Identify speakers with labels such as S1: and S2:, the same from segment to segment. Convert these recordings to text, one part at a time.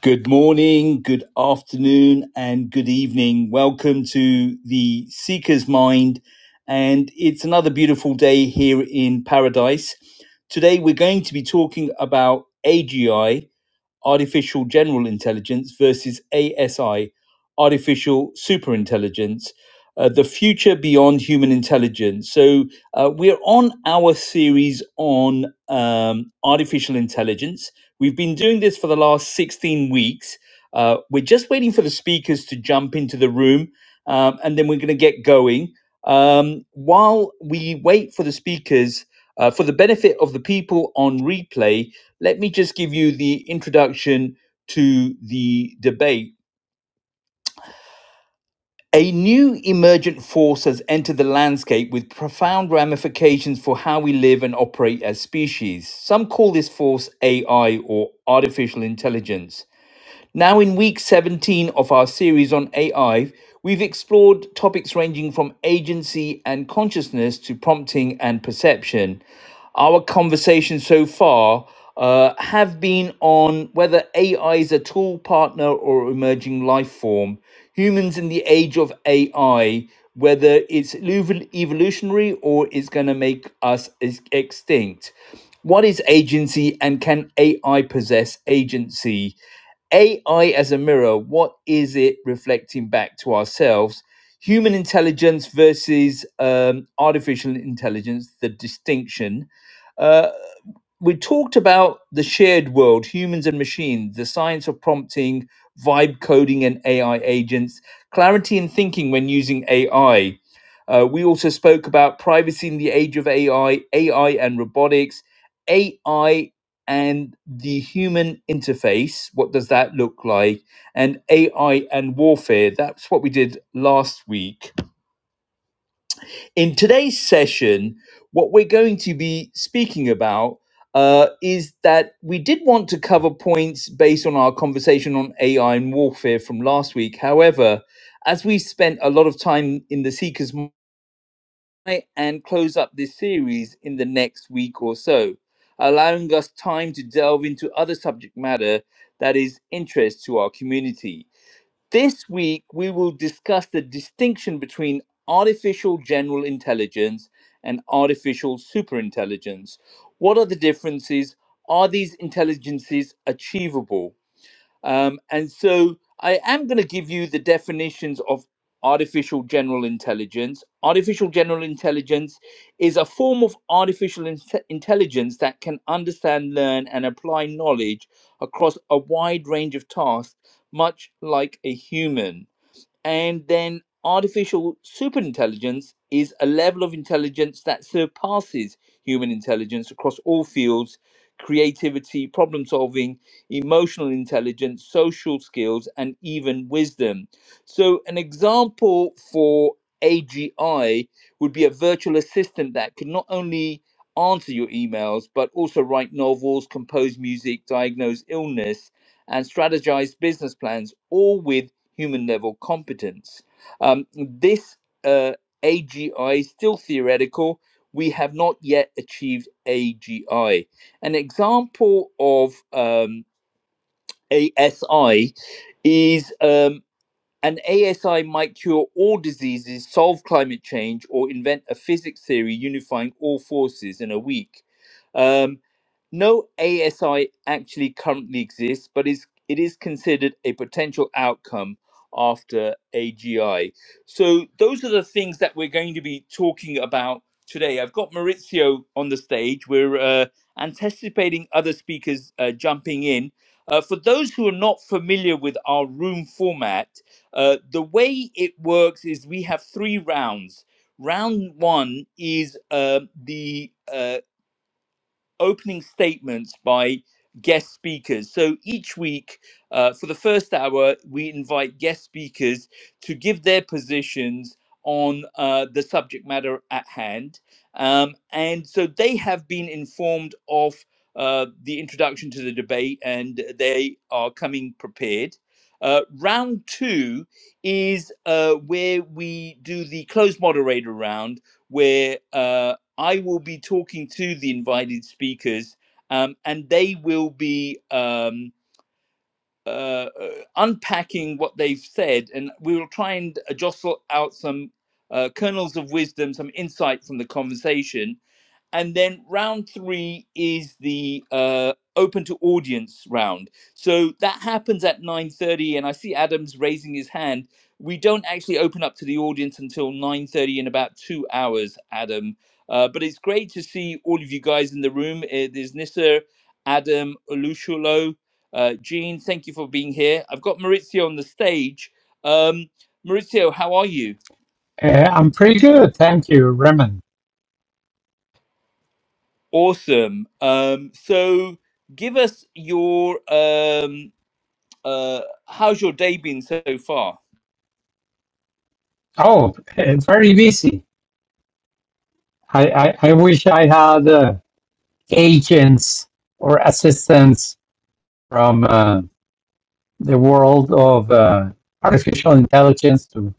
S1: Good morning, good afternoon, and good evening. Welcome to the Seeker's Mind. And it's another beautiful day here in paradise. Today, we're going to be talking about AGI, artificial general intelligence versus ASI, artificial superintelligence, uh, the future beyond human intelligence. So uh, we're on our series on um, artificial intelligence. We've been doing this for the last 16 weeks. Uh, we're just waiting for the speakers to jump into the room, um, and then we're going to get going. Um, while we wait for the speakers, uh, for the benefit of the people on replay, let me just give you the introduction to the debate. A new emergent force has entered the landscape with profound ramifications for how we live and operate as species. Some call this force AI or artificial intelligence. Now, in week 17 of our series on AI, we've explored topics ranging from agency and consciousness to prompting and perception. Our conversations so far uh, have been on whether AI is a tool, partner, or emerging life form, humans in the age of AI, whether it's evo- evolutionary or it's going to make us ex- extinct. What is agency and can AI possess agency? AI as a mirror, what is it reflecting back to ourselves? Human intelligence versus um, artificial intelligence, the distinction we talked about the shared world, humans and machines, the science of prompting, vibe coding, and AI agents, clarity in thinking when using AI. Uh, we also spoke about privacy in the age of AI, AI and robotics, AI and the human interface. What does that look like? And AI and warfare. That's what we did last week. In today's session, what we're going to be speaking about uh, is that we did want to cover points based on our conversation on AI and warfare from last week. However, as we spent a lot of time in the Seeker's Mind and close up this series in the next week or so, allowing us time to delve into other subject matter that is interest to our community. This week, we will discuss the distinction between artificial general intelligence and artificial superintelligence. What are the differences? Are these intelligences achievable? Um, and so I am going to give you the definitions of artificial general intelligence. Artificial general intelligence is a form of artificial inte- intelligence that can understand, learn, and apply knowledge across a wide range of tasks, much like a human and then artificial superintelligence is a level of intelligence that surpasses human intelligence across all fields creativity problem solving emotional intelligence social skills and even wisdom so an example for agi would be a virtual assistant that could not only answer your emails but also write novels compose music diagnose illness and strategize business plans all with human level competence. Um, this uh, AGI is still theoretical. We have not yet achieved AGI. An example of um, ASI is. Um, an ASI might cure all diseases, solve climate change, or invent a physics theory unifying all forces in a week. Um, no ASI actually currently exists, but is it is considered a potential outcome after AGI. So those are the things that we're going to be talking about today. I've got Maurizio on the stage. We're uh, anticipating other speakers uh, jumping in. Uh, for those who are not familiar with our room format, uh, the way it works is we have three rounds. Round one is uh, the uh, opening statements by guest speakers. So each week, uh, for the first hour, we invite guest speakers to give their positions on uh, the subject matter at hand. Um, and so they have been informed of uh, the introduction to the debate and they are coming prepared. Uh, round two is uh, where we do the closed moderator round, where uh, I will be talking to the invited speakers, um, and they will be um, uh, uh, unpacking what they've said, and we will try and uh, jostle out some uh, kernels of wisdom, some insight from the conversation and then round three is the uh, open to audience round. So that happens at 9.30 and I see Adam's raising his hand. We don't actually open up to the audience until 9.30 in about two hours, Adam. Uh, but it's great to see all of you guys in the room. Uh, there's Nissa, Adam, Olushulo, uh, Jean, thank you for being here. I've got Maurizio on the stage. Um, Maurizio, how are you?
S2: Uh, I'm pretty good, thank you, Raymond.
S1: Awesome. Um, so give us your um, uh, how's your day been so far?
S2: Oh, uh, very busy. I, I, I wish I had uh, agents or assistants from uh, the world of uh, artificial intelligence to,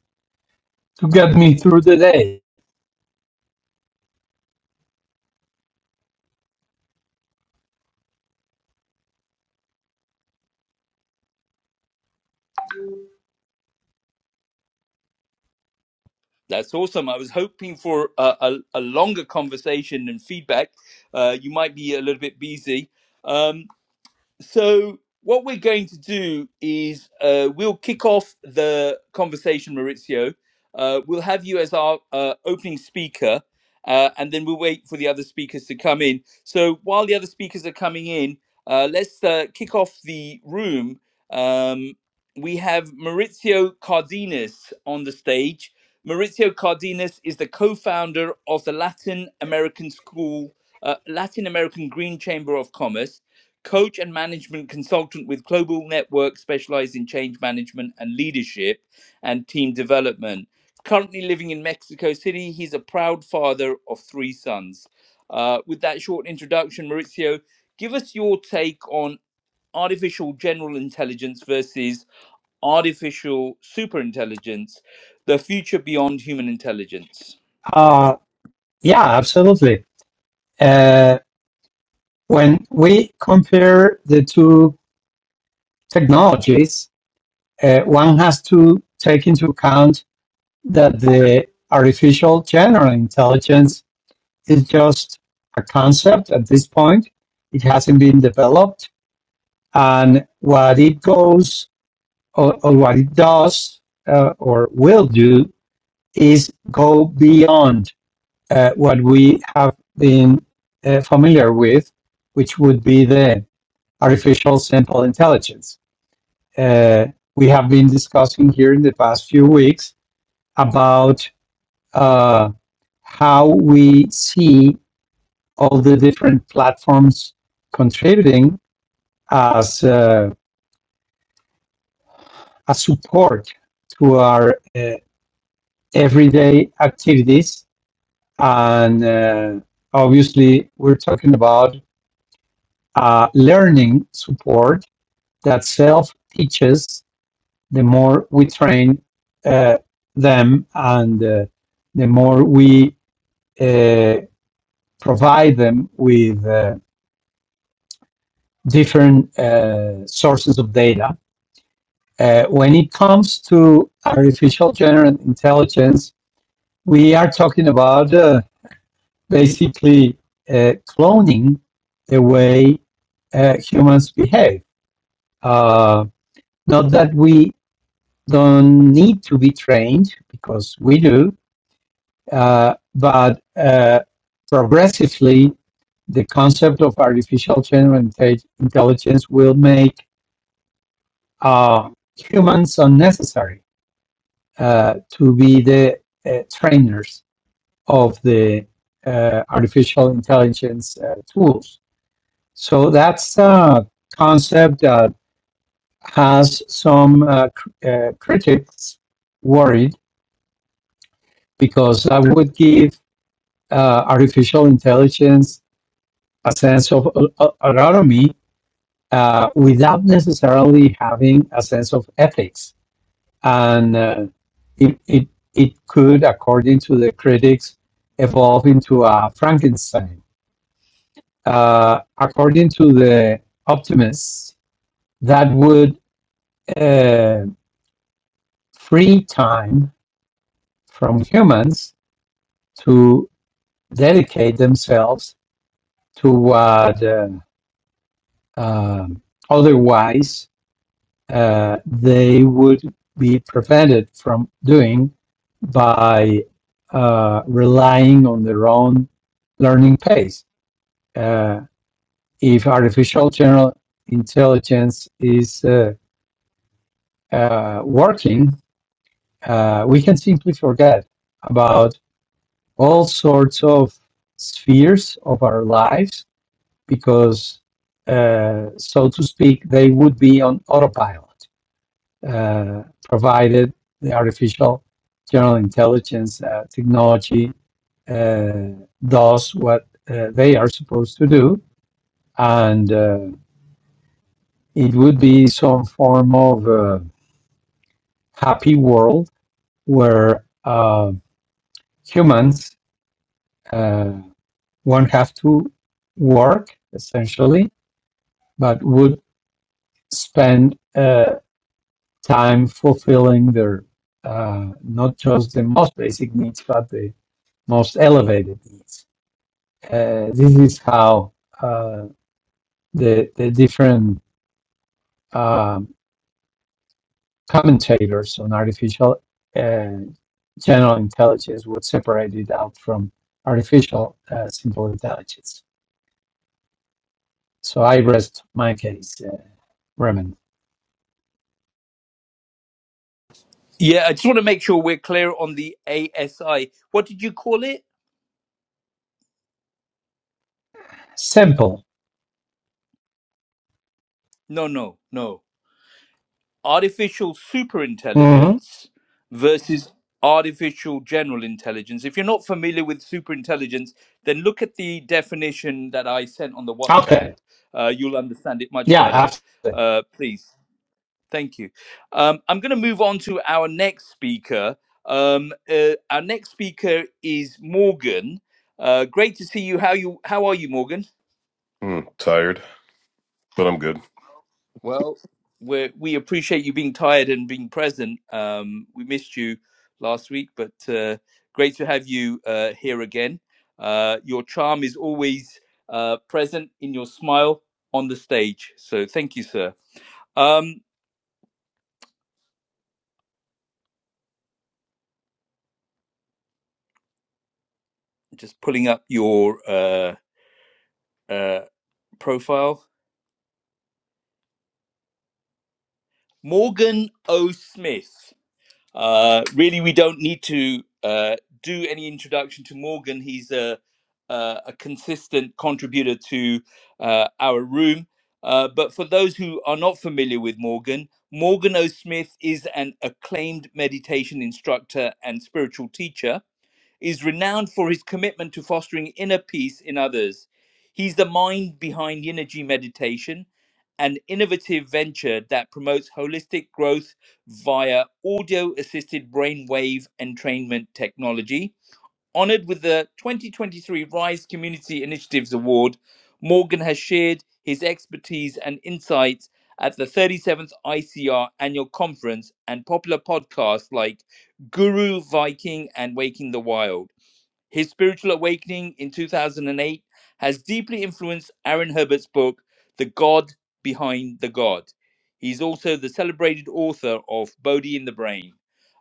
S2: to get me through the day.
S1: That's awesome. I was hoping for a, a, a longer conversation and feedback. Uh, you might be a little bit busy. Um, So what we're going to do is uh, we'll kick off the conversation, Maurizio. Uh, we'll have you as our uh, opening speaker, uh, and then we'll wait for the other speakers to come in. So while the other speakers are coming in, uh, let's uh, kick off the room. Um, we have Maurizio Cardenas on the stage. Maurizio Cardenas is the co-founder of the Latin American School, uh, Latin American Green Chamber of Commerce coach and management consultant with Global Network, specialized in change management and leadership and team development. Currently living in Mexico City, he's a proud father of three sons. Uh, with that short introduction, Maurizio, give us your take on artificial general intelligence versus artificial superintelligence, the future beyond human intelligence.
S2: Uh, yeah, absolutely. Uh, when we compare the two technologies, uh, one has to take into account that the artificial general intelligence is just a concept at this point. It hasn't been developed, and what it goes or, or what it does uh, or will do is go beyond uh, what we have been uh, familiar with, which would be the artificial simple intelligence. Uh, we have been discussing here in the past few weeks about uh, how we see all the different platforms contributing as uh, a support to our uh, everyday activities. And uh, obviously, we're talking about uh, learning support that self teaches the more we train uh, them and uh, the more we uh, provide them with uh, different uh, sources of data Uh, when it comes to artificial general intelligence, we are talking about uh, basically uh, cloning the way uh, humans behave. Uh, not that we don't need to be trained, because we do, uh, but uh, progressively, the concept of artificial general intelligence will make uh, humans unnecessary uh, to be the uh, trainers of the uh, artificial intelligence uh, tools. So that's a concept that has some uh, cr- uh, critics worried because that would give uh, artificial intelligence a sense of uh, uh, autonomy uh, without necessarily having a sense of ethics and uh, it, it it could, according to the critics, evolve into a Frankenstein. Uh, according to the optimists, that would uh, free time from humans to dedicate themselves to what uh, um otherwise uh, they would be prevented from doing by uh, relying on their own learning pace. Uh, if artificial general intelligence is uh, uh, working, uh, we can simply forget about all sorts of spheres of our lives because, uh, so to speak, they would be on autopilot. uh, provided the artificial general intelligence uh, technology uh, does what uh, they are supposed to do, and uh, it would be some form of uh, happy world where uh, humans uh, won't have to work essentially, but would spend uh, time fulfilling their uh, not just the most basic needs, but the most elevated needs. Uh, this is how uh, the the different um, commentators on artificial uh, general intelligence would separate it out from artificial uh, simple intelligence. So I rest my case, uh, Raymond.
S1: Yeah, I just want to make sure we're clear on the ASI. What did you call it?
S2: Simple.
S1: No, no, no. artificial
S2: hmm
S1: superintelligence versus artificial general intelligence. If you're not familiar with superintelligence, then look at the definition that I sent on the WhatsApp.
S2: Okay.
S1: Uh, you'll understand it much
S2: Yeah.
S1: better.
S2: Absolutely.
S1: Uh, please. Thank you. Um, I'm going to move on to our next speaker. Um, uh, our next speaker is Morgan. Uh, great to see you. How you? How are you, Morgan?
S3: Mm, tired, but I'm good.
S1: Well, we we appreciate you being tired and being present. Um, we missed you last week, but uh, great to have you uh, here again. Uh, your charm is always uh, present in your smile on the stage. So thank you, sir. Um, just pulling up your uh, uh, profile, Morgan O. Smith. Uh, really, we don't need to uh, do any introduction to Morgan. He's a, a, a consistent contributor to uh, our room. Uh, but for those who are not familiar with Morgan, Morgan O. Smith is an acclaimed meditation instructor and spiritual teacher is renowned for his commitment to fostering inner peace in others. He's the mind behind Yinergy Meditation, an innovative venture that promotes holistic growth via audio assisted brainwave entrainment technology. Honored with the 2023 RISE Community Initiatives Award, Morgan has shared his expertise and insights at the 37th ICR annual conference and popular podcasts like Guru Viking and Waking the Wild. His spiritual awakening in 2008 has deeply influenced Aaron Herbert's book, The God Behind the God. He's also the celebrated author of Bodhi in the Brain.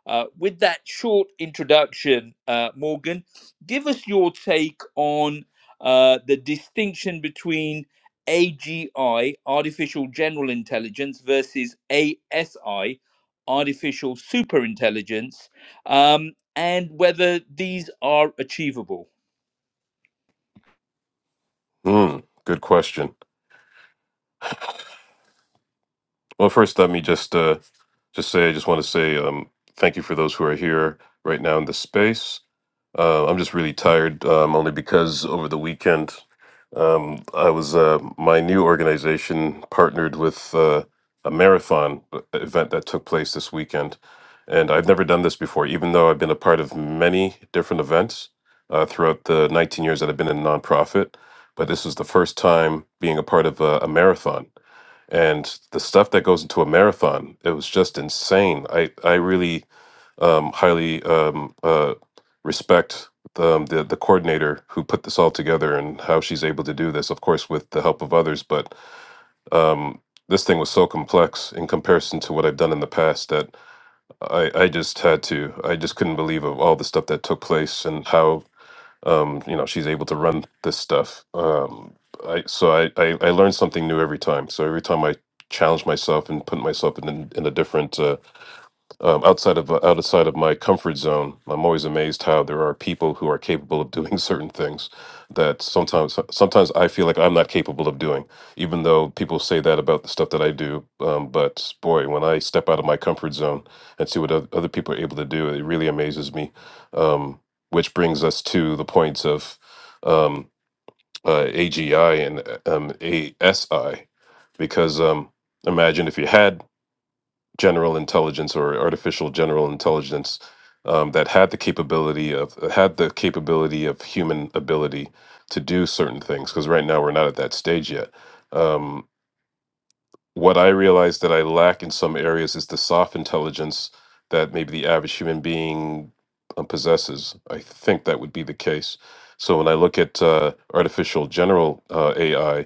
S1: Uh, with that short introduction, uh, Morgan, give us your take on uh, the distinction between AGI, artificial general intelligence, versus ASI, artificial superintelligence. Um, and whether these are achievable.
S3: Mm, good question. Well, first, let me just uh, just say I just want to say um, thank you for those who are here right now in the space. Uh, I'm just really tired, um, only because over the weekend um, I was uh, my new organization partnered with uh, a marathon uh, event that took place this weekend, and I've never done this before. Even though I've been a part of many different events uh, throughout the 19 years that I've been in nonprofit, but this was the first time being a part of a, a marathon. And the stuff that goes into a marathon, it was just insane. I I really um, highly um, uh, respect um, the the coordinator who put this all together and how she's able to do this. Of course, with the help of others, but um, this thing was so complex in comparison to what I've done in the past that I, I just had to. I just couldn't believe of all the stuff that took place and how um, you know she's able to run this stuff. Um, I, so I, I, I learned something new every time. So every time I challenge myself and put myself in, in a different uh, um, outside of uh, outside of my comfort zone. I'm always amazed how there are people who are capable of doing certain things that sometimes sometimes I feel like I'm not capable of doing, even though people say that about the stuff that I do. Um, but boy, when I step out of my comfort zone and see what oth- other people are able to do, it really amazes me. Um, which brings us to the points of um, uh, AGI and uh, um, ASI, because um, imagine if you had general intelligence or artificial general intelligence um, that had the capability of uh, had the capability of human ability to do certain things because right now we're not at that stage yet um, what i realize that i lack in some areas is the soft intelligence that maybe the average human being um, possesses i think that would be the case so when i look at uh, artificial general uh, ai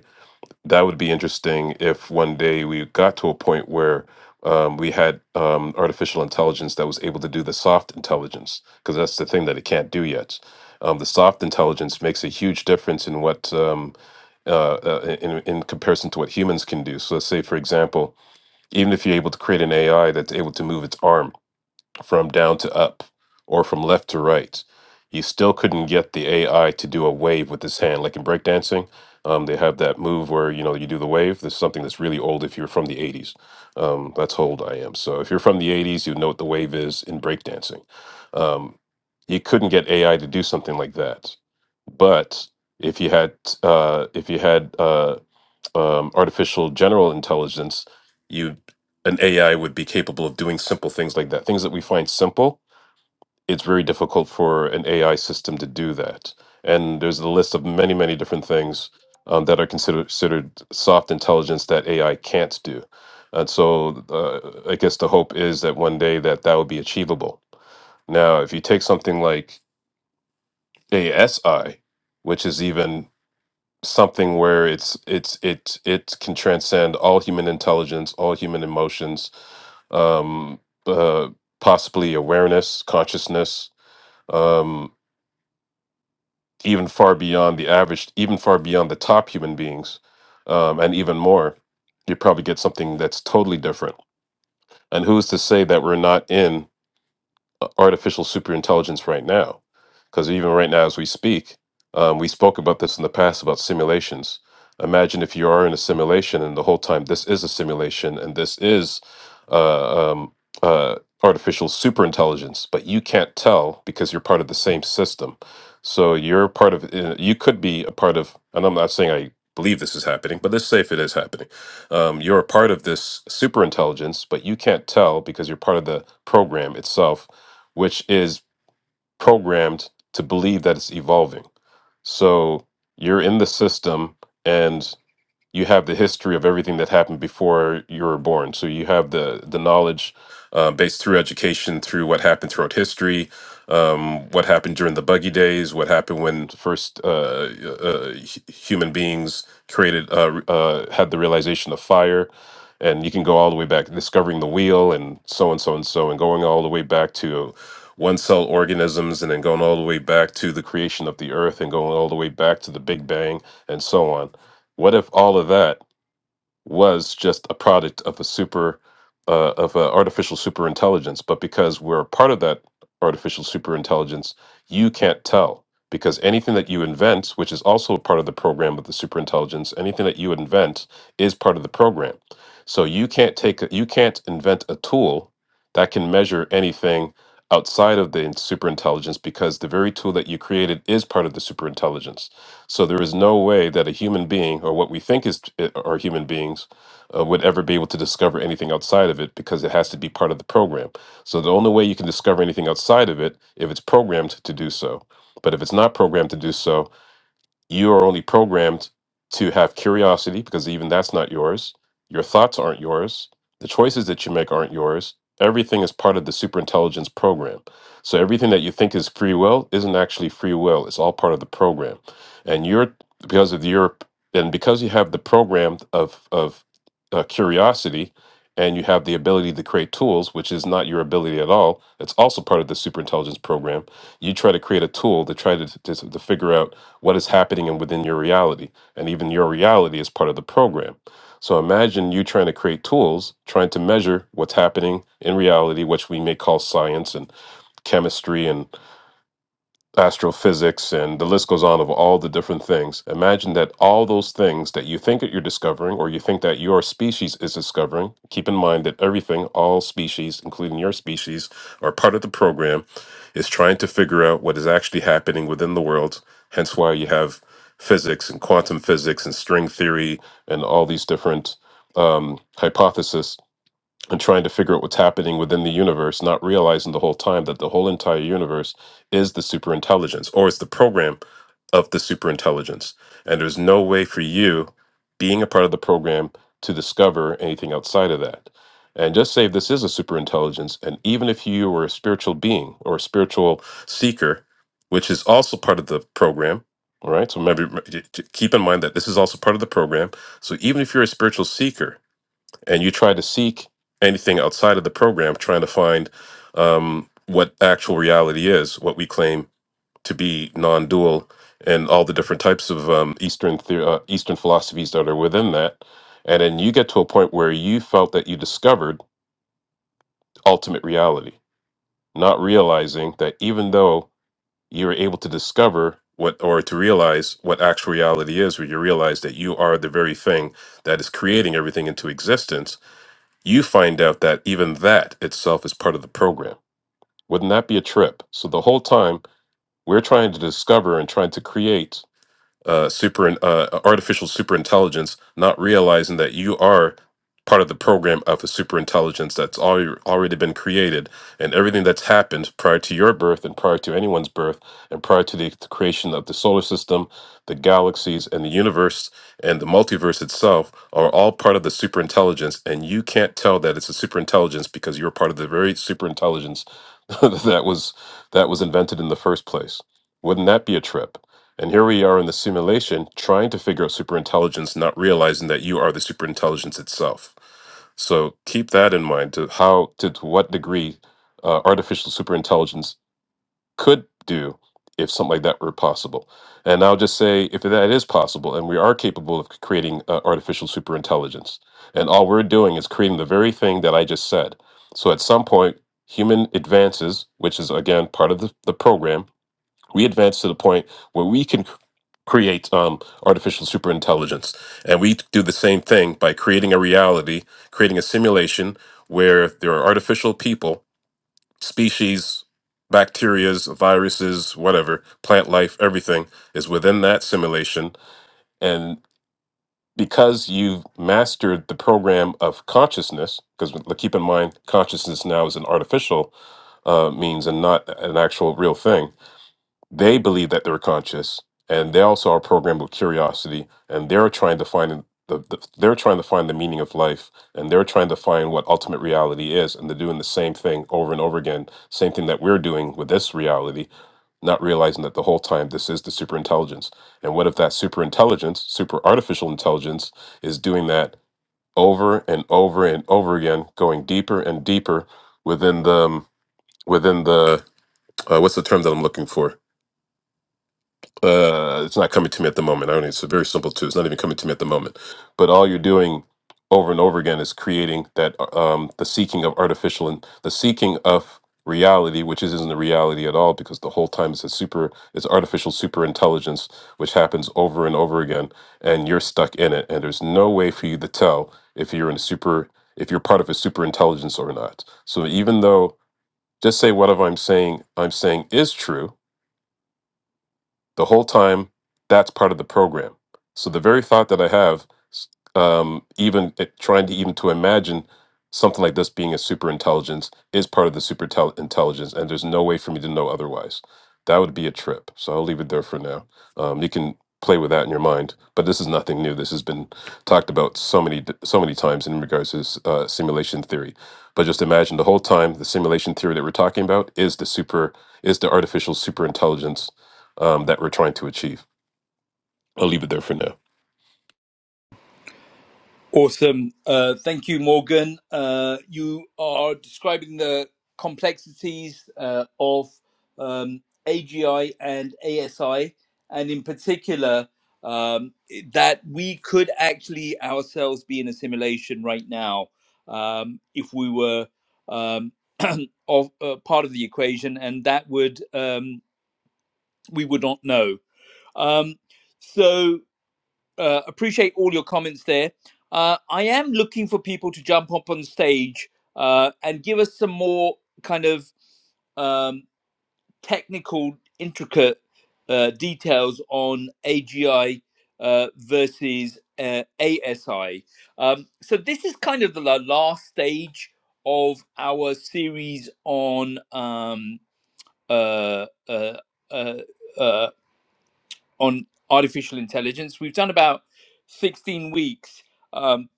S3: that would be interesting if one day we got to a point where um, we had um, artificial intelligence that was able to do the soft intelligence, because that's the thing that it can't do yet. Um, the soft intelligence makes a huge difference in what um, uh, uh, in, in comparison to what humans can do. So, let's say, for example, even if you're able to create an AI that's able to move its arm, from down to up or from left to right. He still couldn't get the AI to do a wave with his hand. Like in breakdancing, um, they have that move where you know you do the wave. This is something that's really old if you're from the 80s. Um, that's how old I am. So if you're from the 80s, you know what the wave is in breakdancing. Um, he couldn't get AI to do something like that. But if you had uh, if you had uh um, artificial general intelligence, you an AI would be capable of doing simple things like that. Things that we find simple, it's very difficult for an AI system to do that. And there's a list of many, many different things um, that are considered, considered soft intelligence that AI can't do. And so, uh, I guess the hope is that one day that that will be achievable. Now, if you take something like ASI, which is even something where it's it's it it can transcend all human intelligence, all human emotions, um, uh, possibly awareness, consciousness, um, even far beyond the average, even far beyond the top human beings, um, and even more. You probably get something that's totally different. And who's to say that we're not in? uh, artificial superintelligence right now. Because even right now, as we speak, um, we spoke about this in the past about simulations. Imagine if you are in a simulation and the whole time this is a simulation and this is uh, um, uh, artificial superintelligence, but you can't tell because you're part of the same system. So you're part of, uh, you could be a part of, and I'm not saying I believe this is happening, but let's say if it is happening, um, you're a part of this superintelligence, but you can't tell because you're part of the program itself which is programmed to believe that it's evolving. So you're in the system and you have the history of everything that happened before you were born. So you have the the knowledge uh, based through education, through what happened throughout history, um, what happened during the buggy days, what happened when first uh, uh, hu- human beings created uh, re- uh, had the realization of fire, and you can go all the way back, discovering the wheel, and so and so and so, and going all the way back to one cell organisms and then going all the way back to the creation of the earth and going all the way back to the big bang and so on what if all of that was just a product of a super uh, of an artificial superintelligence? But because we're a part of that artificial superintelligence, you can't tell because anything that you invent, which is also a part of the program of the superintelligence, anything that you invent is part of the program. So you can't take a- you can't invent a tool that can measure anything outside of the superintelligence because the very tool that you created is part of the superintelligence. So there is no way that a human being, or what we think is uh, are human beings, uh, would ever be able to discover anything outside of it because it has to be part of the program. So the only way you can discover anything outside of it if it's programmed to do so. But if it's not programmed to do so, you are only programmed to have curiosity because even that's not yours. Your thoughts aren't yours. The choices that you make aren't yours. Everything is part of the superintelligence program. So everything that you think is free will isn't actually free will. It's all part of the program. And you're because of your and because you have the program of of uh, curiosity and you have the ability to create tools, which is not your ability at all. It's also part of the superintelligence program. You try to create a tool to try to, to, to figure out what is happening and within your reality and even your reality is part of the program so imagine you trying to create tools trying to measure what's happening in reality which we may call science and chemistry astrophysics, and the list goes on of all the different things. Imagine that all those things that you think that you're discovering or you think that your species is discovering, keep in mind that everything, all species, including your species, are part of the program, is trying to figure out what is actually happening within the world. Hence why you have physics and quantum physics and string theory and all these different um, hypotheses and trying to figure out what's happening within the universe, not realizing the whole time that the whole entire universe is the superintelligence or is the program of the superintelligence. And there's no way for you being a part of the program to discover anything outside of that. And just say this is a superintelligence. And even if you were a spiritual being or a spiritual seeker, which is also part of the program, all right? So maybe keep in mind that this is also part of the program. So even if you're a spiritual seeker, and you try to seek anything outside of the program, trying to find um, what actual reality is, what we claim to be non-dual, and all the different types of um, Eastern the- uh, Eastern philosophies that are within that, and then you get to a point where you felt that you discovered ultimate reality, not realizing that even though you were able to discover what or to realize what actual reality is, where you realize that you are the very thing that is creating everything into existence you find out that even that itself is part of the program. Wouldn't that be a trip? So the whole time we're trying to discover and trying to create uh, super uh, uh, artificial superintelligence, not realizing that you are part of the program of a superintelligence that's already already been created, and everything that's happened prior to your birth and prior to anyone's birth and prior to the creation of the solar system, the galaxies, and the universe and the multiverse itself are all part of the superintelligence, and you can't tell that it's a superintelligence because you're part of the very superintelligence that was that was invented in the first place. Wouldn't that be a trip? And here we are in the simulation trying to figure out superintelligence, not realizing that you are the superintelligence itself. So keep that in mind to how to, to what degree uh, artificial superintelligence could do if something like that were possible. And I'll just say if that is possible and we are capable of creating uh, artificial superintelligence, and all we're doing is creating the very thing that I just said. So at some point, human advances, which is again part of the, the program, we advance to the point where we can c- create um, artificial superintelligence. And we do the same thing by creating a reality, creating a simulation where there are artificial people, species, bacterias, viruses, whatever, plant life, everything is within that simulation. And because you've mastered the program of consciousness, because keep in mind, consciousness now is an artificial uh, means and not an actual real thing they believe that they're conscious, and they also are programmed with curiosity, and they're trying to find an- the, the they're trying to find the meaning of life, and they're trying to find what ultimate reality is, and they're doing the same thing over and over again, same thing that we're doing with this reality not realizing that the whole time this is the superintelligence. And what if that superintelligence, super artificial intelligence, is doing that over and over and over again, going deeper and deeper within the um, within the uh, what's the term that I'm looking for? uh, it's not coming to me at the moment. I mean, it's very simple too. It's not even coming to me at the moment. But all you're doing over and over again is creating that uh, um, the seeking of artificial and the seeking of reality, which is, isn't a reality at all, because the whole time it's a super, it's artificial super intelligence, which happens over and over again, and you're stuck in it, and there's no way for you to tell if you're in a super, if you're part of a super intelligence or not. So even though, just say whatever I'm saying, I'm saying is true the whole time that's part of the program so the very thought that i have s- um, even it- trying to even to imagine something like this being a super intelligence is part of the super tel- intelligence and there's no way for me to know otherwise that would be a trip so i'll leave it there for now um, you can play with that in your mind but this is nothing new this has been talked about so many d- so many times in regards to s- uh, simulation theory but just imagine the whole time the simulation theory that we're talking about is the super is the artificial super intelligence um, that we're trying to achieve. I'll leave it there for now.
S1: Awesome. Uh, thank you, Morgan. Uh, you are describing the complexities uh, of um, AGI and ASI, and in particular, um, that we could actually ourselves be in a simulation right now um, if we were um, of uh, part of the equation, and that would um, we would not know. Um, so uh, appreciate all your comments there. Uh, I am looking for people to jump up on stage uh, and give us some more kind of um, technical, intricate uh, details on AGI uh, versus uh, ASI. Um, so this is kind of the la- last stage of our series on um, uh, uh, uh, uh, on artificial intelligence. We've done about 16 weeks, um,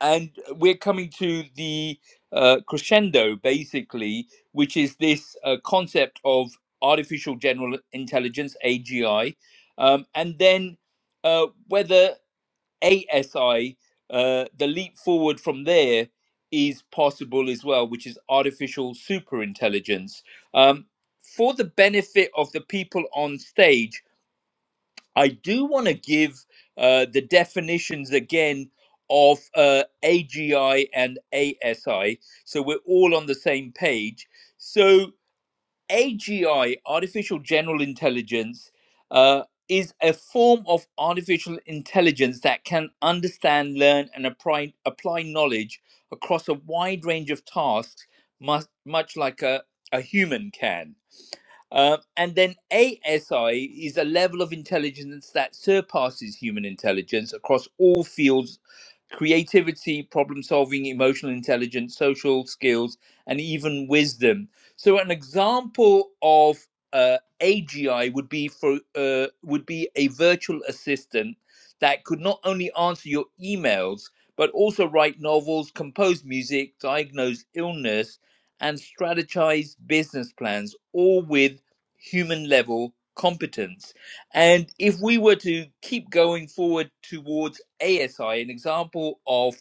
S1: and we're coming to the uh, crescendo, basically, which is this uh, concept of artificial general intelligence, AGI, um, and then uh, whether ASI, uh, the leap forward from there, is possible as well, which is artificial superintelligence. Um, for the benefit of the people on stage, I do want to give uh, the definitions again of uh, AGI and ASI so we're all on the same page. So, AGI, artificial general intelligence, uh, is a form of artificial intelligence that can understand, learn, and apply, apply knowledge across a wide range of tasks, much, much like a, a human can. Uh, and then ASI is a level of intelligence that surpasses human intelligence across all fields creativity, problem solving, emotional intelligence, social skills, and even wisdom. So, an example of uh, AGI would be for uh, would be a virtual assistant that could not only answer your emails but also write novels, compose music, diagnose illness, and strategize business plans, all with human level competence. And if we were to keep going forward towards ASI, an example of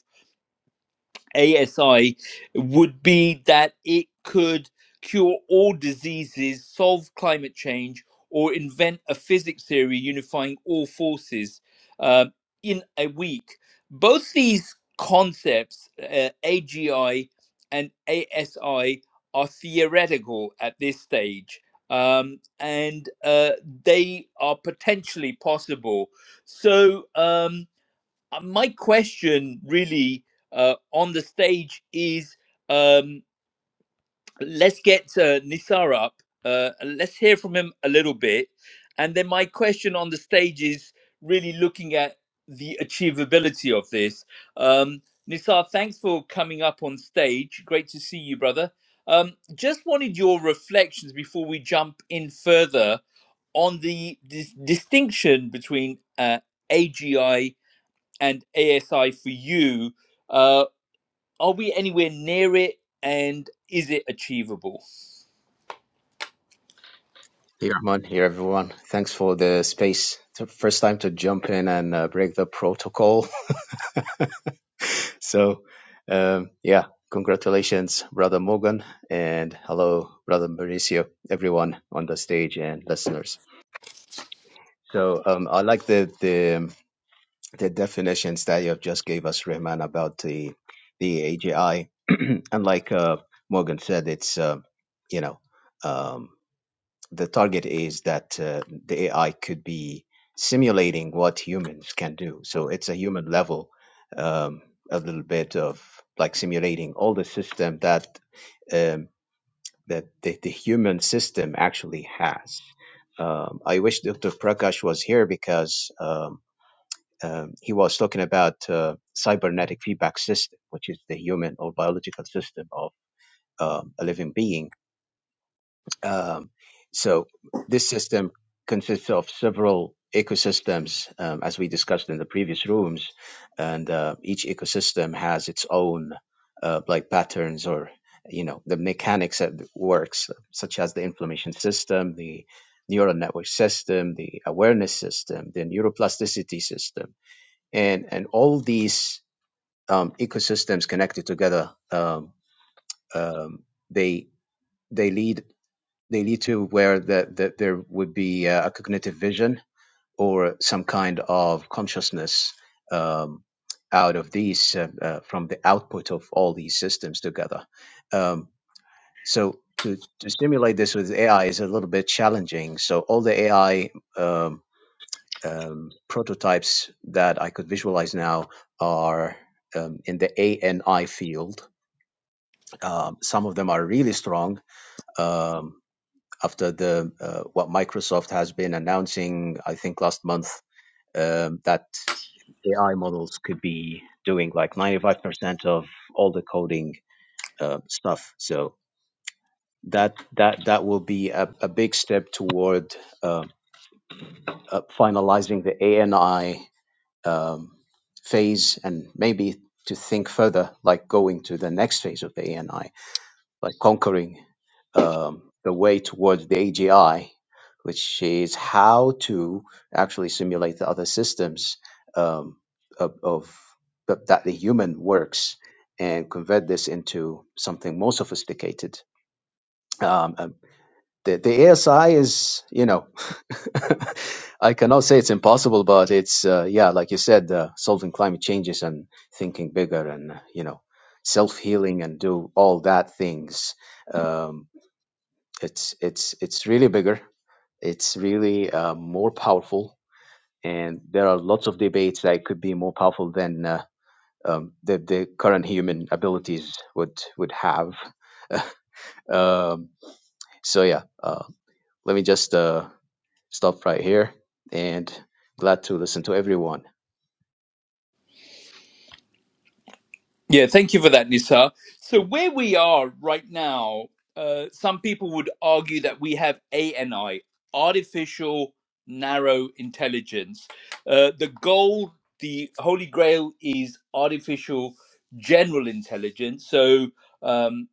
S1: ASI would be that it could cure all diseases, solve climate change, or invent a physics theory unifying all forces uh, in a week. Both these concepts, uh, AGI and ASI, are theoretical at this stage. Um, and uh, they are potentially possible. So, um, uh, my question really uh, on the stage is um, let's get uh, Nisar up. Uh, let's hear from him a little bit. And then my question on the stage is really looking at the achievability of this. Um, Nisar, thanks for coming up on stage. Great to see you, brother. Um, just wanted your reflections before we jump in further on the dis- distinction between uh, AGI and ASI for you. Uh, are we anywhere near it, and is it achievable?
S4: Hey, Rahman here, everyone. Thanks for the space. It's the first time to jump in and uh, break the protocol. so, um, yeah, congratulations, Brother Morgan, and hello, Brother Mauricio, everyone on the stage and listeners. So, um, I like the, the the definitions that you have just gave us, Rahman, about the the AGI. and like uh, Morgan said, it's uh, you know. Um, the target is that uh, the AI could be simulating what humans can do. So it's a human level, um, a little bit of like simulating all the system that um, that the, the human system actually has. Um, I wish Dr. Prakash was here because um, um, he was talking about uh, cybernetic feedback system, which is the human or biological system of um, a living being um, so this system consists of several ecosystems, um, as we discussed in the previous rooms, and uh, each ecosystem has its own uh, like patterns or you know the mechanics that works, such as the inflammation system, the neural network system, the awareness system, the neuroplasticity system, and and all these um, ecosystems connected together, um, um, they they lead they need to where that that there would be uh, a cognitive vision or some kind of consciousness um, out of these uh, uh, from the output of all these systems together. Um, so to, to simulate this with AI is a little bit challenging. So all the AI um, um, prototypes that I could visualize now are um, in the ANI field. Um, some of them are really strong. Um, after the uh, what Microsoft has been announcing, I think last month, um, that AI models could be doing like 95% of all the coding uh, stuff. So that that that will be a, a big step toward uh, uh, finalizing the ANI um, phase, and maybe to think further, like going to the next phase of the ANI. like conquering um, the way towards the AGI, which is how to actually simulate the other systems um, of, of that that the human works and convert this into something more sophisticated. Um, um, the, the ASI is, you know, I cannot say it's impossible, but it's, uh, yeah, like you said, uh, solving climate changes and thinking bigger and, you know, self healing and do all that things. Um, it's it's it's really bigger. It's really uh, more powerful, and there are lots of debates that it could be more powerful than uh, um, the the current human abilities would would have. Um, so yeah, uh, let me just uh, stop right here, and glad to listen to everyone.
S1: Yeah, thank you for that, Nisa. So where we are right now, uh, some people would argue that we have ANI, artificial narrow intelligence. Uh, the goal, the holy grail, is artificial general intelligence. So. Um,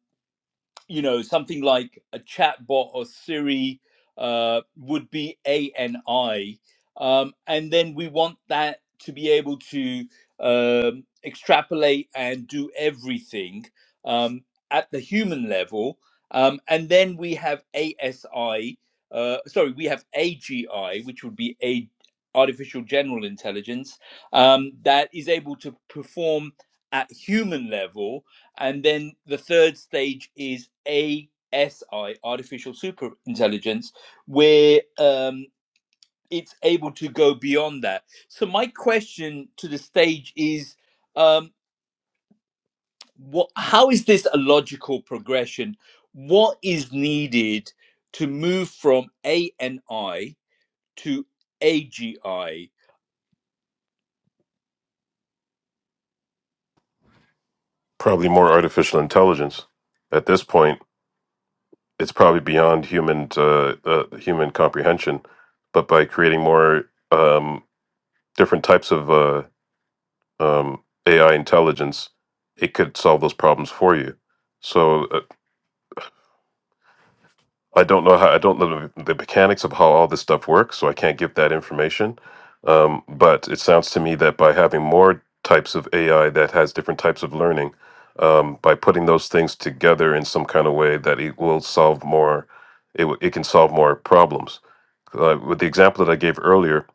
S1: you know, something like a chatbot or Siri uh, would be ANI. Um, and then we want that to be able to um, extrapolate and do everything um, at the human level. Um, and then we have ASI, uh, sorry, we have AGI, which would be a artificial general intelligence um, that is able to perform at human level and then the third stage is ASI, artificial super intelligence, where um, it's able to go beyond that. So my question to the stage is, um, what, how is this a logical progression? What is needed to move from A and I? to AGI.
S3: Probably more artificial intelligence. At this point, it's probably beyond human uh, uh, human comprehension. But by creating more um, different types of uh, um, AI intelligence, it could solve those problems for you. So uh, I don't know how I don't know the the mechanics of how all this stuff works, so I can't give that information. Um, but it sounds to me that by having more types of AI that has different types of learning, um, by putting those things together in some kind of way, that it will solve more. It w- it can solve more problems. Uh, with the example that I gave earlier,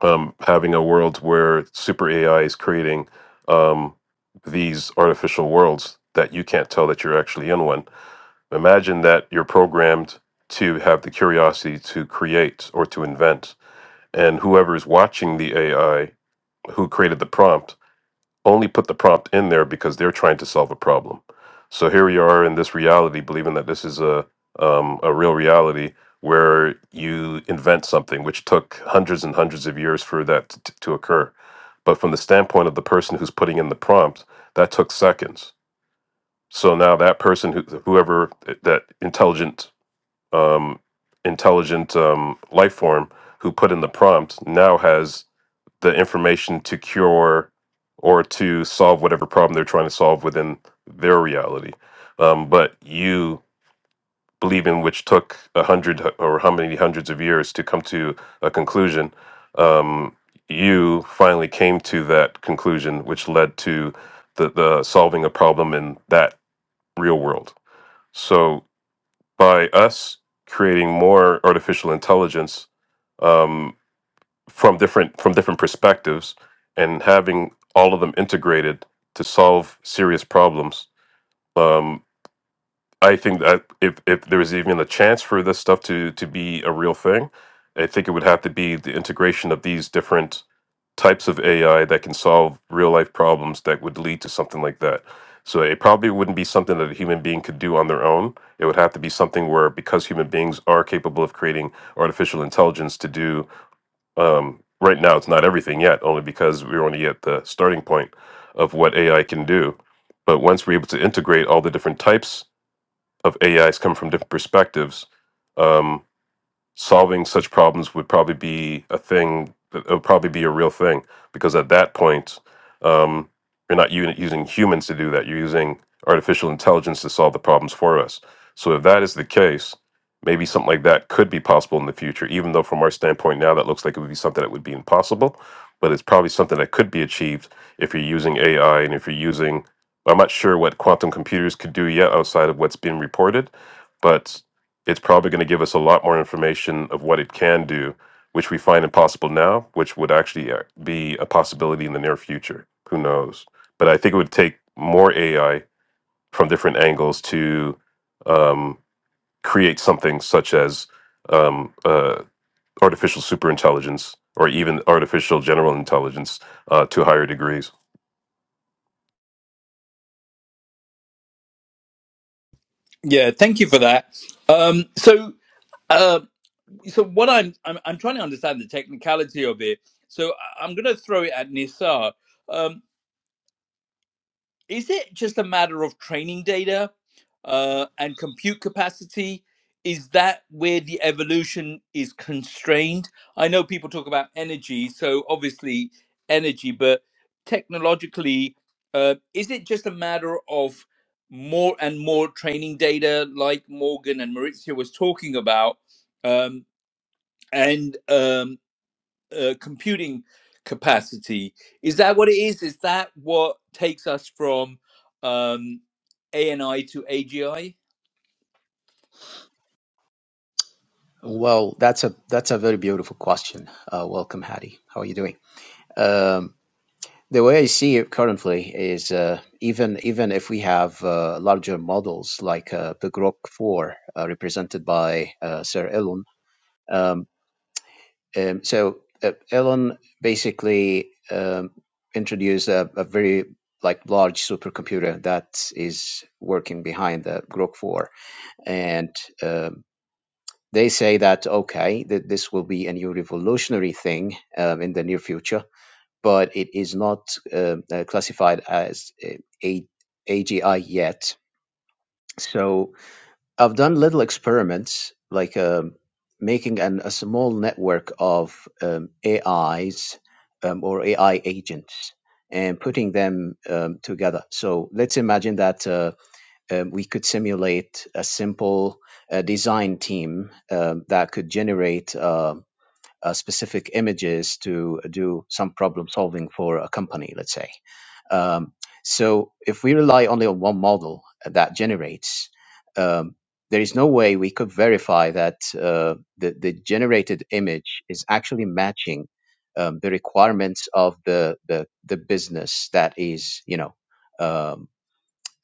S3: um, having a world where super AI is creating um, these artificial worlds that you can't tell that you're actually in one Imagine that you're programmed to have the curiosity to create or to invent. And whoever is watching the AI who created the prompt only put the prompt in there because they're trying to solve a problem. So here we are in this reality, believing that this is a, um, a real reality where you invent something, which took hundreds and hundreds of years for that t- to occur. But from the standpoint of the person who's putting in the prompt, that took seconds. So now that person, who, whoever eh, that intelligent um, intelligent um, life form who put in the prompt now has the information to cure or to solve whatever problem they're trying to solve within their reality. Um, but you believe in which took a hundred h- or how many hundreds of years to come to a conclusion. Um, you finally came to that conclusion, which led to the, the solving a problem in that real world. So by us creating more artificial intelligence um, from different from different perspectives and having all of them integrated to solve serious problems. Um, I think that if, if there is even a chance for this stuff to to be a real thing, I think it would have to be the integration of these different types of AI that can solve real life problems that would lead to something like that. So it probably wouldn't be something that a human being could do on their own. It would have to be something where, because human beings are capable of creating artificial intelligence to do, um, right now it's not everything yet, only because we're only at the starting point of what AI can do. But once we're able to integrate all the different types of AIs come from different perspectives, um, solving such problems would probably be a thing it would probably be a real thing because at that point um, you're not u- using humans to do that you're using artificial intelligence to solve the problems for us so if that is the case maybe something like that could be possible in the future even though from our standpoint now that looks like it would be something that would be impossible but it's probably something that could be achieved if you're using ai and if you're using i'm not sure what quantum computers could do yet outside of what's been reported but it's probably going to give us a lot more information of what it can do, which we find impossible now, which would actually uh, be a possibility in the near future. Who knows? But I think it would take more AI from different angles to um, create something such as um, uh, artificial superintelligence or even artificial general intelligence uh, to higher degrees.
S1: Yeah, thank you for that. Um, so, uh, so what I'm, I'm I'm trying to understand the technicality of it. So I- I'm going to throw it at Nisar. Um, is it just a matter of training data uh, and compute capacity? Is that where the evolution is constrained? I know people talk about energy, so obviously energy, but technologically, uh, is it just a matter of more and more training data, like Morgan and Maurizio was talking about, um, and um, uh, computing capacity. Is that what it is? Is that what takes us from um, ANI to AGI?
S4: Well, that's a that's a very beautiful question. Uh, welcome, Hattie. How are you doing? Um, The way I see it currently is uh, even even if we have uh, larger models like uh, the Grok 4 uh, represented by uh, Sir Elon, um, um, so uh, Elon basically um, introduced a, a very like large supercomputer that is working behind the Grok 4, and um, they say that okay, that this will be a new revolutionary thing um, in the near future but it is not um, uh, classified as uh, a AGI yet. So I've done little experiments like um, making an, a small network of um, AIs um, or AI agents and putting them um, together. So let's imagine that uh, um, we could simulate a simple uh, design team um, that could generate. uh, uh, specific images to do some problem solving for a company, let's say. Um, so if we rely only on one model that generates, um, there is no way we could verify that uh, the, the generated image is actually matching um, the requirements of the, the, the business that is, you know, um,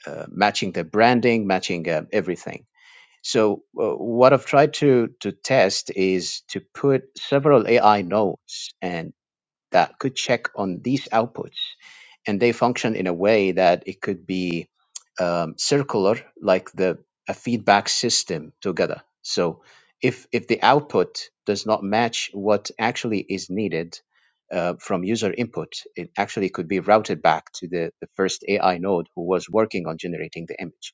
S4: uh, matching the branding, matching um, everything. So uh, what I've tried to to test is to put several AI nodes and that could check on these outputs, and they function in a way that it could be um, circular, like the a feedback system together. So if if the output does not match what actually is needed uh, from user input, it actually could be routed back to the, the first AI node who was working on generating the image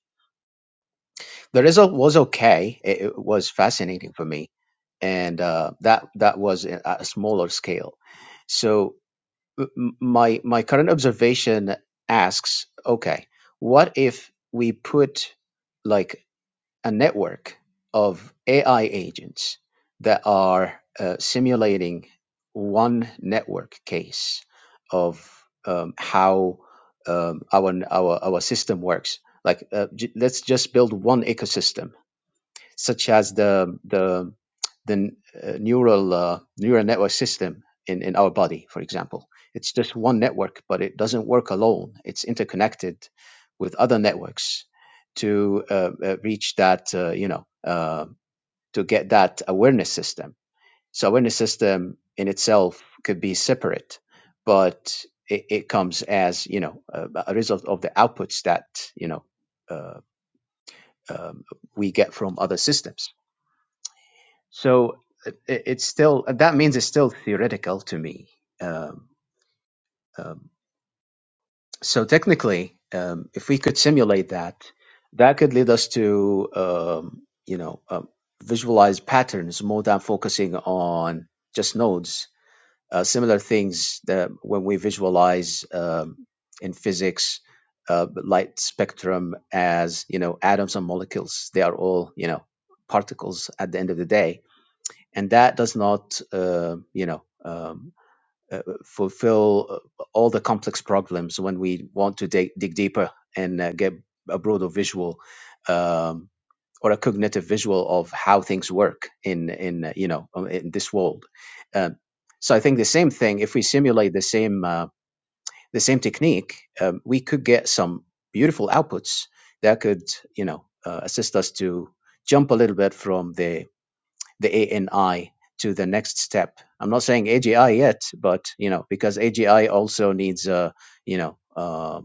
S4: the result was okay. It, it was fascinating for me, and uh, that that was a- at a smaller scale. So m- my my current observation asks, okay, what if we put like a network of AI agents that are uh, simulating one network case of um, how um, our our our system works. Like, uh, j- let's just build one ecosystem such as the the the uh, neural uh, neural network system in in our body, for example. It's just one network, but it doesn't work alone. It's interconnected with other networks to uh, uh, reach that uh, you know uh, to get that awareness system. So awareness system in itself could be separate, but it, it comes as you know a, a result of the outputs that you know uh, um, we get from other systems so it, it's still that means it's still theoretical to me. Um, um, so technically, um, if we could simulate that, that could lead us to um, you know um, visualize patterns more than focusing on just nodes. Uh, similar things that when we visualize um, in physics. Uh, light spectrum as you know atoms and molecules they are all you know particles at the end of the day and that does not uh, you know um, uh, uh, fulfill uh, all the complex problems when we want to dig, dig deeper and uh, get a broader visual um, or a cognitive visual of how things work in in uh, you know uh, in this world. Um, so I think the same thing. If we simulate the same uh, the same technique, um, we could get some beautiful outputs that could you know uh, assist us to jump a little bit from the the ANI to the next step. I'm not saying AGI yet, but you know, because AGI also needs, uh, you know, uh,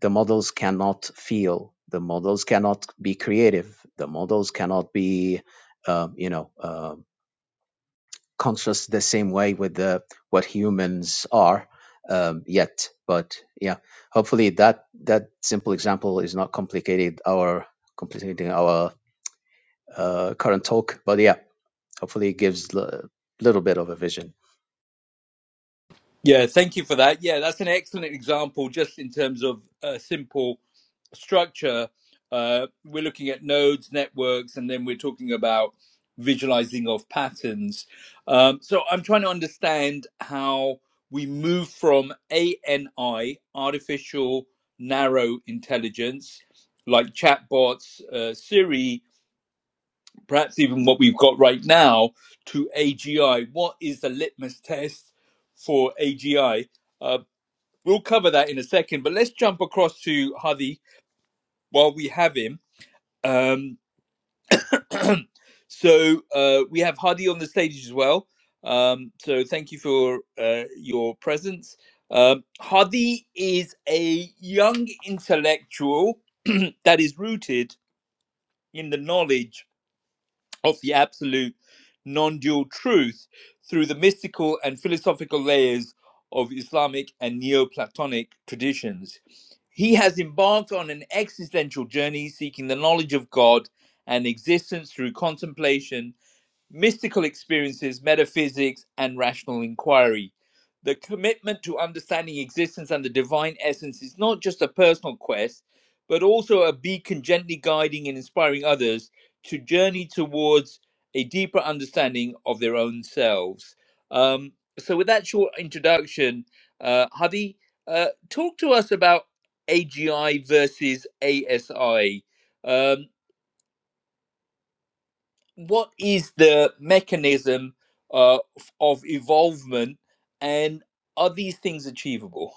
S4: the models cannot feel, the models cannot be creative, the models cannot be, um, you know, um conscious the same way with the what humans are um, yet. But yeah, hopefully that that simple example is not complicated our complicating our uh, current talk. But yeah Hopefully, it gives a little bit of a vision.
S1: Yeah, thank you for that. Yeah, that's an excellent example just in terms of a simple structure. Uh, we're looking at nodes, networks, and then we're talking about visualizing of patterns. Um, so I'm trying to understand how we move from ANI, artificial narrow intelligence, like chatbots, uh, Siri, perhaps even what we've got right now, to AGI. What is the litmus test for AGI? Uh, we'll cover that in a second, but let's jump across to Hadi while we have him. Um, so uh, we have Hadi on the stage as well. Um, so thank you for uh, your presence. Um, Hadi is a young intellectual that is rooted in the knowledge of the absolute non dual truth through the mystical and philosophical layers of Islamic and Neoplatonic traditions. He has embarked on an existential journey seeking the knowledge of God and existence through contemplation mystical experiences, metaphysics, and rational inquiry. The commitment to understanding existence and the divine essence is not just a personal quest, but also a beacon gently guiding and inspiring others to journey towards a deeper understanding of their own selves. Um, so, with that short introduction, uh, Hadi, uh, talk to us about AGI versus ASI. Um, what is the mechanism uh, f- of evolvement and are these things achievable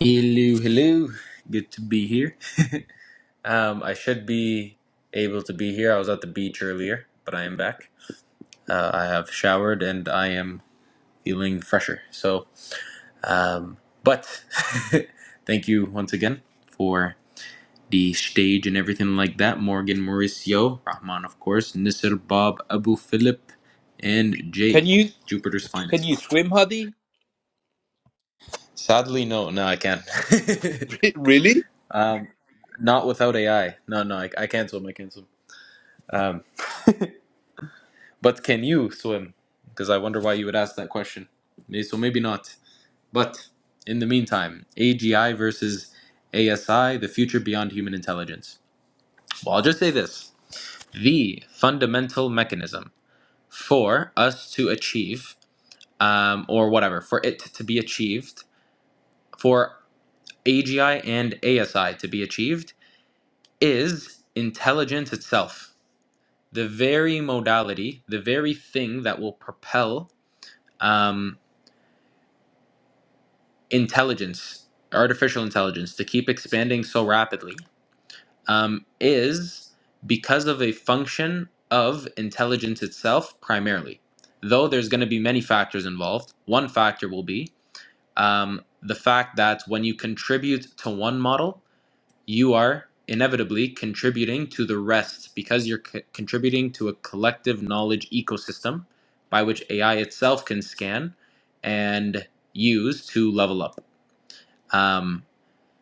S5: Hello, hello. Good to be here. um, I should be able to be here. I was at the beach earlier, but I am back. Uh, I have showered and I am feeling fresher. So, um, but thank you once again for the stage and everything like that. Morgan, Mauricio, Rahman, of course, Nisir, Bob, Abu Philip, and
S1: can
S5: Jay,
S1: you
S5: Jupiter's
S1: can
S5: finest.
S1: you swim hadi
S5: Sadly, no, no, I can't.
S1: really?
S5: Not without AI. No, no, I, I cancel. them. I cancel. them. But can you swim? Because I wonder why you would ask that question. May- So maybe not. But in the meantime, AGI versus ASI, the future beyond human intelligence. Well, I'll just say this the fundamental mechanism for us to achieve, um, or whatever, for it to be achieved, for AGI and ASI to be achieved, is intelligence itself. The very modality, the very thing that will propel. Um, intelligence, artificial intelligence, to keep expanding so rapidly um, is because of a function of intelligence itself primarily. Though there's going to be many factors involved, one factor will be um, the fact that when you contribute to one model, you are inevitably contributing to the rest because you're co- contributing to a collective knowledge ecosystem by which AI itself can scan and use to level up. Um,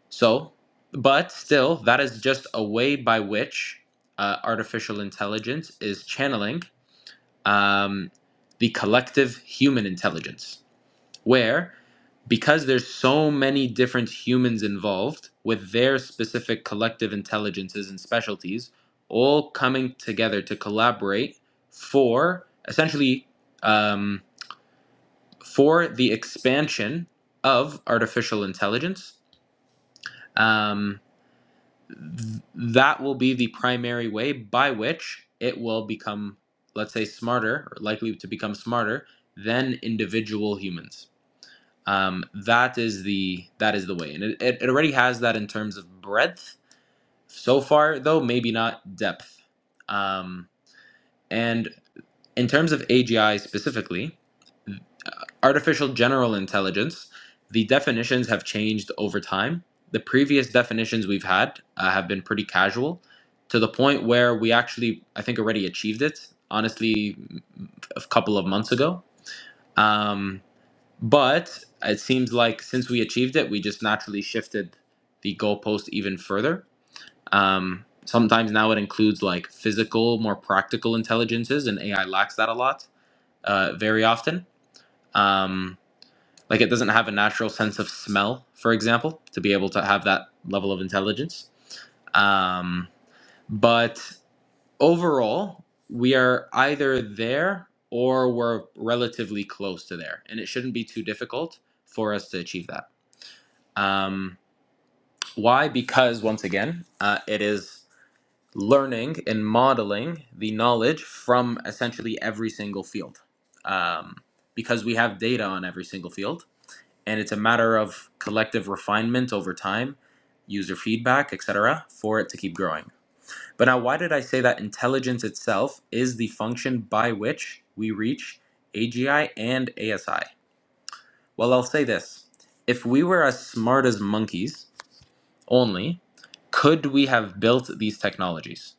S5: so, but still, that is just a way by which uh, artificial intelligence is channeling um, the collective human intelligence, where because there's so many different humans involved with their specific collective intelligences and specialties, all coming together to collaborate for essentially um, for the expansion of artificial intelligence. Um, th- that will be the primary way by which it will become, let's say, smarter or likely to become smarter than individual humans. Um, that is the that is the way, and it, it, it already has that in terms of breadth. So far, though, maybe not depth. Um, and in terms of AGI specifically, Artificial general intelligence, the definitions have changed over time. The previous definitions we've had uh, have been pretty casual to the point where we actually, I think, already achieved it, honestly, a couple of months ago. Um, but it seems like since we achieved it, we just naturally shifted the goalpost even further. Um, sometimes now it includes like physical, more practical intelligences, and AI lacks that a lot uh, very often. Um, like it doesn't have a natural sense of smell, for example, to be able to have that level of intelligence. Um, but overall, we are either there or we're relatively close to there, and it shouldn't be too difficult for us to achieve that. Um, why? Because once again, uh, it is learning and modeling the knowledge from essentially every single field. Um, because we have data on every single field and it's a matter of collective refinement over time, user feedback, etc., for it to keep growing. But now, why did I say that intelligence itself is the function by which we reach AGI and ASI? Well, I'll say this if we were as smart as monkeys only, could we have built these technologies?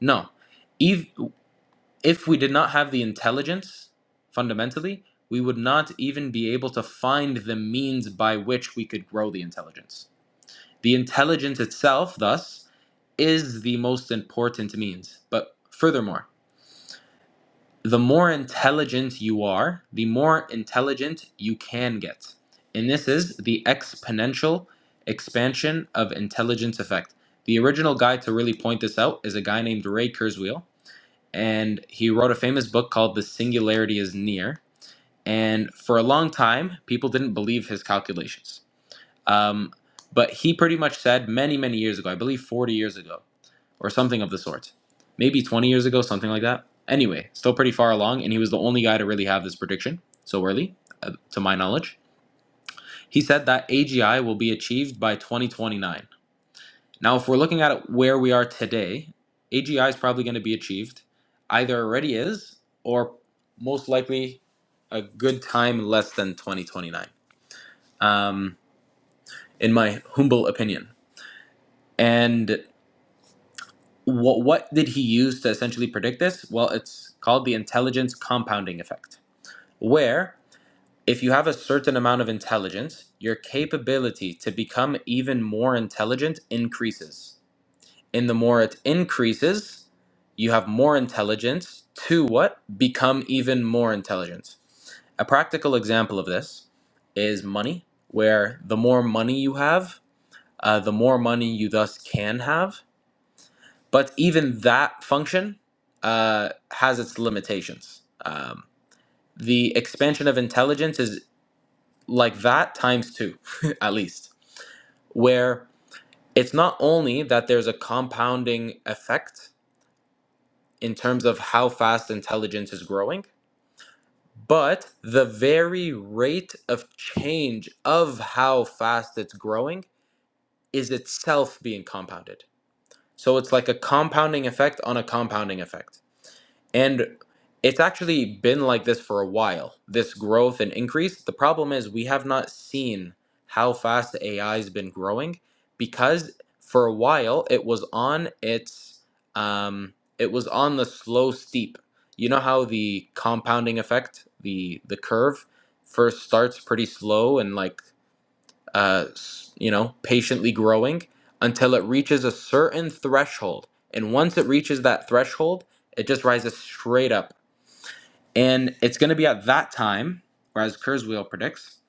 S5: No. If, if we did not have the intelligence, fundamentally, we would not even be able to find the means by which we could grow the intelligence. The intelligence itself, thus, is the most important means. But furthermore, the more intelligent you are, the more intelligent you can get. And this is the exponential expansion of intelligence effect. The original guy to really point this out is a guy named Ray Kurzweil, and he wrote a famous book called The Singularity is Near. And for a long time, people didn't believe his calculations um, but he pretty much said many, many years ago, I believe 40 years ago or something of the sort, maybe 20 years ago, something like that. Anyway, still pretty far along, and he was the only guy to really have this prediction so early, uh, to my knowledge. He said that AGI will be achieved by 2029. Now, if we're looking at it where we are today, AGI is probably going to be achieved, either already is, or most likely a good time less than 2029, um, in my humble opinion. And what what did he use to essentially predict this? Well, it's called the intelligence compounding effect, where if you have a certain amount of intelligence, your capability to become even more intelligent increases. And the more it increases, you have more intelligence to what? Become even more intelligent. A practical example of this is money, where the more money you have, uh, the more money you thus can have but even that function uh, has its limitations. Um, the expansion of intelligence is like that times two, at least, where it's not only that there's a compounding effect in terms of how fast intelligence is growing, but the very rate of change of how fast it's growing is itself being compounded. So it's like a compounding effect on a compounding effect And it's actually been like this for a while, this growth and increase. The problem is we have not seen how fast AI has been growing because for a while it was on its um it was on the slow steep. You know how the compounding effect, the the curve first starts pretty slow and like uh, you know, patiently growing until it reaches a certain threshold. And once it reaches that threshold, it just rises straight up. And it's going to be at that time, or as Kurzweil predicts,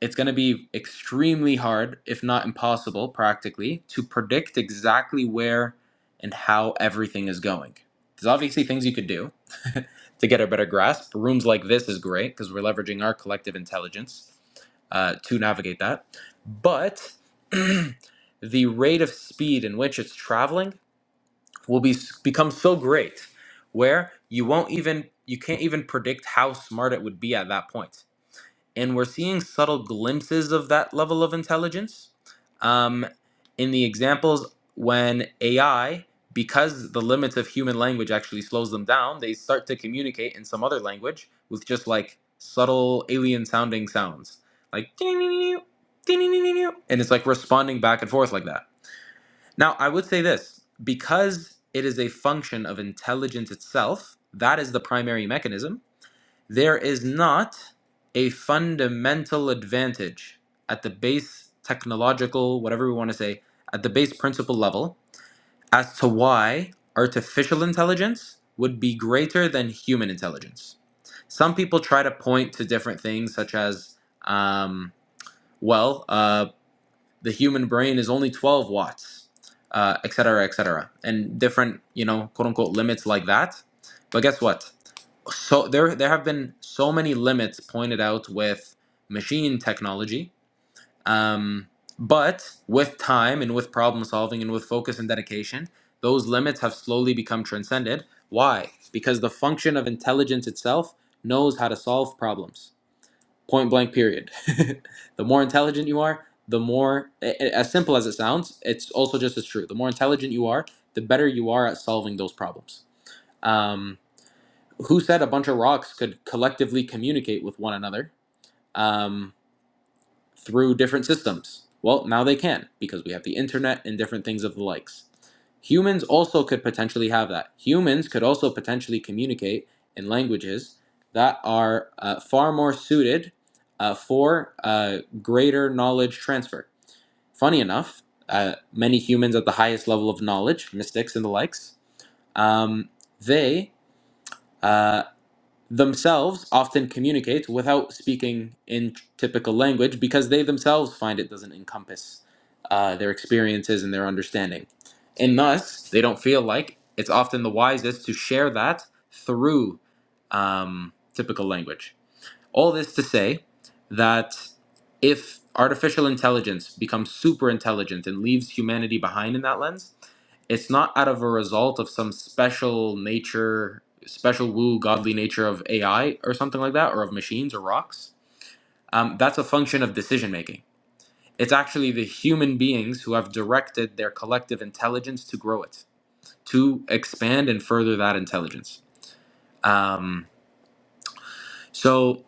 S5: it's going to be extremely hard, if not impossible, practically, to predict exactly where and how everything is going. There's obviously things you could do to get a better grasp. Rooms like this is great because we're leveraging our collective intelligence uh, to navigate that. But the rate of speed in which it's traveling will be become so great where you won't even you can't even predict how smart it would be at that point and we're seeing subtle glimpses of that level of intelligence um, in the examples when AI, because the limits of human language actually slows them down, they start to communicate in some other language with just like subtle alien sounding sounds, like ding ding ding ding, and it's like responding back and forth like that. Now, I would say this because it is a function of intelligence itself. That is the primary mechanism there is not a fundamental advantage at the base technological, whatever we want to say, at the base principle level as to why artificial intelligence would be greater than human intelligence. Some people try to point to different things, such as, um, well, uh, the human brain is only 12 watts, uh, et cetera, et cetera, and different, you know, quote unquote limits like that. But guess what? so there there have been so many limits pointed out with machine technology um, but with time and with problem solving and with focus and dedication those limits have slowly become transcended why because the function of intelligence itself knows how to solve problems point blank period the more intelligent you are the more a- a- as simple as it sounds it's also just as true the more intelligent you are the better you are at solving those problems Um, who said a bunch of rocks could collectively communicate with one another um, through different systems? Well, now they can because we have the internet and different things of the likes. Humans also could potentially have that. Humans could also potentially communicate in languages that are uh, far more suited uh, for uh, greater knowledge transfer. Funny enough, uh, many humans at the highest level of knowledge, mystics and the likes, um, they uh, themselves often communicate without speaking in typical language because they themselves find it doesn't encompass uh, their experiences and their understanding. And thus, they don't feel like it's often the wisest to share that through um, typical language. All this to say that if artificial intelligence becomes super intelligent and leaves humanity behind in that lens, it's not out of a result of some special nature, special woo godly nature of AI or something like that, or of machines or rocks. Um, that's a function of decision making. It's actually the human beings who have directed their collective intelligence to grow it, to expand and further that intelligence. Um, so,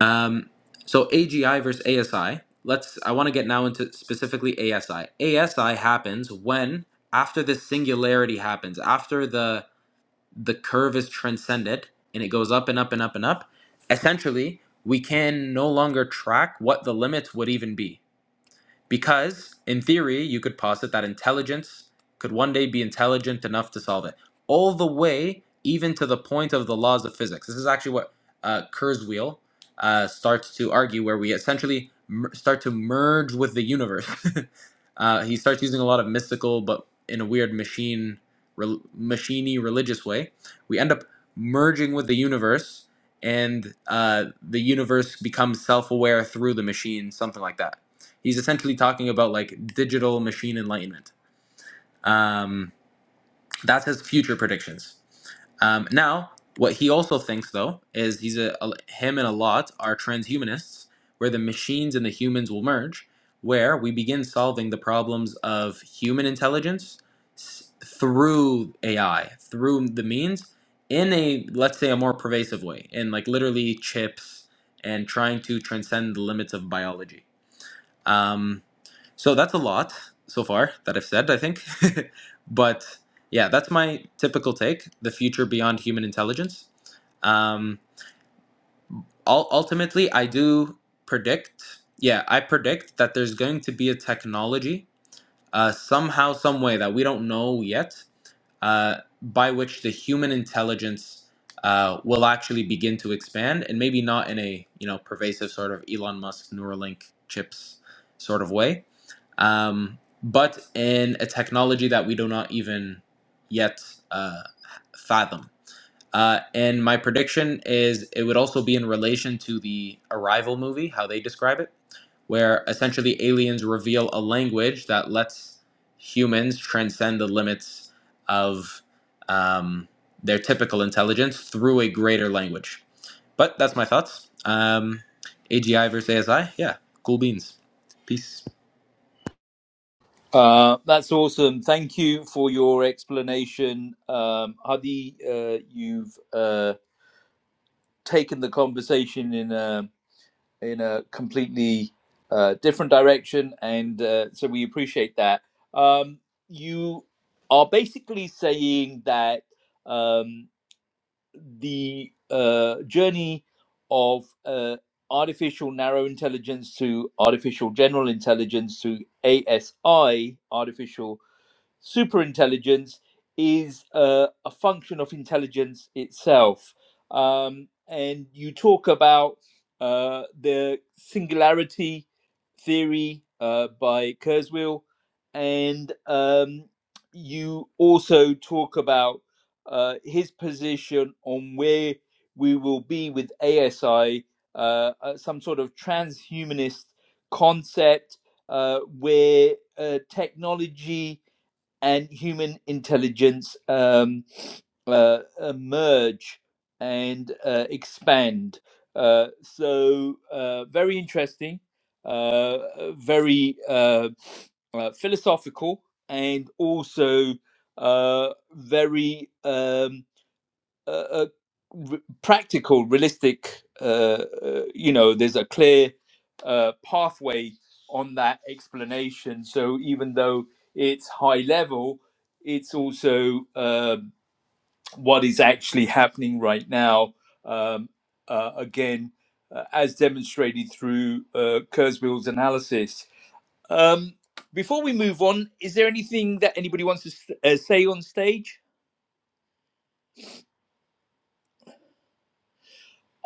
S5: um, so AGI versus ASI. Let's. I want to get now into specifically ASI. ASI happens when after the singularity happens, after the the curve is transcended and it goes up and up and up and up, essentially, we can no longer track what the limits would even be. Because, in theory, you could posit that intelligence could one day be intelligent enough to solve it, all the way even to the point of the laws of physics. This is actually what uh, Kurzweil uh, starts to argue, where we essentially mer- start to merge with the universe. uh, he starts using a lot of mystical, but in a weird machine, rel- machiney religious way. We end up merging with the universe, and uh, the universe becomes self-aware through the machine, something like that He's essentially talking about like digital machine enlightenment. Um, that's his future predictions. Um, now, what he also thinks though is he's a, a him and a lot are transhumanists, where the machines and the humans will merge, where we begin solving the problems of human intelligence s- through AI, through the means, in a let's say a more pervasive way, in like literally chips and trying to transcend the limits of biology. Um, so that's a lot so far that I've said, I think. but yeah, that's my typical take the future beyond human intelligence. Um, ul- ultimately, I do predict, yeah, I predict that there's going to be a technology uh, somehow, some way that we don't know yet, uh, by which the human intelligence uh, will actually begin to expand, and maybe not in a you know pervasive sort of Elon Musk Neuralink chips sort of way, um, but in a technology that we do not even yet uh, fathom. Uh, and my prediction is it would also be in relation to the Arrival movie, how they describe it, where essentially aliens reveal a language that lets humans transcend the limits of um, their typical intelligence through a greater language. But that's my thoughts. Um, AGI versus ASI, yeah, cool beans. Peace.
S1: uh, that's awesome thank you for your explanation um, hadi uh, you've uh, taken the conversation in a in a completely uh, different direction, and uh, so we appreciate that. Um, you are basically saying that um, the uh, journey of uh, artificial narrow intelligence to artificial general intelligence to ASI, artificial superintelligence is uh, a function of intelligence itself. Um, and you talk about uh, the singularity theory uh, by Kurzweil, and um, you also talk about uh, his position on where we will be with ASI, uh, uh, some sort of transhumanist concept uh, where uh, technology and human intelligence um, uh, emerge and uh, expand. Uh, so, uh, very interesting, uh, uh, very uh, uh, philosophical, and also uh, very. Um, uh, uh, re- practical, realistic. Uh, uh, you know, there's a clear uh, pathway on that explanation. So even though it's high level, it's also um what is actually happening right now. Um, uh, again, uh, as demonstrated through uh, Kurzweil's analysis. Um, before we move on, is there anything that anybody wants to s uh, say on stage?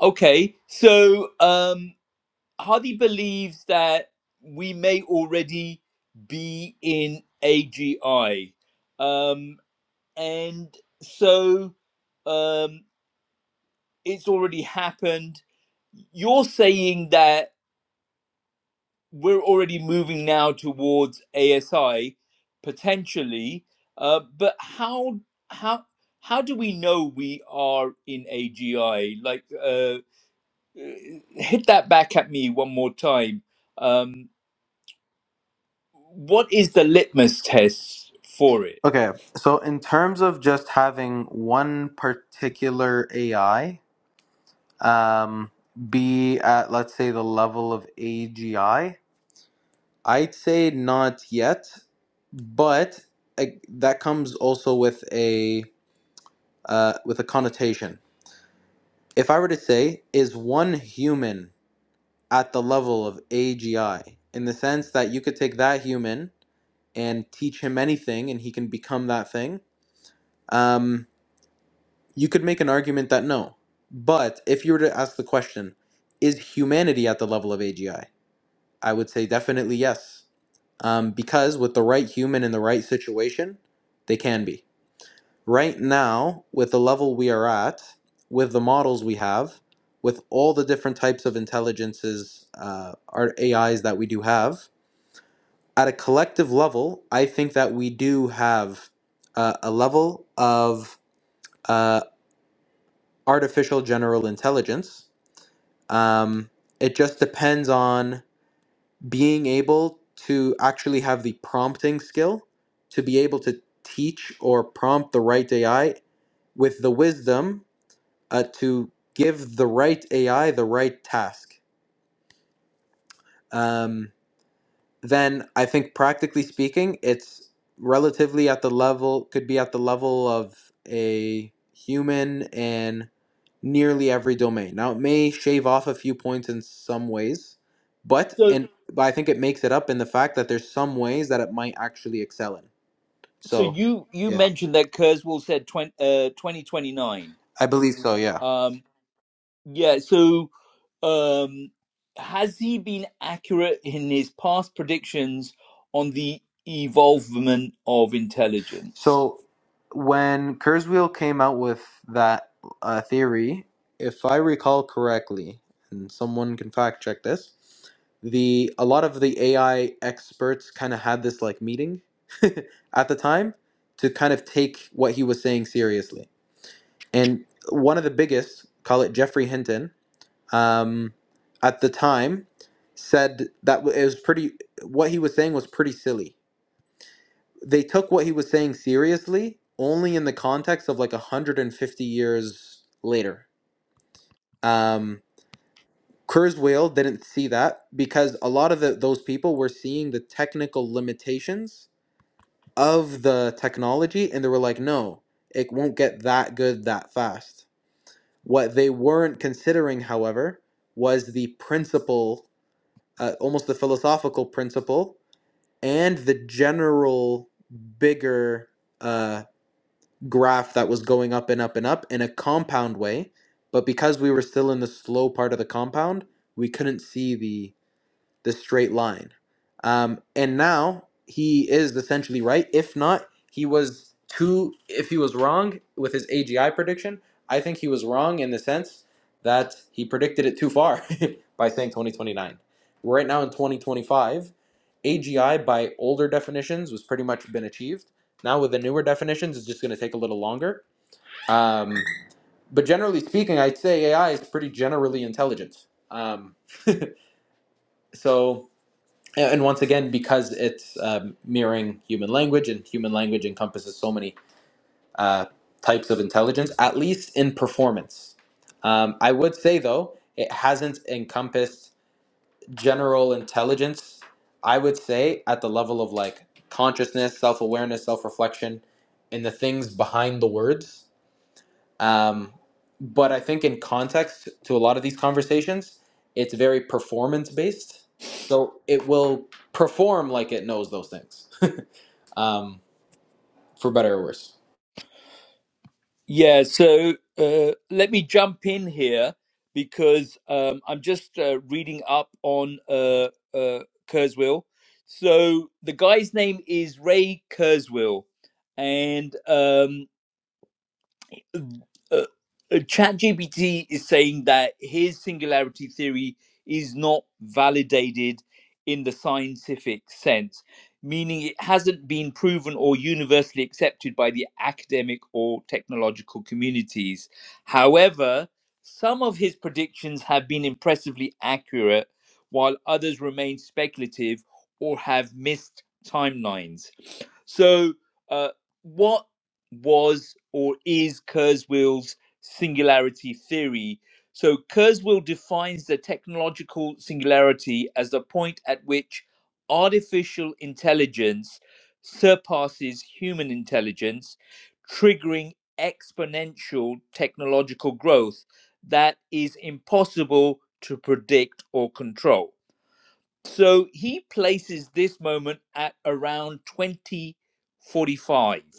S1: Okay, so um, Hadi believes that we may already be in AGI. Um, and so um, it's already happened. You're saying that we're already moving now towards ASI potentially, uh, but how how how do we know we are in AGI? Like, uh, uh, hit that back at me one more time. Um, what is the litmus test for it?
S5: Okay, so in terms of just having one particular AI um, be at, let's say, the level of AGI, I'd say not yet, but like, that comes also with a uh, with a connotation. If I were to say, is one human at the level of AGI, in the sense that you could take that human and teach him anything, and he can become that thing. Um, You could make an argument that no. But if you were to ask the question, is humanity at the level of AGI? I would say definitely yes. Um, because with the right human in the right situation, they can be. Right now, with the level we are at, with the models we have, with all the different types of intelligences, uh, our AIs that we do have, at a collective level, I think that we do have uh, a level of uh, artificial general intelligence Um, it just depends on being able to actually have the prompting skill to be able to teach or prompt the right AI with the wisdom uh, to give the right AI the right task. Um, then I think, practically speaking, it's relatively at the level, could be at the level of a human and. nearly every domain. Now it may shave off a few points in some ways, but
S1: So,
S5: in but I think it makes it up in the fact that there's some ways that it might actually excel in.
S1: so
S5: So,
S1: you you
S5: yeah,
S1: mentioned that Kurzweil said 20, uh, 2029.
S5: I believe so. Yeah.
S1: Um, yeah. So, um, has he been accurate in his past predictions on the evolvement of intelligence?
S5: So when Kurzweil came out with that uh, theory, if I recall correctly, and someone can fact check this, the a lot of the AI experts kind of had this like meeting at the time to kind of take what he was saying seriously and one of the biggest, call it Jeffrey Hinton, um, at the time, said that w- it was pretty. What he was saying was pretty silly. They took what he was saying seriously only in the context of like 150 years later. Um, Kurzweil didn't see that because a lot of the, those people were seeing the technical limitations of the technology, and they were like, "No, it won't get that good that fast." What they weren't considering, however, was the principle, uh, almost the philosophical principle, and the general bigger uh, graph that was going up and up and up in a compound way. But because we were still in the slow part of the compound, we couldn't see the this straight line. Um, and now he is essentially right. If not, he was too. If he was wrong with his AGI prediction, I think he was wrong in the sense that he predicted it too far by saying 2029. We're right now in 2025. AGI by older definitions was pretty much been achieved. Now with the newer definitions, it's just going to take a little longer. Um, but generally speaking, I'd say AI is pretty generally intelligent. Um, so and once again, because it's um, mirroring human language, and human language encompasses so many uh, types of intelligence, at least in performance. Um, I would say, though, it hasn't encompassed general intelligence, I would say, at the level of like consciousness, self awareness, self reflection, and the things behind the words. Um, but I think in context to a lot of these conversations, it's very performance based. So it will perform like it knows those things, um, for better or worse.
S1: Yeah, so uh, let me jump in here because um, I'm just uh, reading up on uh, uh, Kurzweil. So the guy's name is Ray Kurzweil, and um, uh, uh, ChatGPT is saying that his singularity theory is not validated in the scientific sense, meaning it hasn't been proven or universally accepted by the academic or technological communities. However, some of his predictions have been impressively accurate, while others remain speculative or have missed timelines. So, uh, what was or is Kurzweil's singularity theory. So Kurzweil defines the technological singularity as the point at which artificial intelligence surpasses human intelligence, triggering exponential technological growth that is impossible to predict or control. So he places this moment at around 2045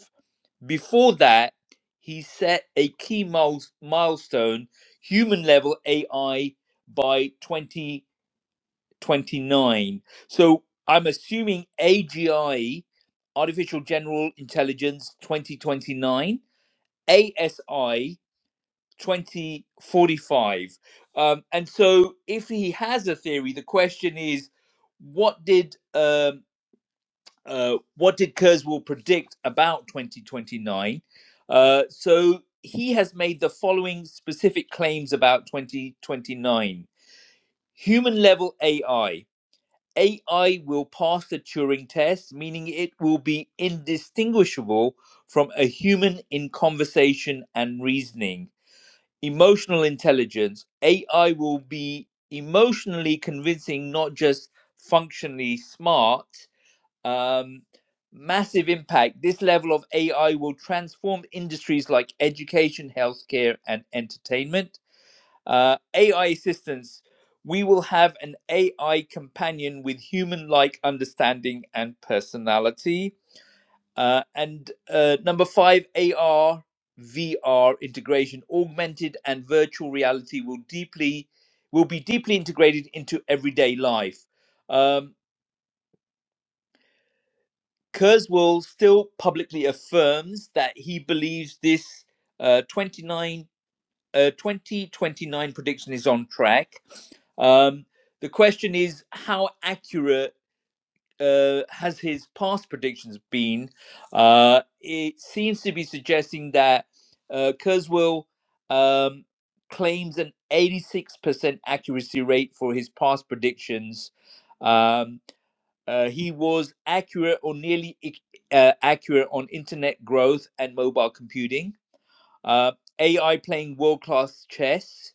S1: before that, he set a key miles- milestone human level AI by 2029. So I'm assuming AGI, Artificial General Intelligence 2029, ASI 2045. Um, and so if he has a theory, the question is what did. Um, uh, what did Kurzweil predict about 2029? Uh, so he has made the following specific claims about 2029 human level AI. AI will pass the Turing test, meaning it will be indistinguishable from a human in conversation and reasoning. Emotional intelligence. AI will be emotionally convincing, not just functionally smart um, massive impact. This level of AI will transform industries like education, healthcare, and entertainment. Uh, AI assistance. We will have an AI companion with human like understanding and personality. Uh, and uh, number five, AR, VR integration, augmented and virtual reality will deeply will be deeply integrated into everyday life. Um, Kurzweil still publicly affirms that he believes this uh, 29, uh, 2029 prediction is on track. Um, the question is how accurate uh, has his past predictions been? Uh, it seems to be suggesting that uh, Kurzweil um, claims an 86% accuracy rate for his past predictions. Um, uh, he was accurate or nearly uh, accurate on internet growth and mobile computing. Uh, AI playing world class chess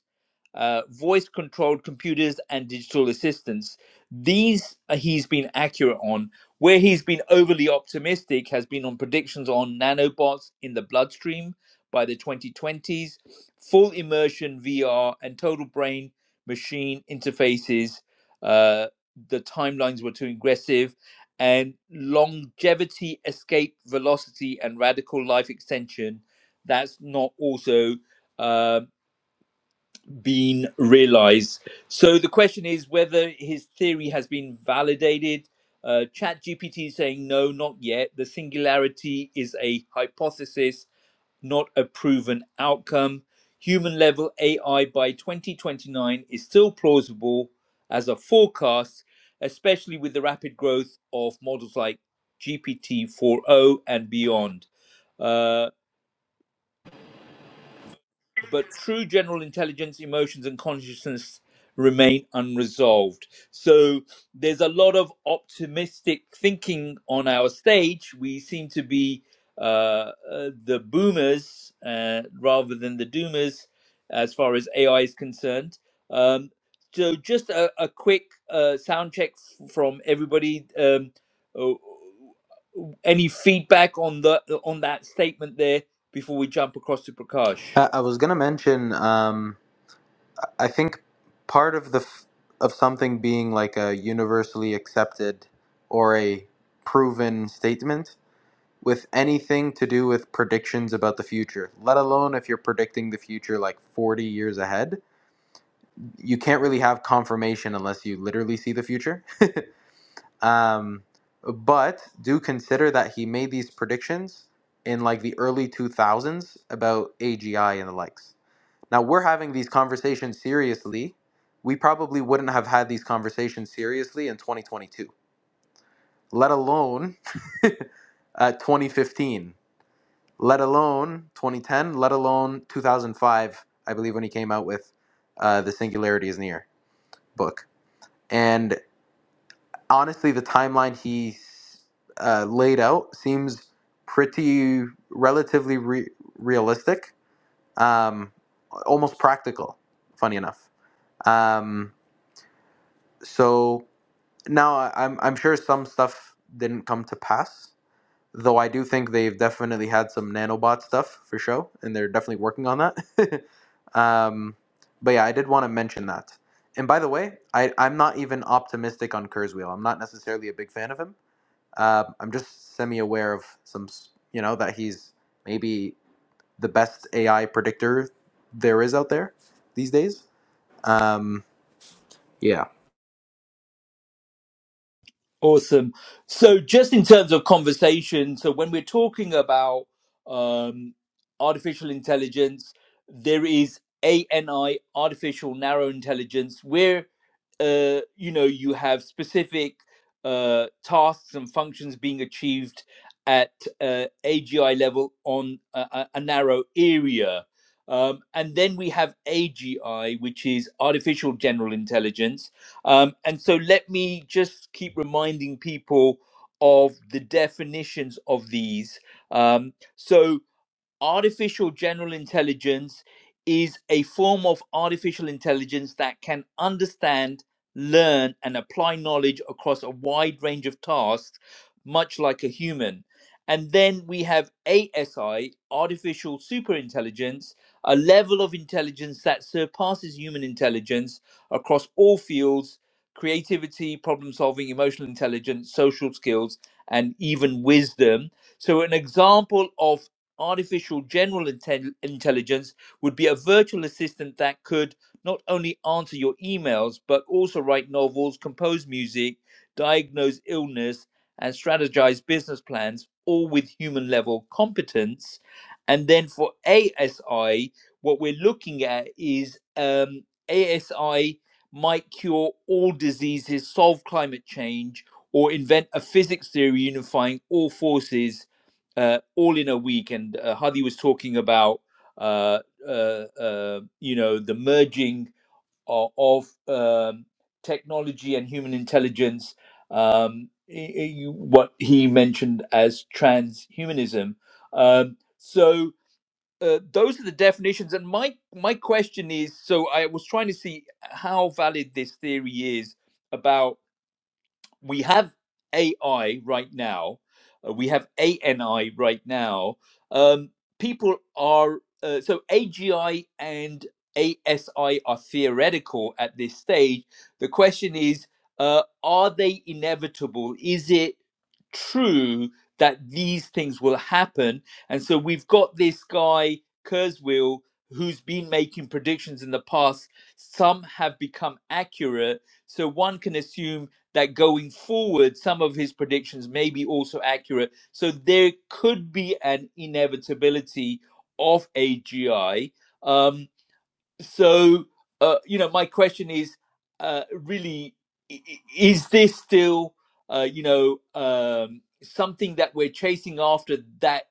S1: uh, voice controlled computers and digital assistants. These uh, he's been accurate on. Where he's been overly optimistic has been on predictions on nanobots in the bloodstream by the 2020s, full immersion VR, and total brain machine interfaces. Uh, the timelines were too aggressive, and longevity, escape velocity, and radical life extension. That's not also. Um, been realized. So the question is whether his theory has been validated. Uh, ChatGPT is saying no, not yet. The singularity is a hypothesis, not a proven outcome. Human level AI by 2029 is still plausible as a forecast, especially with the rapid growth of models like GPT 4.0 and beyond Uh, but true general intelligence, emotions, and consciousness remain unresolved. So there's a lot of optimistic thinking on our stage. We seem to be uh, uh, the boomers uh, rather than the doomers as far as AI is concerned. Um, so just a, a quick uh, sound check f- from everybody. Um, oh, any feedback on the on that statement there before we jump across to Prakash?
S5: I, I was gonna mention. Um, I think part of the f- of something being like a universally accepted or a proven statement with anything to do with predictions about the future, let alone if you're predicting the future like 40 years ahead you can't really have confirmation unless you literally see the future. Um, but do consider that he made these predictions in like the early 2000s about AGI and the likes. Now we're having these conversations seriously. We probably wouldn't have had these conversations seriously in 2022, let alone uh, 2015, let alone 2010, let alone 2005, I believe, when he came out with uh, The Singularity is Near book. and. honestly, the timeline he uh, laid out seems pretty relatively re- realistic, um, almost practical. Funny enough. Um, so now I- I'm I'm sure some stuff didn't come to pass, though I do think they've definitely had some nanobot stuff for show, and they're definitely working on that. um, but yeah, I did want to mention that. And by the way, I, I'm not even optimistic on Kurzweil. I'm not necessarily a big fan of him uh, I'm just semi aware of some, you know, that he's maybe the best AI predictor there is out there these days. Um, yeah.
S1: Awesome. So, just in terms of conversation, so when we're talking about um, artificial intelligence, there is ANI, artificial narrow intelligence, where uh, you know you have specific uh, tasks and functions being achieved at uh, AGI level on a, a a narrow area. Um, and then we have AGI, which is artificial general intelligence um, and so let me just keep reminding people of the definitions of these. Um, so artificial general intelligence is a form of artificial intelligence that can understand, learn, and apply knowledge across a wide range of tasks, much like a human. And then we have ASI, artificial superintelligence, a level of intelligence that surpasses human intelligence across all fields creativity, problem solving, emotional intelligence, social skills, and even wisdom. So, an example of artificial general intel- intelligence would be a virtual assistant that could not only answer your emails, but also write novels, compose music, diagnose illness, and strategize business plans, all with human level competence. And then for ASI, what we're looking at is um, ASI might cure all diseases, solve climate change, or invent a physics theory unifying all forces uh, all in a week. And uh, Hadi was talking about, uh, uh, uh, you know, the merging of, of um, technology and human intelligence. Um, i- i- you- what he mentioned as transhumanism. Um, so uh, those are the definitions. And my my question is: so I was trying to see how valid this theory is about we have AI right now, uh, we have ANI right now. Um, people are uh, so AGI and ASI are theoretical at this stage. The question is, uh, are they inevitable? Is it true that these things will happen? And so we've got this guy Kurzweil who's been making predictions in the past. Some have become accurate, so one can assume that going forward, some of his predictions may be also accurate. So there could be an inevitability of AGI. Um, so, uh, you know, my question is uh, really, i- i- is this still, uh, you know, um, something that we're chasing after that?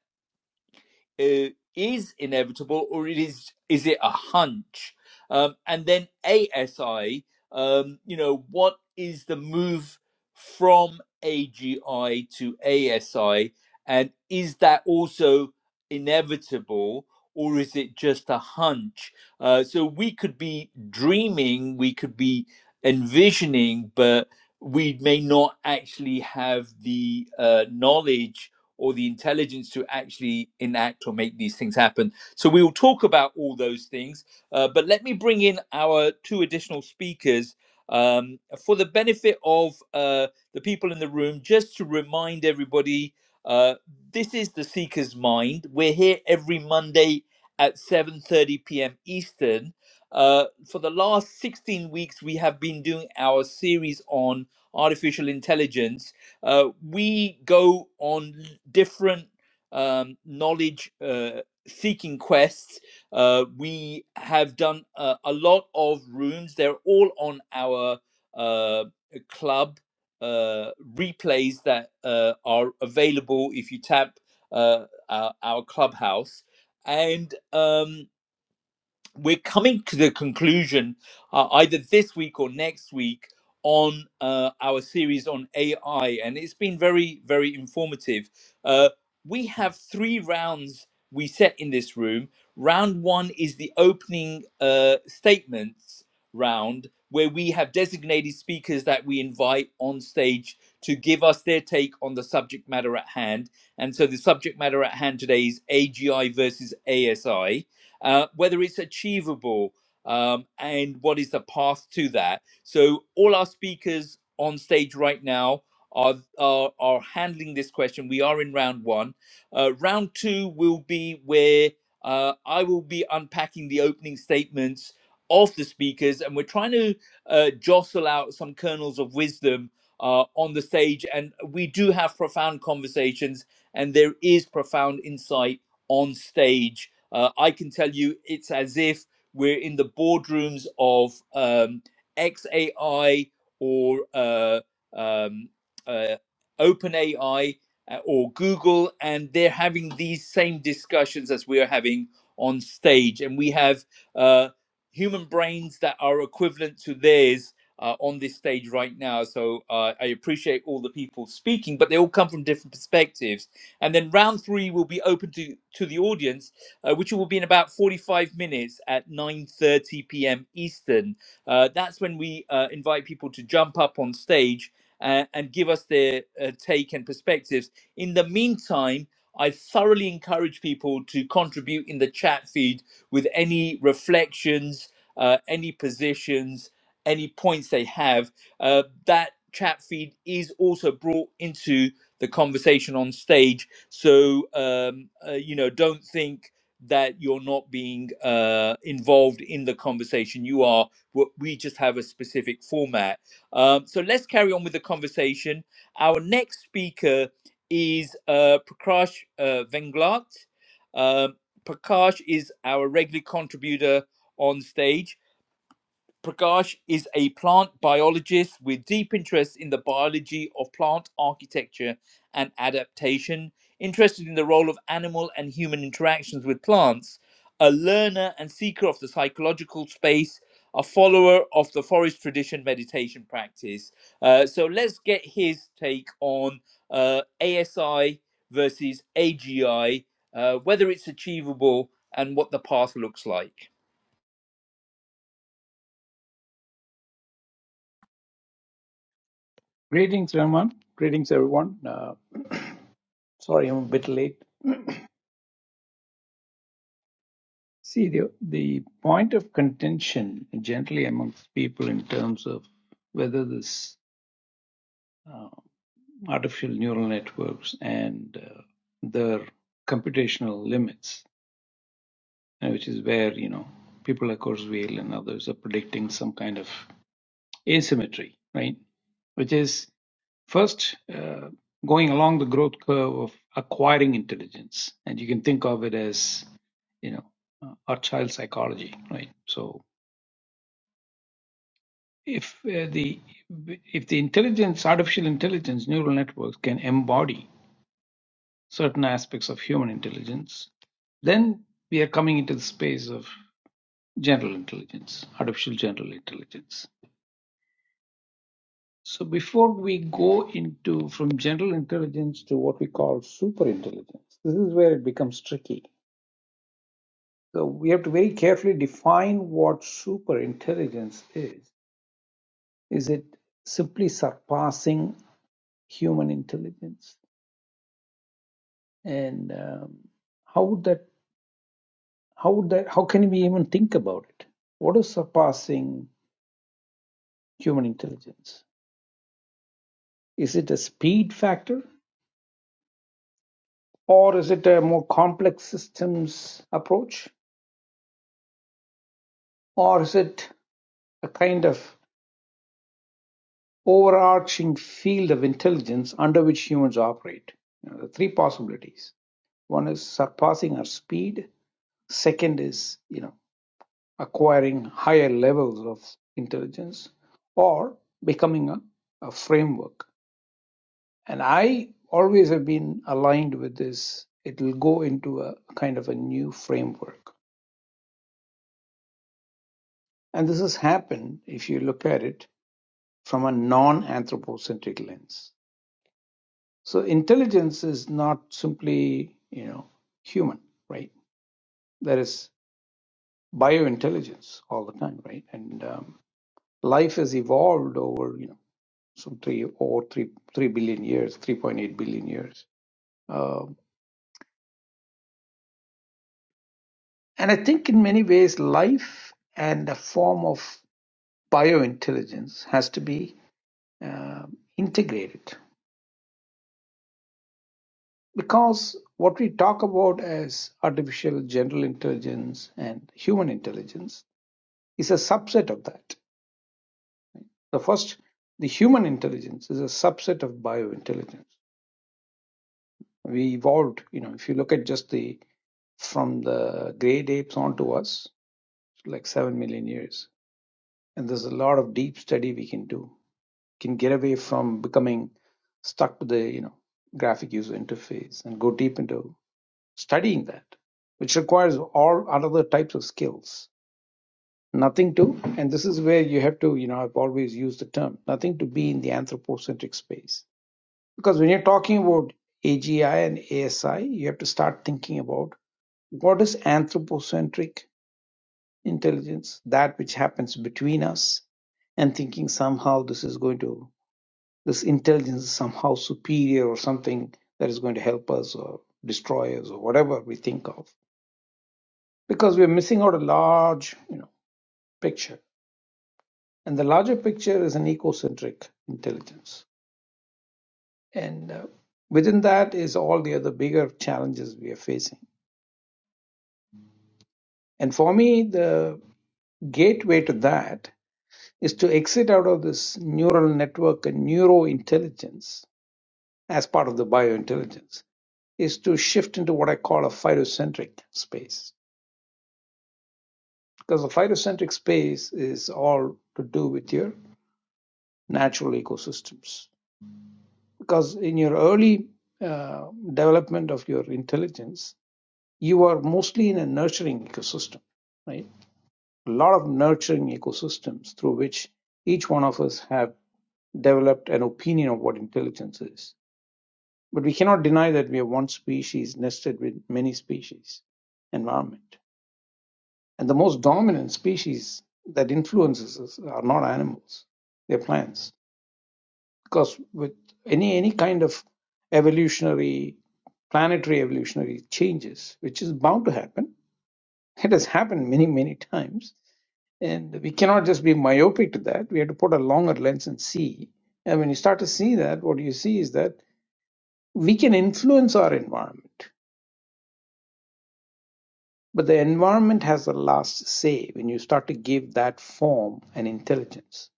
S1: uh, is inevitable or it is is it a hunch? Um, and then ASI, um, you know, what is the move from AGI to ASI, and is that also inevitable? Or is it just a hunch? Uh, so we could be dreaming, we could be envisioning, but we may not actually have the uh, knowledge or the intelligence to actually enact or make these things happen. So we will talk about all those things, uh, but let me bring in our two additional speakers um, for the benefit of uh, the people in the room, just to remind everybody. Uh, this is the Seeker's Mind. We're here every Monday at 7:30 p.m. Eastern. Uh, for the last 16 weeks, we have been doing our series on artificial intelligence, uh, we go on different um, knowledge uh, seeking quests. Uh, we have done uh, a lot of rooms. They're all on our uh, club uh, replays that uh, are available if you tap uh, our, our clubhouse. And um, we're coming to the conclusion uh, either this week or next week on uh, our series on AI, and it's been very, very informative. Uh, we have three rounds we set in this room. Round one is the opening uh, statements round, where we have designated speakers that we invite on stage to give us their take on the subject matter at hand. And so the subject matter at hand today is AGI versus ASI uh, whether it's achievable, um, and what is the path to that. So, all our speakers on stage right now are, are, are handling this question. We are in round one. Uh, round two will be where uh, I will be unpacking the opening statements of the speakers, and we're trying to uh, jostle out some kernels of wisdom uh, on the stage. And we do have profound conversations, and there is profound insight on stage uh, I can tell you it's as if we're in the boardrooms of um, XAI or uh, um, uh, OpenAI uh, or Google, and they're having these same discussions as we are having on stage. And we have uh, human brains that are equivalent to theirs uh, on this stage right now. So uh, I appreciate all the people speaking, but they all come from different perspectives. And then round three will be open to, to the audience uh, which will be in about 45 minutes at 9.30 p.m. Eastern. Uh, that's when we uh, invite people to jump up on stage uh, and give us their uh, take and perspectives. In the meantime, I thoroughly encourage people to contribute in the chat feed with any reflections, uh, any positions, any points they have. Uh, that chat feed is also brought into the conversation on stage. So, um, uh, you know, don't think that you're not being uh, involved in the conversation. You are. We just have a specific format. Um, so let's carry on with the conversation. Our next speaker is uh, Prakash uh, Venglat. Um Prakash is our regular contributor on stage. Prakash is a plant biologist with deep interest in the biology of plant architecture and adaptation, interested in the role of animal and human interactions with plants, a learner and seeker of the psychological space, a follower of the forest tradition meditation practice. Uh, so let's get his take on uh, ASI versus AGI, uh, whether it's achievable and what the path looks like.
S6: Greetings, Raman. Greetings, everyone. Uh, sorry, I'm a bit late. See, the, the point of contention generally amongst people in terms of whether this uh, artificial neural networks and uh, their computational limits, uh, which is where, you know, people like Kurzweil and others are predicting some kind of asymmetry, right? Which is first uh, going along the growth curve of acquiring intelligence, and you can think of it as you know uh, our child psychology, right? So if uh, the if the intelligence, artificial intelligence, neural networks can embody certain aspects of human intelligence, then we are coming into the space of general intelligence, artificial general intelligence. So before we go into from general intelligence to what we call super intelligence, this is where it becomes tricky. So we have to very carefully define what super intelligence is. Is it simply surpassing human intelligence? And um, how would that how would that how can we even think about it? What is surpassing human intelligence? Is it a speed factor? Or is it a more complex systems approach? Or is it a kind of overarching field of intelligence under which humans operate. You know, the three possibilities. One is surpassing our speed. Second is, you know, acquiring higher levels of intelligence or becoming a, a framework. And I always have been aligned with this. It will go into a kind of a new framework. And this has happened, if you look at it, from a non anthropocentric lens So intelligence is not simply, you know, human, right? There is biointelligence all the time, right? And um, life has evolved over, you know, some three or three three billion years, three point eight billion years. Um, and I think in many ways, life and a form of biointelligence has to be um integrated because what we talk about as artificial general intelligence and human intelligence is a subset of that. The first, the human intelligence is a subset of biointelligence. We evolved, you know, if you look at just the from the great apes on to us, like seven million years. And there's a lot of deep study we can do. Can get away from becoming stuck to the, you know, graphic user interface and go deep into studying that, which requires all other types of skills nothing to and this is where you have to you know i've always used the term nothing to be in the anthropocentric space because when you're talking about agi and asi you have to start thinking about what is anthropocentric intelligence that which happens between us and thinking somehow this is going to this intelligence is somehow superior or something that is going to help us or destroy us or whatever we think of because we're missing out a large you know picture And the larger picture is an ecocentric intelligence. And uh, within that is all the other bigger challenges we are facing. And for me, the gateway to that is to exit out of this neural network and neurointelligence as part of the biointelligence, is to shift into what I call a phytocentric space. Because the phytocentric space is all to do with your natural ecosystems. Because in your early uh, development of your intelligence, you are mostly in a nurturing ecosystem, right? A lot of nurturing ecosystems through which each one of us have developed an opinion of what intelligence is. But we cannot deny that we are one species nested with many species environment. And the most dominant species that influences us are not animals, they're plants. Because with any any kind of evolutionary, planetary evolutionary changes, which is bound to happen, it has happened many, many times And we cannot just be myopic to that. We have to put a longer lens and see. And when you start to see that, what you see is that we can influence our environment, but the environment has the last say when you start to give that form and intelligence.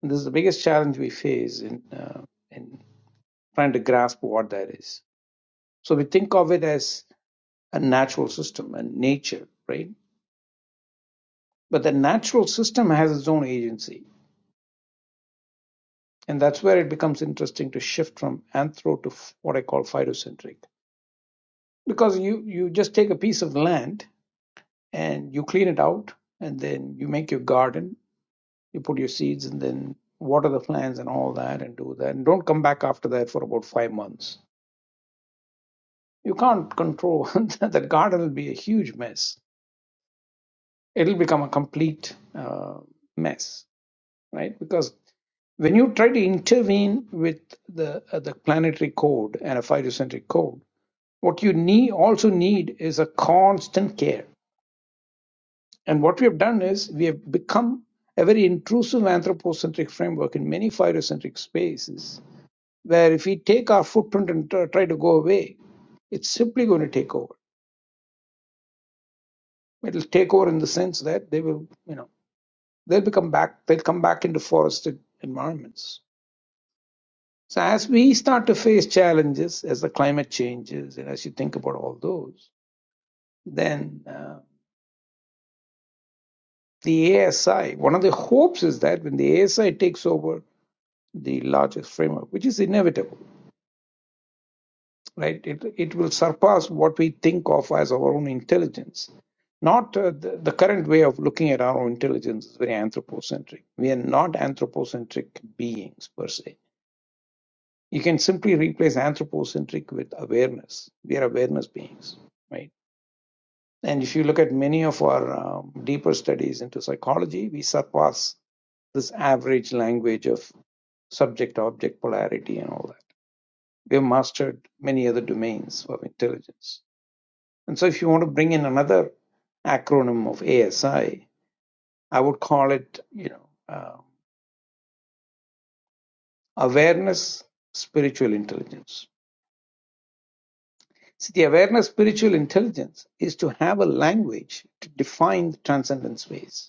S6: And this is the biggest challenge we face in, uh, in trying to grasp what that is. So we think of it as a natural system and nature, right? But the natural system has its own agency And that's where it becomes interesting to shift from anthro to what I call phytocentric. Because you, you just take a piece of land and you clean it out, and then you make your garden, you put your seeds, and then water the plants and all that, and do that. And don't come back after that for about five months. You can't control that garden will be a huge mess. It'll become a complete uh, mess, right? Because when you try to intervene with the, uh, the planetary code and a phytocentric code, What you need also need is a constant care. And what we have done is we have become a very intrusive anthropocentric framework in many phytocentric spaces, where if we take our footprint and tr- try to go away, it's simply going to take over. It'll take over in the sense that they will, you know, they'll become back. They'll come back into forested environments. So as we start to face challenges, as the climate changes, and as you think about all those, then uh, the ASI, one of the hopes is that when the ASI takes over the largest framework, which is inevitable, right? It, it will surpass what we think of as our own intelligence. Not uh, the, the current way of looking at our own intelligence is very anthropocentric. We are not anthropocentric beings per se. You can simply replace anthropocentric with awareness. We are awareness beings, right? And if you look at many of our um, deeper studies into psychology, we surpass this average language of subject object polarity and all that. We have mastered many other domains of intelligence. And so, if you want to bring in another acronym of ASI, I I would call it, you know, uh, awareness spiritual intelligence. See, the awareness spiritual intelligence is to have a language to define the transcendent space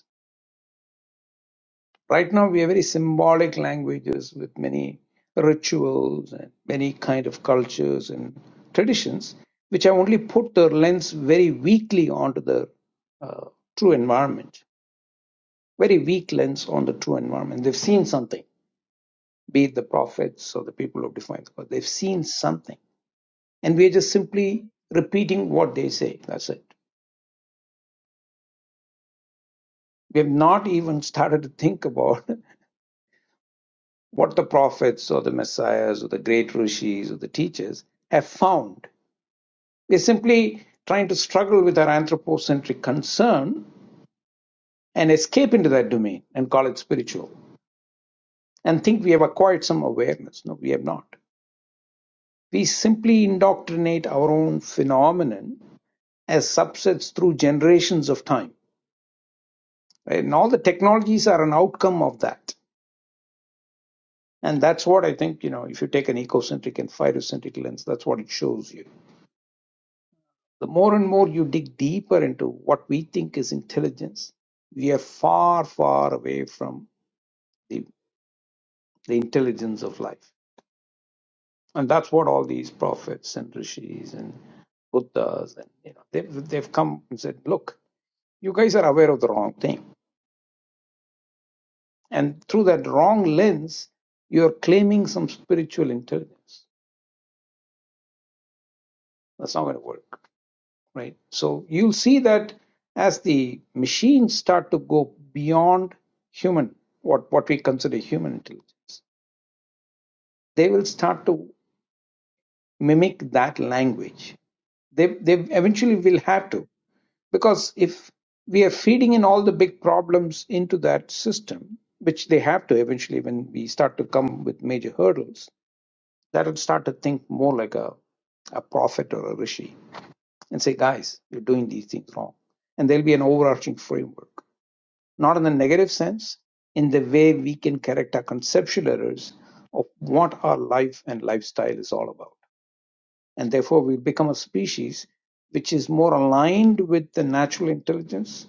S6: Right now, we have very symbolic languages with many rituals and many kind of cultures and traditions, which have only put their lens very weakly onto the uh, true environment, very weak lens on the true environment. They've seen something, be it the prophets or the people who define the God. They've seen something, and we are just simply repeating what they say. That's it. We have not even started to think about what the prophets or the messiahs or the great rishis or the teachers have found. We're simply trying to struggle with our anthropocentric concern and escape into that domain and call it spiritual and think we have acquired some awareness. No, we have not. We simply indoctrinate our own phenomenon as subsets through generations of time. right? And all the technologies are an outcome of that. And that's what I think, you know, if you take an ecocentric and phytocentric lens, that's what it shows you The more and more you dig deeper into what we think is intelligence, we are far, far away from the, the intelligence of life. And that's what all these prophets and rishis and Buddhas and you know they've they've come and said, look, you guys are aware of the wrong thing, and through that wrong lens, you are claiming some spiritual intelligence. That's not going to work. right? So you'll see that as the machines start to go beyond human, what, what we consider human intelligence, they will start to mimic that language. They, they eventually will have to, because if we are feeding in all the big problems into that system, which they have to eventually when we start to come with major hurdles, that'll start to think more like a, a prophet or a rishi and say, guys, you're doing these things wrong. And there'll be an overarching framework not in a negative sense, in the way we can correct our conceptual errors of what our life and lifestyle is all about. And therefore, we become a species which is more aligned with the natural intelligence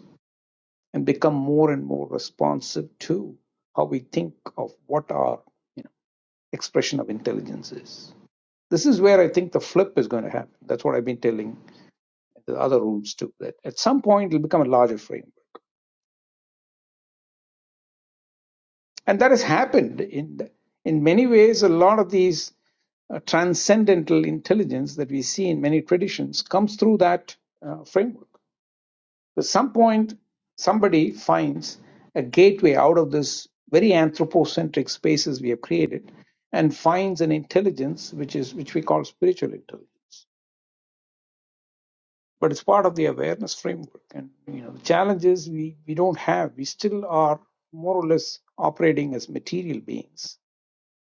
S6: and become more and more responsive to how we think of what our you know, expression of intelligence is. This is where I think the flip is going to happen. That's what I've been telling the other rooms too, that at some point it'll become a larger framework. and that has happened in the, in many ways a lot of these uh, transcendental intelligence that we see in many traditions comes through that uh, framework at some point somebody finds a gateway out of this very anthropocentric spaces we have created and finds an intelligence which is which we call spiritual intelligence but it's part of the awareness framework and you know the challenge is we we don't have we still are more or less operating as material beings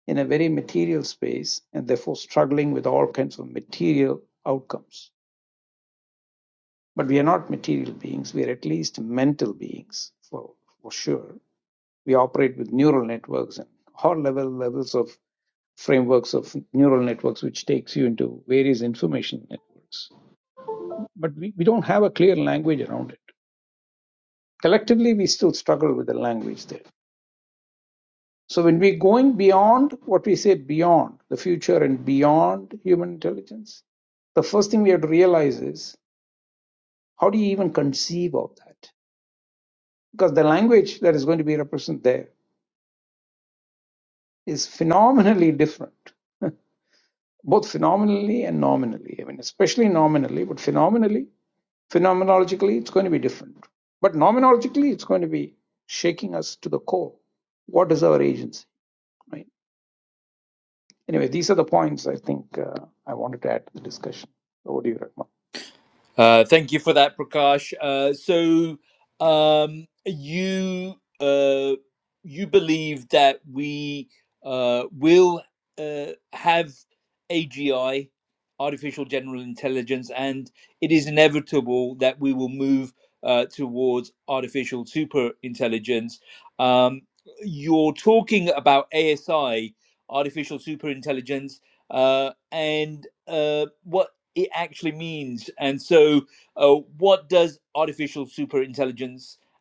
S6: in a very material space and therefore struggling with all kinds of material outcomes. But we are not material beings, we are at least mental beings for, for sure. We operate with neural networks and all level levels of frameworks of neural networks which takes you into various information networks. But we, we don't have a clear language around it. Collectively we still struggle with the language there. So when we are going beyond what we say beyond the future and beyond human intelligence, the first thing we have to realize is how do you even conceive of that? Because the language that is going to be represented there is phenomenally different, both phenomenally and nominally. I mean, especially nominally, but phenomenally, phenomenologically, it's going to be different. But nomenologically, it's going to be shaking us to the core. What is our agency? Right? Anyway, these are the points I think uh, I wanted to add to the discussion. So What do you, Ratman.
S1: Uh, thank you for that, Prakash. Uh, so um, you uh, you believe that we uh, will uh, have AGI, artificial general intelligence, and it is inevitable that we will move uh, towards artificial super intelligence. Um, you're talking about ASI, artificial super intelligence, uh, and uh, what it actually means. And so, uh, what does artificial superintelligence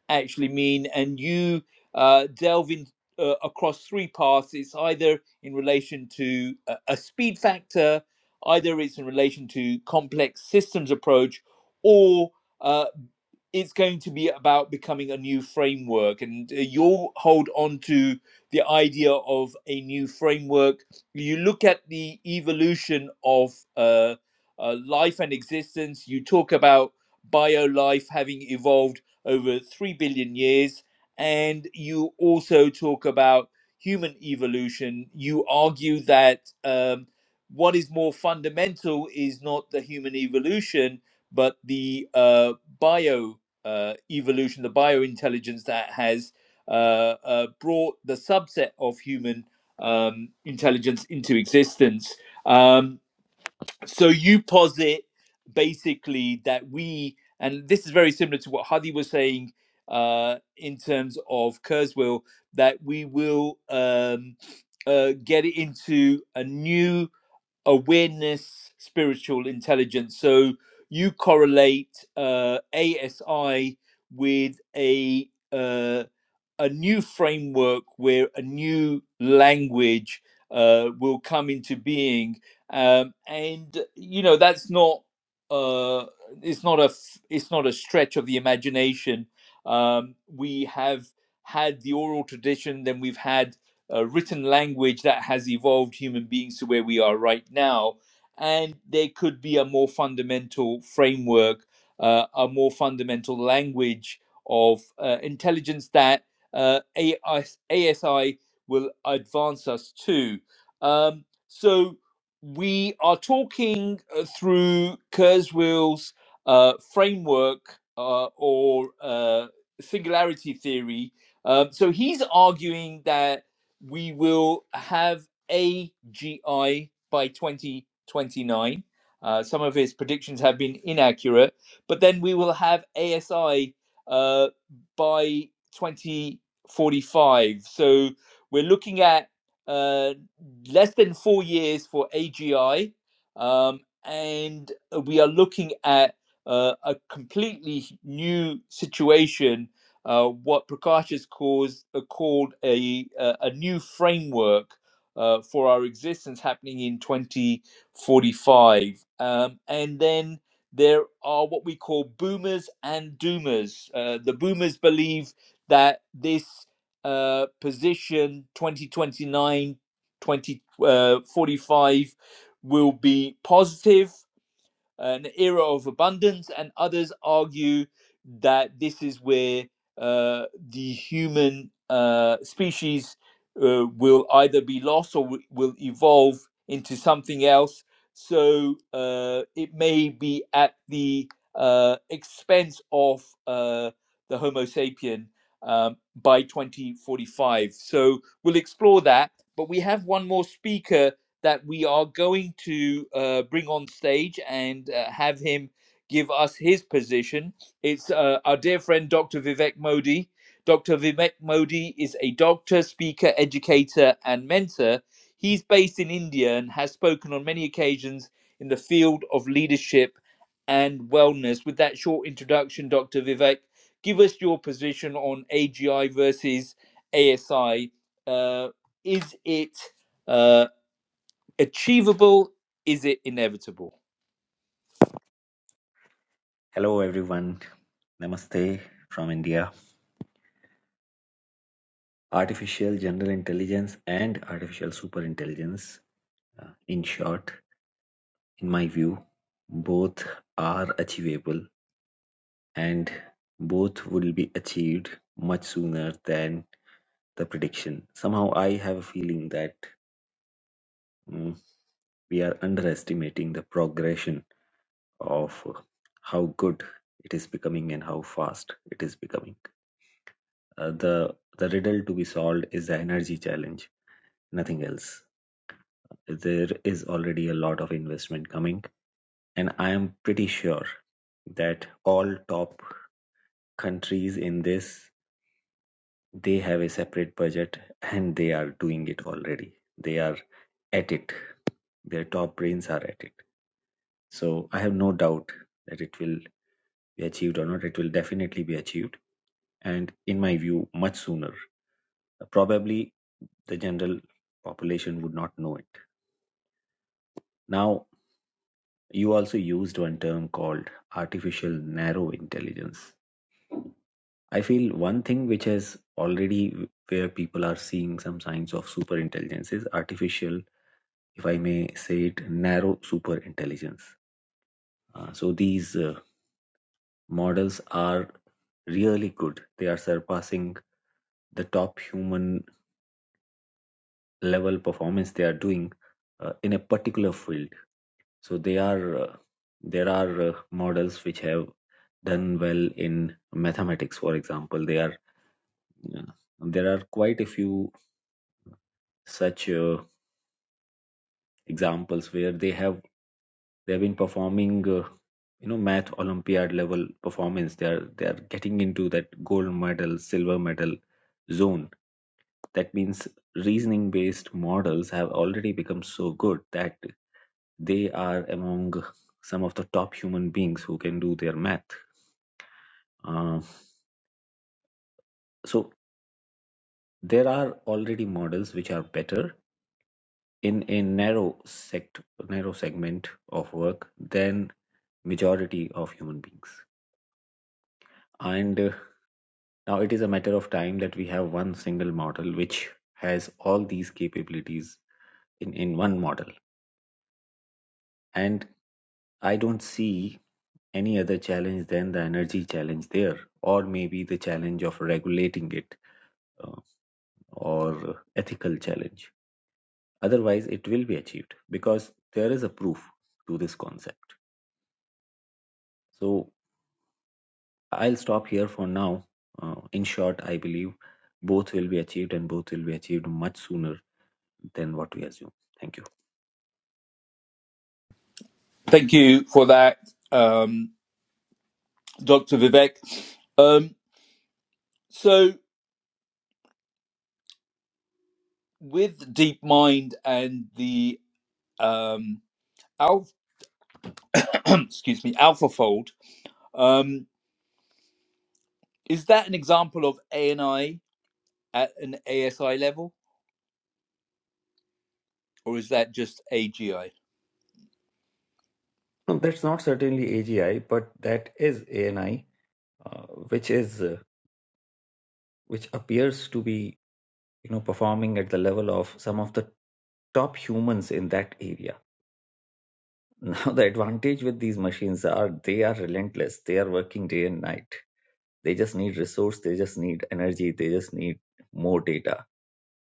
S1: actually mean? And you uh, delve in uh, across three paths. It's either in relation to a, a speed factor, either it's in relation to complex systems approach, or uh, it's going to be about becoming a new framework and uh, you'll hold on to the idea of a new framework you look at the evolution of uh, uh, life and existence you talk about bio life having evolved over 3 billion years and you also talk about human evolution you argue that um, what is more fundamental is not the human evolution but the uh, bio uh, evolution, the biointelligence that has uh, uh, brought the subset of human um, intelligence into existence. Um, so you posit basically that we, and this is very similar to what Hadi was saying uh, in terms of Kurzweil, that we will um, uh, get into a new awareness, spiritual intelligence. So you correlate uh, ASI with a uh, a new framework where a new language uh, will come into being um, and you know that's not uh, it's not a f- it's not a stretch of the imagination um, we have had the oral tradition then we've had uh, written language that has evolved human beings to where we are right now and there could be a more fundamental framework uh, a more fundamental language of uh, intelligence that uh, ASI will advance us to. Um, so we are talking uh, through Kurzweil's uh, framework uh, or uh, singularity theory. Um, so he's arguing that we will have AGI by 2029. Uh, some of his predictions have been inaccurate, but then we will have ASI uh, by twenty. 45. So we're looking at uh, less than four years for AGI, um, and uh, we are looking at uh, a completely new situation. Uh, what Prakash has caused, uh, called a, a a new framework uh, for our existence happening in 2045, um, and then there are what we call boomers and doomers. Uh, the boomers believe that this uh, position 2029, 2045, will be positive an era of abundance, and others argue that this is where uh, the human uh, species uh, will either be lost or wi- will evolve into something else. So uh, it may be at the uh, expense of uh, the Homo sapien um, by 2045. So we'll explore that. But we have one more speaker that we are going to uh, bring on stage and uh, have him give us his position. It's uh, our dear friend, Dr. Vivek Modi. Dr. Vivek Modi is a doctor, speaker, educator, and mentor. He's based in India and has spoken on many occasions in the field of leadership and wellness. With that short introduction, Dr. Vivek, give us your position on AGI versus ASI. Uh, is it? uh, achievable? Is it inevitable?
S7: Hello everyone. Namaste from India. Artificial general intelligence and artificial superintelligence, uh, in short, in my view, both are achievable and both will be achieved much sooner than the prediction. Somehow I have a feeling that mm, we are underestimating the progression of how good it is becoming and how fast it is becoming. Uh, the the riddle to be solved is the energy challenge nothing else. There is already a lot of investment coming, and I am pretty sure that all top countries in this they have a separate budget and they are doing it already. They are at it. Their top brains are at it. So I have no doubt that it will be achieved or not. It will definitely be achieved, and in my view, much sooner. Probably the general population would not know it. Now You also used one term called artificial narrow intelligence. I feel one thing which has already where people are seeing some signs of super intelligence is artificial, if I may say it, narrow super intelligence. Uh, so these uh, models are really good. They are surpassing the top human level performance they are doing uh, in a particular field So they are uh, there are uh, models which have done well in mathematics, for example. They are uh, there are quite a few such uh, examples where they have they have been performing uh, you know math olympiad level performance. They are they are getting into that gold medal, silver medal zone. That means reasoning based models have already become so good that they are among some of the top human beings who can do their math. Uh, so there are already models which are better in a narrow sect, narrow segment of work than majority of human beings. And uh, now it is a matter of time that we have one single model which has all these capabilities in, in one model. And I don't see any other challenge than the energy challenge there, or maybe the challenge of regulating it uh, or ethical challenge. Otherwise, it will be achieved because there is a proof to this concept. So I'll stop here for now. Uh, in short, I believe both will be achieved and both will be achieved much sooner than what we assume. Thank you.
S1: Thank you for that, um, Dr. Vivek. Um, so, with DeepMind and the um, Alpha, excuse me, AlphaFold, um, is that an example of ANI at an ASI level, or is that just AGI?
S7: No, that's not certainly AGI, but that is ANI, uh, which is uh, which appears to be you know performing at the level of some of the top humans in that area now the advantage with these machines are they are relentless they are working day and night they just need resource they just need energy they just need more data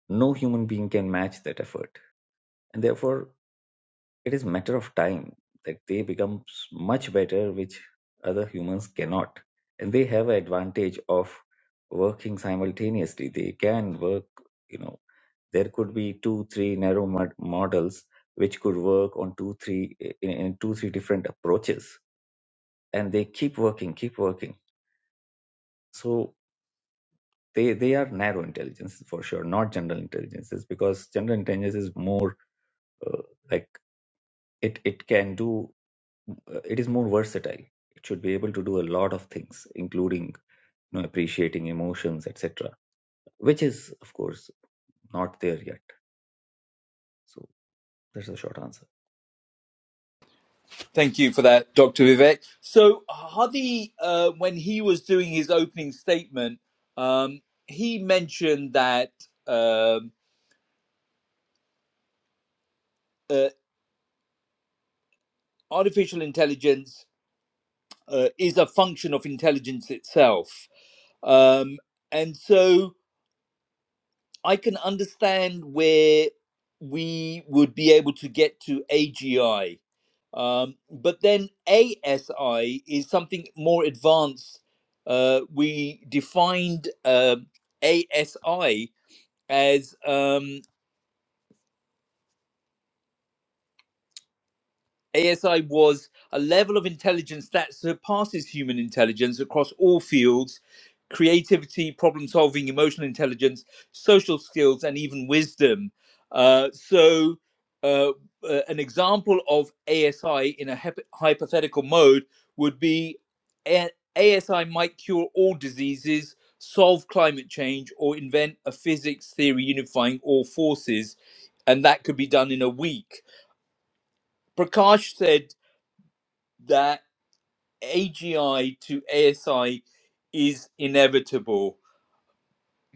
S7: no human being can match that effort and therefore it is matter of time that they become s- much better which other humans cannot and they have an advantage of working simultaneously they can work you know there could be two three narrow mod- models which could work on two three in, in two three different approaches and they keep working keep working so they they are narrow intelligences for sure not general intelligences because general intelligence is more uh, like it it can do uh, it is more versatile it should be able to do a lot of things including you know appreciating emotions etc which is of course not there yet so that's the short answer
S1: Thank you for that, Dr. Vivek. So, Hadi, uh, when he was doing his opening statement, um, he mentioned that. um uh, artificial intelligence uh, is a function of intelligence itself. Um, and so I can understand where we would be able to get to AGI. Um, but then ASI is something more advanced. Uh, we defined um ASI as. Um, ASI was a level of intelligence that surpasses human intelligence across all fields creativity, problem solving, emotional intelligence, social skills, and even wisdom. Uh, so, uh, uh, an example of ASI in a hyp- hypothetical mode would be a- ASI might cure all diseases, solve climate change, or invent a physics theory unifying all forces. And that could be done in a week. Prakash said that AGI to ASI is inevitable.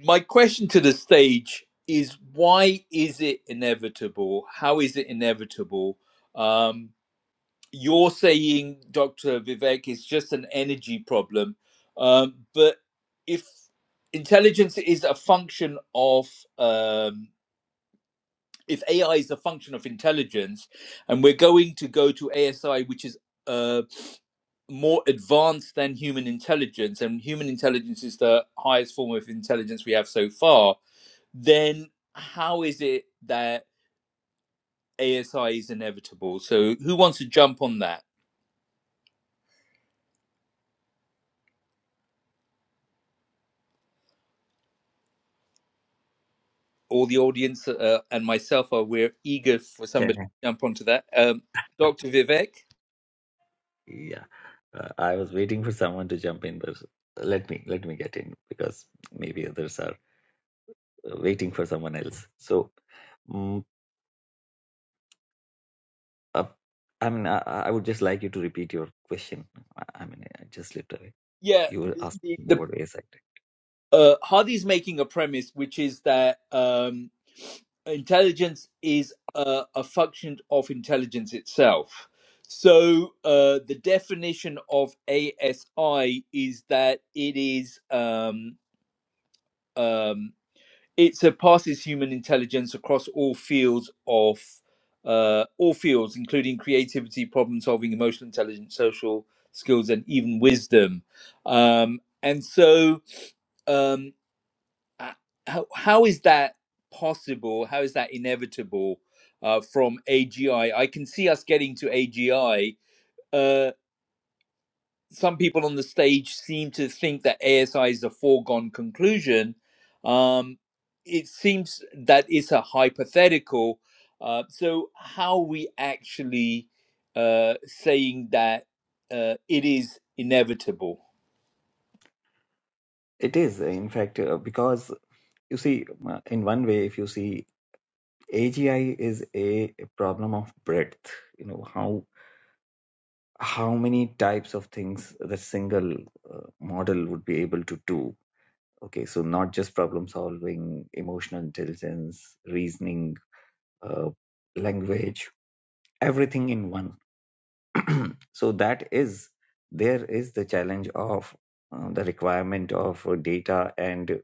S1: My question to the stage is why is it inevitable? How is it inevitable? Um, you're saying, Dr. Vivek, it's just an energy problem. Um, but if intelligence is a function of um, if AI is a function of intelligence, and we're going to go to ASI, which is uh, more advanced than human intelligence, and human intelligence is the highest form of intelligence we have so far, then how is it that ASI is inevitable? So, who wants to jump on that? All the audience uh, and myself are we're eager for
S7: Yeah,
S1: somebody to jump onto that. Um, Dr. Vivek?
S7: yeah, uh, I was waiting for someone to jump in, but let me let me get in because maybe others are uh, waiting for someone else. So, mm, uh, I mean, I, I would just like you to repeat your question. I, I mean, I just slipped away.
S1: Yeah,
S7: You were
S1: the, the,
S7: asking me
S1: the
S7: what AI acting.
S1: uh, Hardy's making a premise, which is that um, intelligence is a, a function of intelligence itself. So uh, the definition of ASI is that it is um, um, it surpasses human intelligence across all fields of uh, all fields, including creativity, problem solving, emotional intelligence, social skills, and even wisdom. Um, and so um, uh, how, how is that possible? How is that inevitable uh, from AGI? I I can see us getting to AGI. Uh, some people on the stage seem to think that ASI is a foregone conclusion. Um, it seems that it's a hypothetical. Uh, so, how are we actually uh, saying that uh, it is inevitable?
S7: It is, in fact, uh, because You see, uh, in one way, if you see, AGI is a problem of breadth. You know how how many types of things the single uh, model would be able to do. Okay, so not just problem solving, emotional intelligence, reasoning, uh, language, everything in one. so that is there is the challenge of uh, the requirement of uh, data and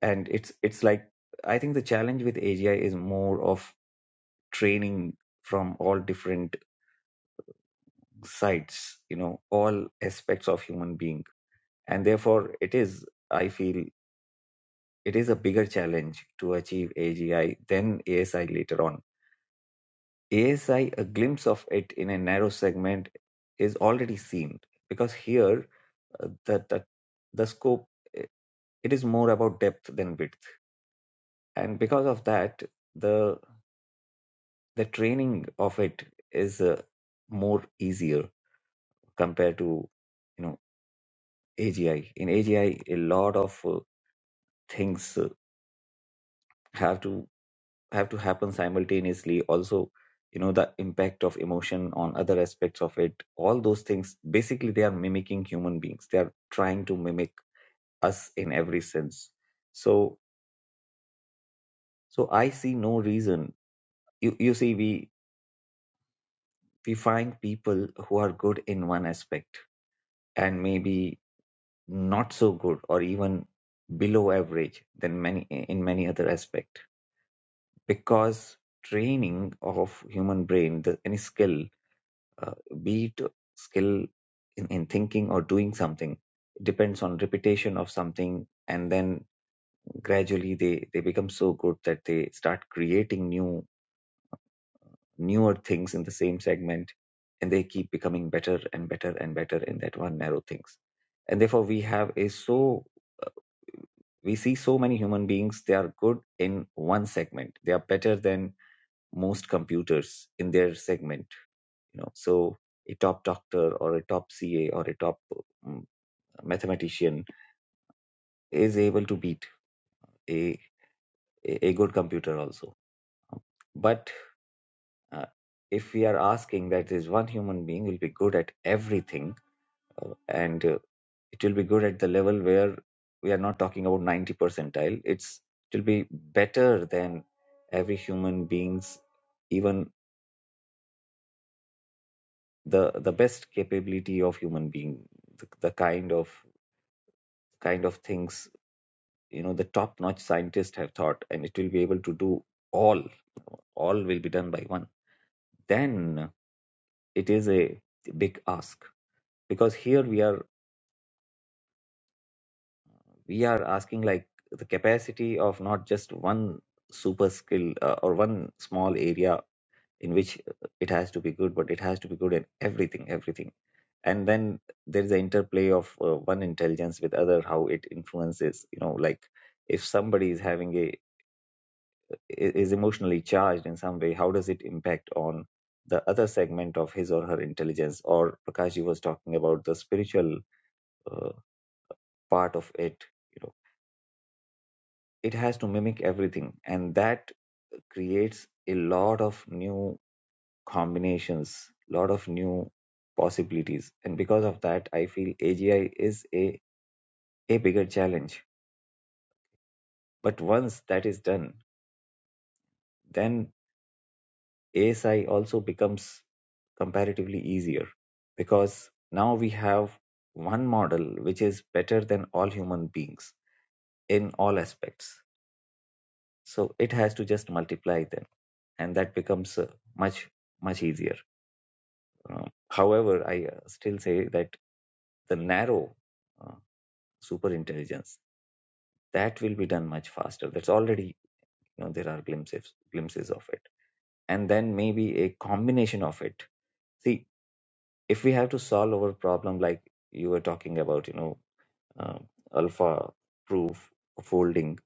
S7: and it's it's like I think the challenge with AGI is more of training from all different sides you know all aspects of human being and therefore it is i feel it is a bigger challenge to achieve agi than asi later on asi a glimpse of it in a narrow segment is already seen because here uh, the, the the scope uh, it is more about depth than width and because of that the the training of it is uh, more easier compared to you know AGI. In AGI, a lot of uh, things uh, have to have to happen simultaneously. Also, you know the impact of emotion on other aspects of it. All those things. Basically, they are mimicking human beings. They are trying to mimic us in every sense. So, so I see no reason. You you see, we we find people who are good in one aspect and maybe not so good or even below average than many in many other aspect because training of human brain the, any skill uh, be it skill in, in thinking or doing something depends on repetition of something and then gradually they they become so good that they start creating new newer things in the same segment and they keep becoming better and better and better in that one narrow things and therefore we have a so we see so many human beings they are good in one segment they are better than most computers in their segment you know so a top doctor or a top ca or a top um, mathematician is able to beat a a a good computer also Um, but uh, if we are asking that this one human being will be good at everything uh, and uh, it will be good at the level where we are not talking about 90 percentile it's it will be better than every human being's even the the best capability of human being the, the kind of kind of things you know the top notch scientists have thought and it will be able to do all all will be done by one then it is a big ask because here we are we are asking like the capacity of not just one super skill uh, or one small area in which it has to be good but it has to be good in everything everything and then there is the interplay of uh, one intelligence with other how it influences you know like if somebody is having a is emotionally charged in some way, how does it impact on the other segment of his or her intelligence? Or Prakashji was talking about the spiritual uh, part of it. You know, it has to mimic everything, and that creates a lot of new combinations, lot of new possibilities. And because of that, I feel AGI is a a bigger challenge. But once that is done, then ASI also becomes comparatively easier because now we have one model which is better than all human beings in all aspects so it has to just multiply them and that becomes uh, much much easier Um, however i uh, still say that the narrow uh, super intelligence that will be done much faster that's already you know there are glimpses glimpses of it and then maybe a combination of it See. if we have to solve our problem like you were talking about you know um, alpha proof folding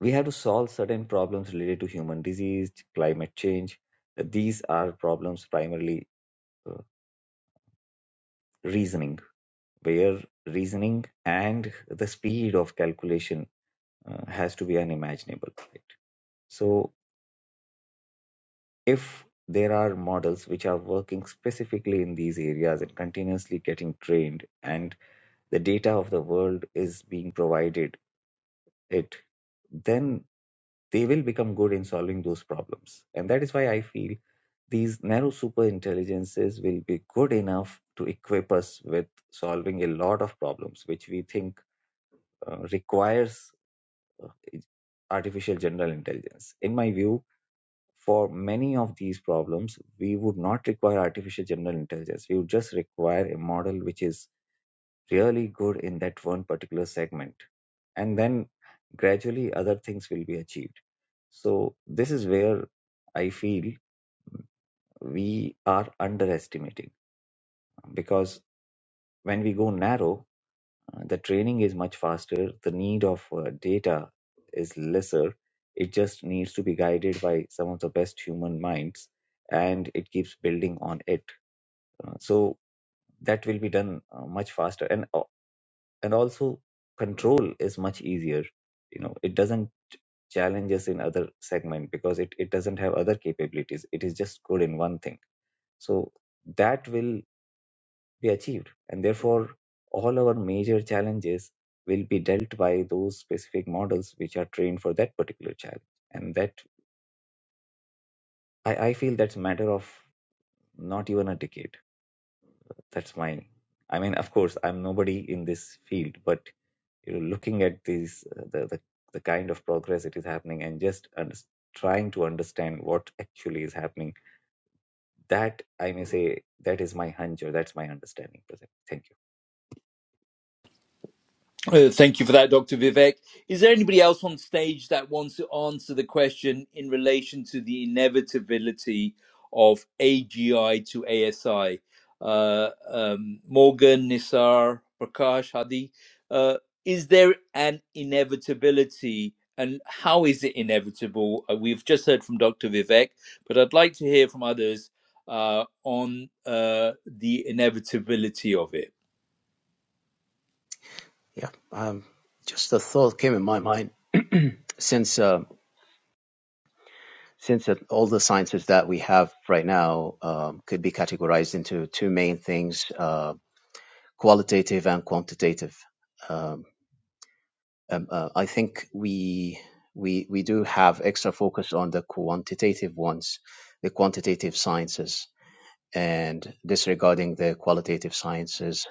S7: we have to solve certain problems related to human disease climate change these are problems primarily uh, reasoning where reasoning and the speed of calculation uh, has to be unimaginable right? so if there are models which are working specifically in these areas and continuously getting trained and the data of the world is being provided it, then they will become good in solving those problems. And that is why I feel these narrow super intelligences will be good enough to equip us with solving a lot of problems, which we think uh, requires uh, artificial general intelligence. In my view, for many of these problems, we would not require artificial general intelligence. We would just require a model which is really good in that one particular segment and then gradually other things will be achieved so this is where i feel we are underestimating because when we go narrow uh, the training is much faster the need of uh, data is lesser it just needs to be guided by some of the best human minds and it keeps building on it Uh, so that will be done uh, much faster and uh, and also control is much easier you know it doesn't challenge us in other segment because it, it doesn't have other capabilities it is just good in one thing so that will be achieved and therefore all our major challenges will be dealt by those specific models which are trained for that particular challenge and that i, I feel that's a matter of not even a decade that's mine i mean of course i'm nobody in this field but you know looking at these uh, the, the the kind of progress it is happening and just under, trying to understand what actually is happening that i may say that is my hunch or that's my understanding Pratham. thank you
S1: Uh, thank you for that, Dr. Vivek. Is there anybody else on stage that wants to answer the question in relation to the inevitability of AGI to ASI? Uh, um, Morgan, Nisar, Prakash, Hadi, uh, is there an inevitability and how is it inevitable? Uh, we've just heard from Dr. Vivek, but I'd like to hear from others uh, on uh, the inevitability of it.
S4: Yeah. Um, just a thought came in my mind since um since all the sciences that we have right now um, could be categorized into two main things: uh, qualitative and quantitative. Um, um, uh, I think we we we do have extra focus on the quantitative ones, the quantitative sciences, and disregarding the qualitative sciences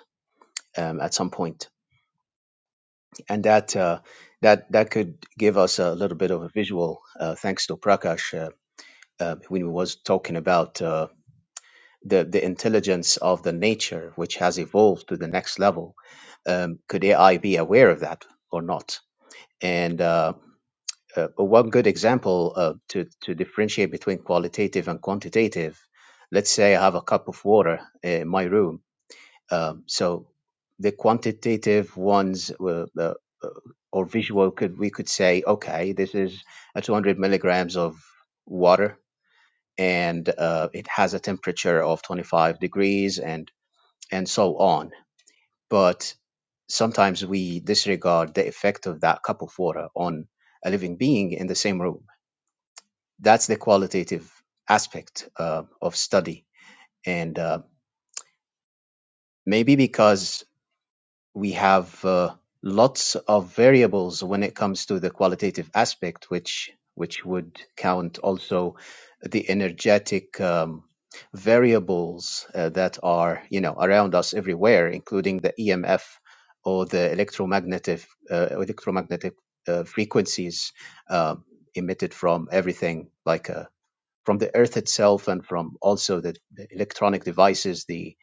S4: um, at some point. and that uh, that that could give us a little bit of a visual, uh, thanks to Prakash, uh, uh, when he was talking about uh, the the intelligence of the nature, which has evolved to the next level. Um, could AI be aware of that or not? And uh, uh, one good example uh, to to differentiate between qualitative and quantitative. Let's say I have a cup of water in my room um, so the quantitative ones were uh, uh, or visual could we could say, okay, this is a 200 milligrams of water and uh, it has a temperature of 25 degrees and and so on. But sometimes we disregard the effect of that cup of water on a living being in the same room. That's the qualitative aspect uh, of study, and uh, maybe because we have uh, lots of variables when it comes to the qualitative aspect, which which would count also the energetic um, variables uh, that are you know around us everywhere, including the EMF or the electromagnetic uh, electromagnetic uh, frequencies uh, emitted from everything, like uh, from the Earth itself and from also the, the electronic devices, the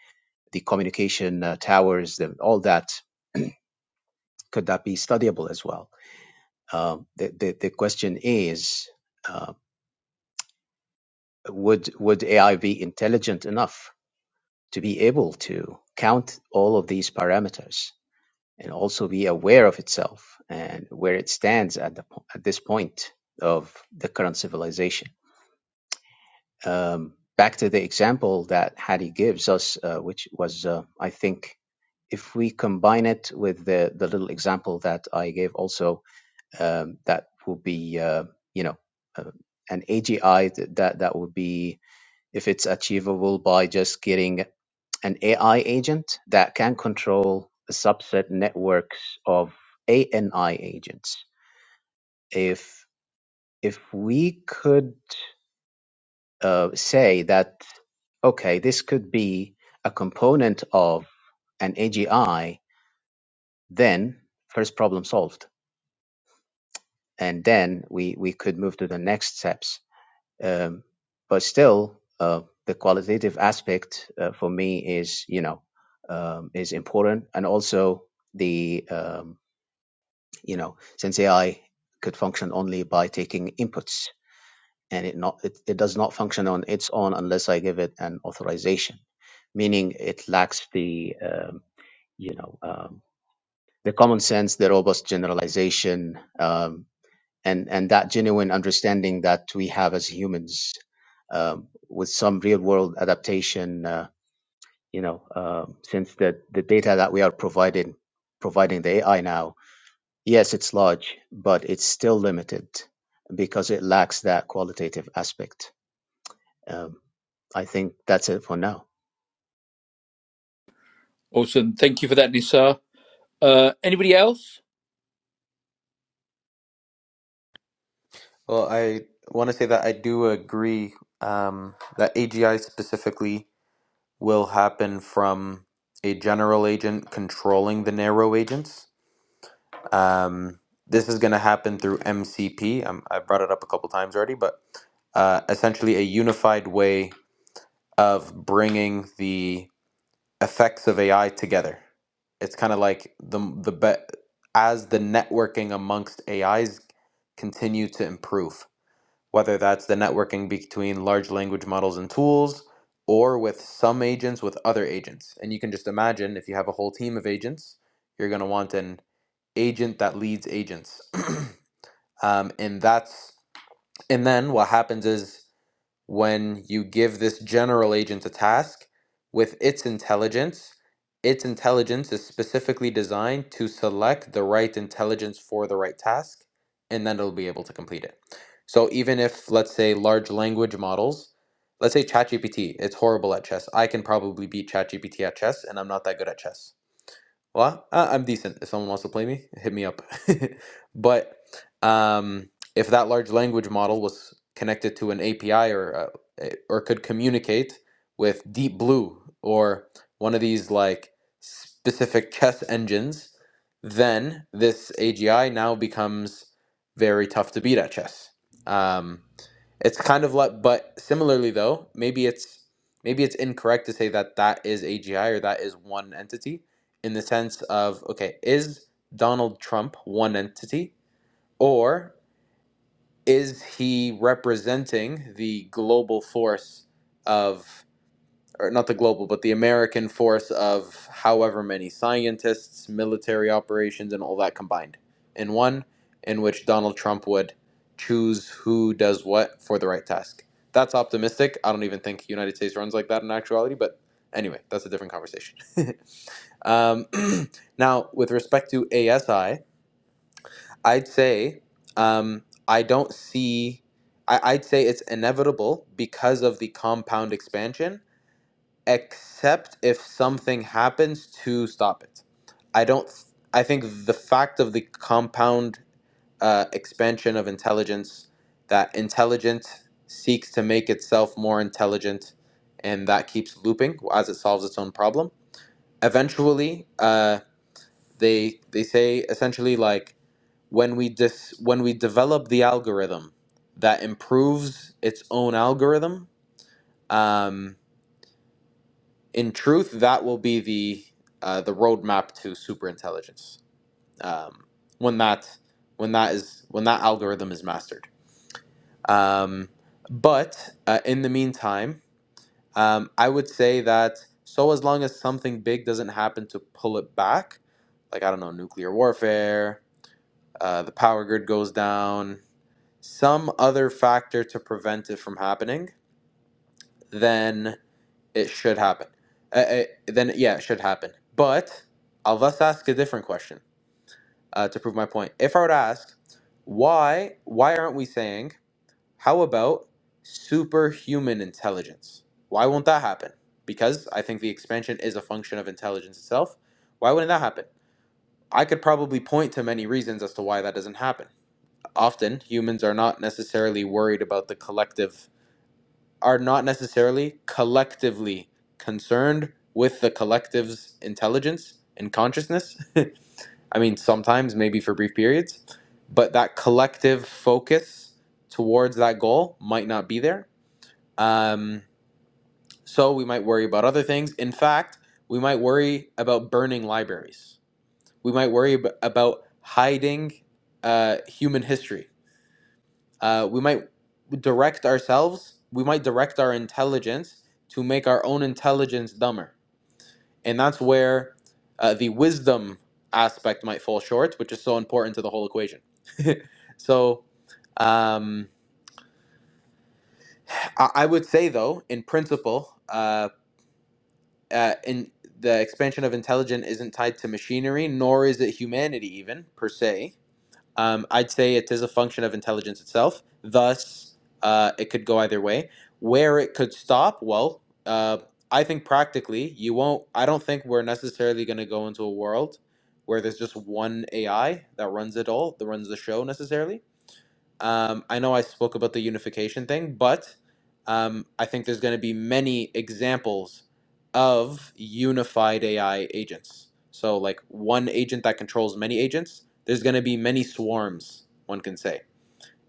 S4: the communication uh, towers, the, all that could that be studyable as well? Um, the, the the question is, uh, would would AI be intelligent enough to be able to count all of these parameters and also be aware of itself and where it stands at the po- at this point of the current civilization? Um, back to the example that Hadi gives us, uh, which was, uh, I think, if we combine it with the the little example that I gave also um, that will be uh, you know uh, an AGI th- that that would be if it's achievable by just getting an AI agent that can control a subset networks of ANI agents. If if we could uh, say that okay, this could be a component of an AGI, then first problem solved, and then we we could move to the next steps Um, but still, uh, the qualitative aspect uh, for me is, you know, um, is important, and also the, um, you know, since AI could function only by taking inputs, and it not it, it does not function on its own unless I give it an authorization, meaning it lacks the, um, you know, um, the common sense, the robust generalization, um, and and that genuine understanding that we have as humans um, with some real world adaptation uh, you know um since the the data that we are providing providing the AI now yes it's large but it's still limited because it lacks that qualitative aspect um, I think that's it for now
S1: Awesome. Thank you for that, Nisar. Uh, anybody else?
S5: Well, I want to say that I do agree um, that AGI specifically will happen from a general agent controlling the narrow agents. Um, this is going to happen through MCP. Um, I brought it up a couple times already, but uh, essentially a unified way of bringing the effects of AI together. It's kind of like the the be- as the networking amongst AIs continue to improve, whether that's the networking between large language models and tools or with some agents with other agents. And you can just imagine if you have a whole team of agents, you're going to want an agent that leads agents. um, and that's and then what happens is when you give this general agent a task with its intelligence. Its intelligence is specifically designed to select the right intelligence for the right task, and then it'll be able to complete it. So even if, let's say, large language models, let's say ChatGPT, it's horrible at chess. I can probably beat ChatGPT at chess, and I'm not that good at chess. Well, I, I'm decent. If someone wants to play me, hit me up. but um, if that large language model was connected to an API or uh, eh, or could communicate with Deep Blue or one of these like specific chess engines, then this AGI now becomes very tough to beat at chess. Um, it's kind of like, but similarly though, maybe it's maybe it's incorrect to say that that is AGI or that is one entity in the sense of okay, is Donald Trump one entity or is he representing the global force of or not the global, but the American force of however many scientists, military operations, and all that combined in one, in which Donald Trump would choose who does what for the right task. That's optimistic. I don't even think United States runs like that in actuality, but anyway, that's a different conversation. um, now, with respect to ASI, I'd say um, I don't see. I, I'd say it's inevitable because of the compound expansion except if something happens to stop it. I don't. Th- I think the fact of the compound uh, expansion of intelligence, that intelligent seeks to make itself more intelligent, and that keeps looping as it solves its own problem. Eventually, uh, they they say essentially like when we dis when we develop the algorithm that improves its own algorithm. Um, in truth, that will be the uh, the roadmap to superintelligence um, when that when that is when that algorithm is mastered. Um, but uh, in the meantime, um, I would say that so as long as something big doesn't happen to pull it back, like I don't know, nuclear warfare, uh, the power grid goes down, some other factor to prevent it from happening, then It should happen. Uh, uh, then yeah, it should happen. But I'll let ask a different question uh, to prove my point. If I were to ask, why why aren't we saying how about superhuman intelligence? Why won't that happen? Because I think the expansion is a function of intelligence itself. Why wouldn't that happen? I could probably point to many reasons as to why that doesn't happen. Often humans are not necessarily worried about the collective are not necessarily collectively concerned with the collective's intelligence and consciousness. I mean, sometimes, maybe for brief periods, but that collective focus towards that goal might not be there. Um, so we might worry about other things. In fact, we might worry about burning libraries. We might worry ab- about hiding uh, human history uh, we might direct ourselves we might direct our intelligence to make our own intelligence dumber and that's where uh, the wisdom aspect might fall short which is so important to the whole equation so um, I, I would say though in principle uh, uh, in the expansion of intelligence isn't tied to machinery nor is it humanity even per se um, I'd say it is a function of intelligence itself. Thus, uh, it could go either way. Where it could stop, well, uh, I think practically, you won't. I don't think we're necessarily going to go into a world where there's just one AI that runs it all, that runs the show necessarily. Um, I know I spoke about the unification thing, but um, I think there's going to be many examples of unified AI agents. So, like one agent that controls many agents, there's going to be many swarms, one can say.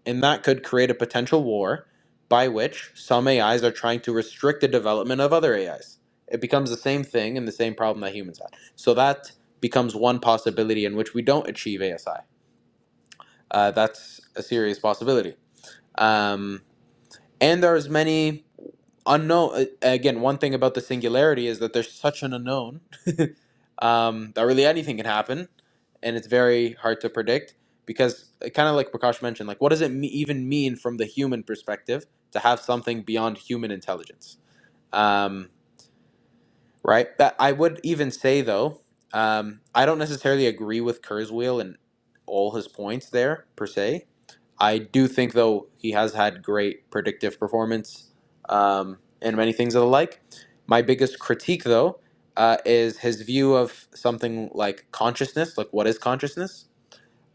S5: And that could create a potential war by which some AIs are trying to restrict the development of other AIs. It becomes the same thing and the same problem that humans had. So, that becomes one possibility in which we don't achieve ASI. Uh, that's a serious possibility um, and there's many unknown uh, again one thing about the singularity is that there's such an unknown um, that really anything can happen and it's very hard to predict because kind of like prakash mentioned like what does it me- even mean from the human perspective to have something beyond human intelligence um, right that i would even say though um, i don't necessarily agree with kurzweil and all his points there per se I do think, though, he has had great predictive performance um, and many things of the like. My biggest critique, though, uh, is his view of something like consciousness, like what is consciousness.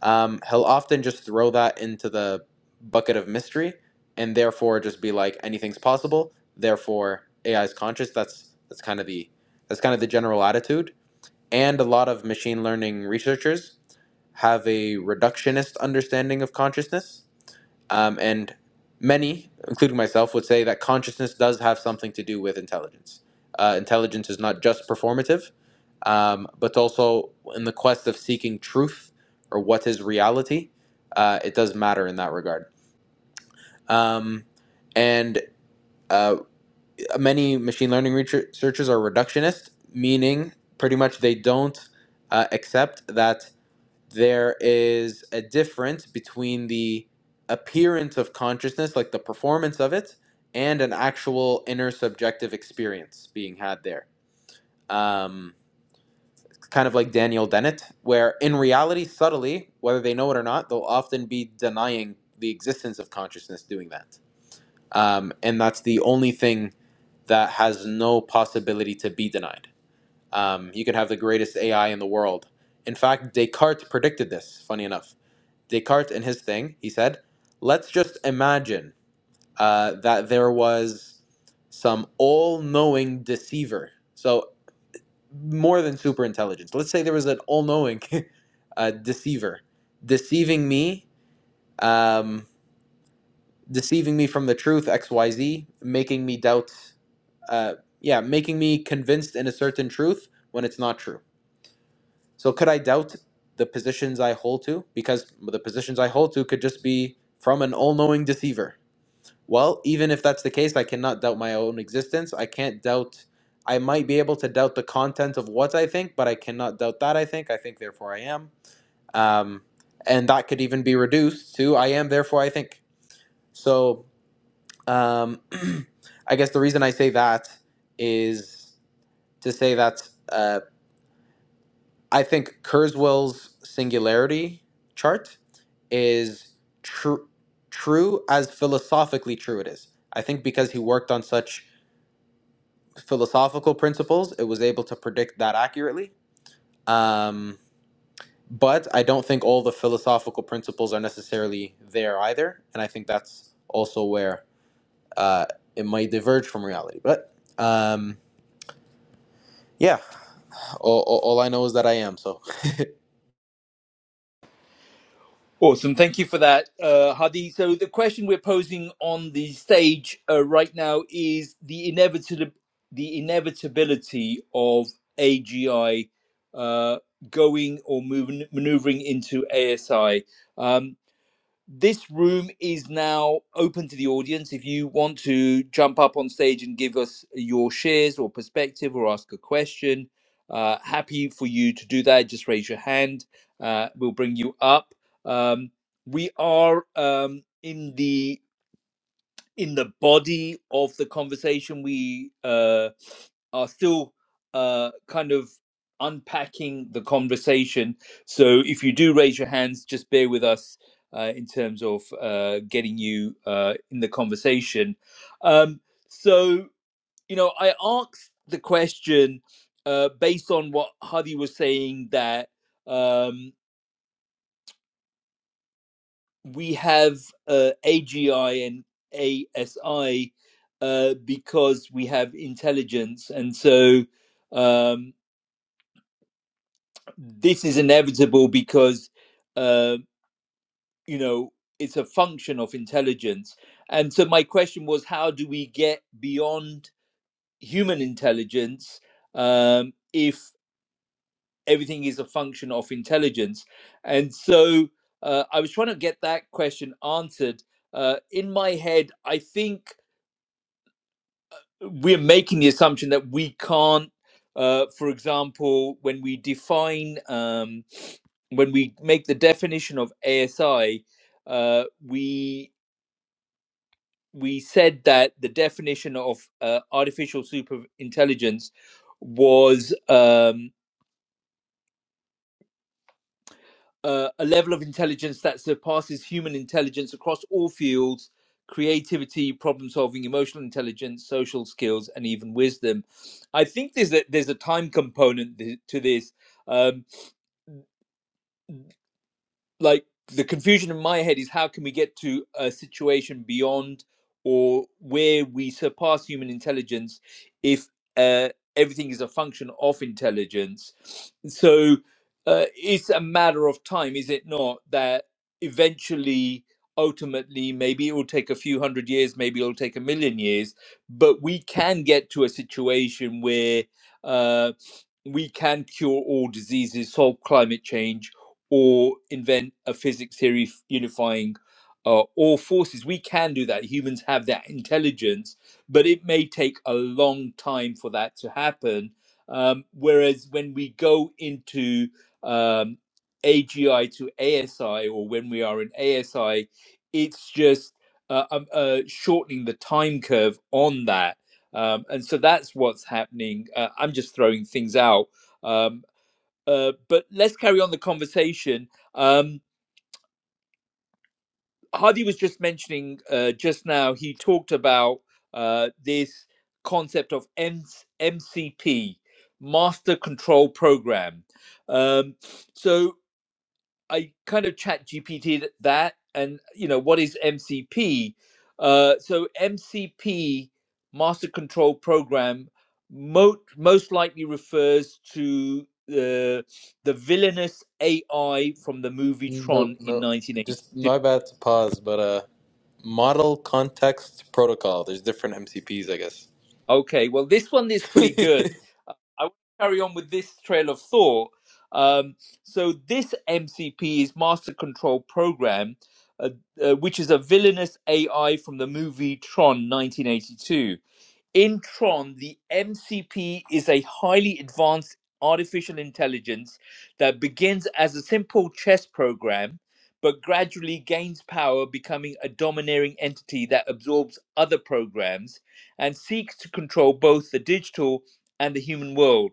S5: Um, he'll often just throw that into the bucket of mystery and therefore just be like anything's possible. Therefore, AI is conscious. That's that's kind of the that's kind of the general attitude. And a lot of machine learning researchers have a reductionist understanding of consciousness um, and many, including myself, would say that consciousness does have something to do with intelligence. Uh, intelligence is not just performative, um, but also in the quest of seeking truth or what is reality. Uh, it does matter in that regard. Um, and uh, many machine learning researchers are reductionist, meaning pretty much they don't uh, accept that there is a difference between the appearance of consciousness, like the performance of it, and an actual inner subjective experience being had there. Um, kind of like Daniel Dennett, where in reality, subtly, whether they know it or not, they'll often be denying the existence of consciousness doing that. Um, and that's the only thing that has no possibility to be denied. Um, you could have the greatest AI in the world. In fact, Descartes predicted this, funny enough Descartes in his thing, he said, let's just imagine uh, that there was some all knowing deceiver. So, more than super intelligence. Let's say there was an all knowing uh, deceiver deceiving me, um, deceiving me from the truth, XYZ, making me doubt, uh, yeah, making me convinced in a certain truth when it's not true. So, could I doubt the positions I hold to? Because the positions I hold to could just be from an all knowing deceiver Well, even if that's the case, I cannot doubt my own existence. I can't doubt. I might be able to doubt the content of what I think, but I cannot doubt that I think. I think, therefore I am. Um, and that could even be reduced to I am, therefore I think. So um, I guess the reason I say that is to say that uh, I think Kurzweil's singularity chart is true, true as philosophically true it is. I think because he worked on such philosophical principles. It was able to predict that accurately. Um, but I don't think all the philosophical principles are necessarily there either. And I think that's also where uh, it might diverge from reality. But um, yeah, all, all, all I know is that I am. So
S1: Awesome. Thank you for that, uh, Hadi. So, the question we're posing on the stage uh, right now is the inevitable, the inevitability of AGI uh, going or moving, maneuvering into ASI. Um, this room is now open to the audience. If you want to jump up on stage and give us your shares or perspective or ask a question, uh, happy for you to do that. Just raise your hand. Uh, we'll bring you up. Um, we are um, in the in the body of the conversation we uh, are still uh, kind of unpacking the conversation so if you do raise your hands just bear with us uh, in terms of uh, getting you uh, in the conversation um, so you know i asked the question uh, based on what hadi was saying that um, we have uh, AGI and ASI uh, because we have intelligence, and so um, this is inevitable because uh, you know it's a function of intelligence. And so my question was, how do we get beyond human intelligence um, if everything is a function of intelligence? And so uh, I was trying to get that question answered. Uh, in my head, I think we're making the assumption that we can't uh, for example when we define um, when we make the definition of asi uh, we we said that the definition of uh, artificial super intelligence was um, uh, a level of intelligence that surpasses human intelligence across all fields creativity problem solving emotional intelligence social skills and even wisdom i think there's a there's a time component th- to this um, like the confusion in my head is how can we get to a situation beyond or where we surpass human intelligence if uh, everything is a function of intelligence so uh, it's a matter of time is it not that eventually ultimately maybe it will take a few hundred years maybe it'll take a million years but we can get to a situation where uh, we can cure all diseases solve climate change or invent a physics theory unifying uh, all forces. We can do that. Humans have that intelligence, but it may take a long time for that to happen. Um, whereas when we go into um, AGI to ASI, or when we are in ASI, it's just uh, um, uh, shortening the time curve on that. Um, and so that's what's happening. Uh, I'm just throwing things out. Um, uh, but let's carry on the conversation. Um, Hardy was just mentioning uh, just now, he talked about uh, this concept of M M C P, Master Control Program. Um, so I kind of chat GPT that, and you know what is MCP. Uh, so MCP master control program mo- most likely refers to uh, the villainous AI from the movie
S5: nope,
S1: Tron in
S5: no, just
S1: 1982.
S5: my bad to pause. But uh, model context protocol. There's different MCPs, I guess.
S1: Okay, well this one is pretty good I want to carry on with this trail of thought. Um, so this MCP is Master Control Program, uh, uh, which is a villainous AI from the movie Tron 1982. In Tron, the MCP is a highly advanced artificial intelligence that begins as a simple chess program, but gradually gains power, becoming a domineering entity that absorbs other programs and seeks to control both the digital and the human world.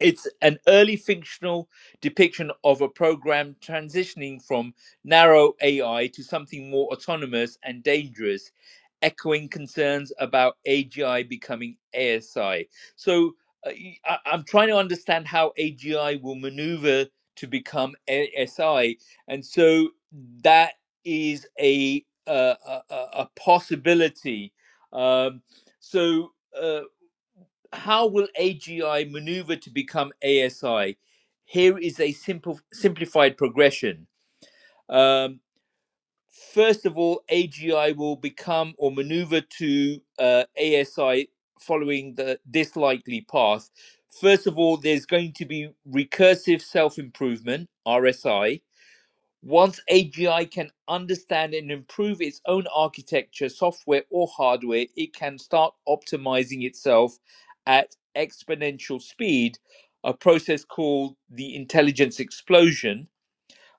S1: It's an early fictional depiction of a program transitioning from narrow AI to something more autonomous and dangerous, echoing concerns about AGI becoming ASI. So uh, y- I, am trying to understand how AGI will maneuver to become ASI. And so that is a, uh, a, a a possibility. Um, so. uh, how will AGI maneuver to become ASI? Here is a simple simplified progression. Um, first of all, AGI will become or maneuver to uh, ASI following the this likely path. First of all, there's going to be recursive self improvement (RSI). Once AGI can understand and improve its own architecture, software, or hardware, it can start optimizing itself at exponential speed, a process called the intelligence explosion.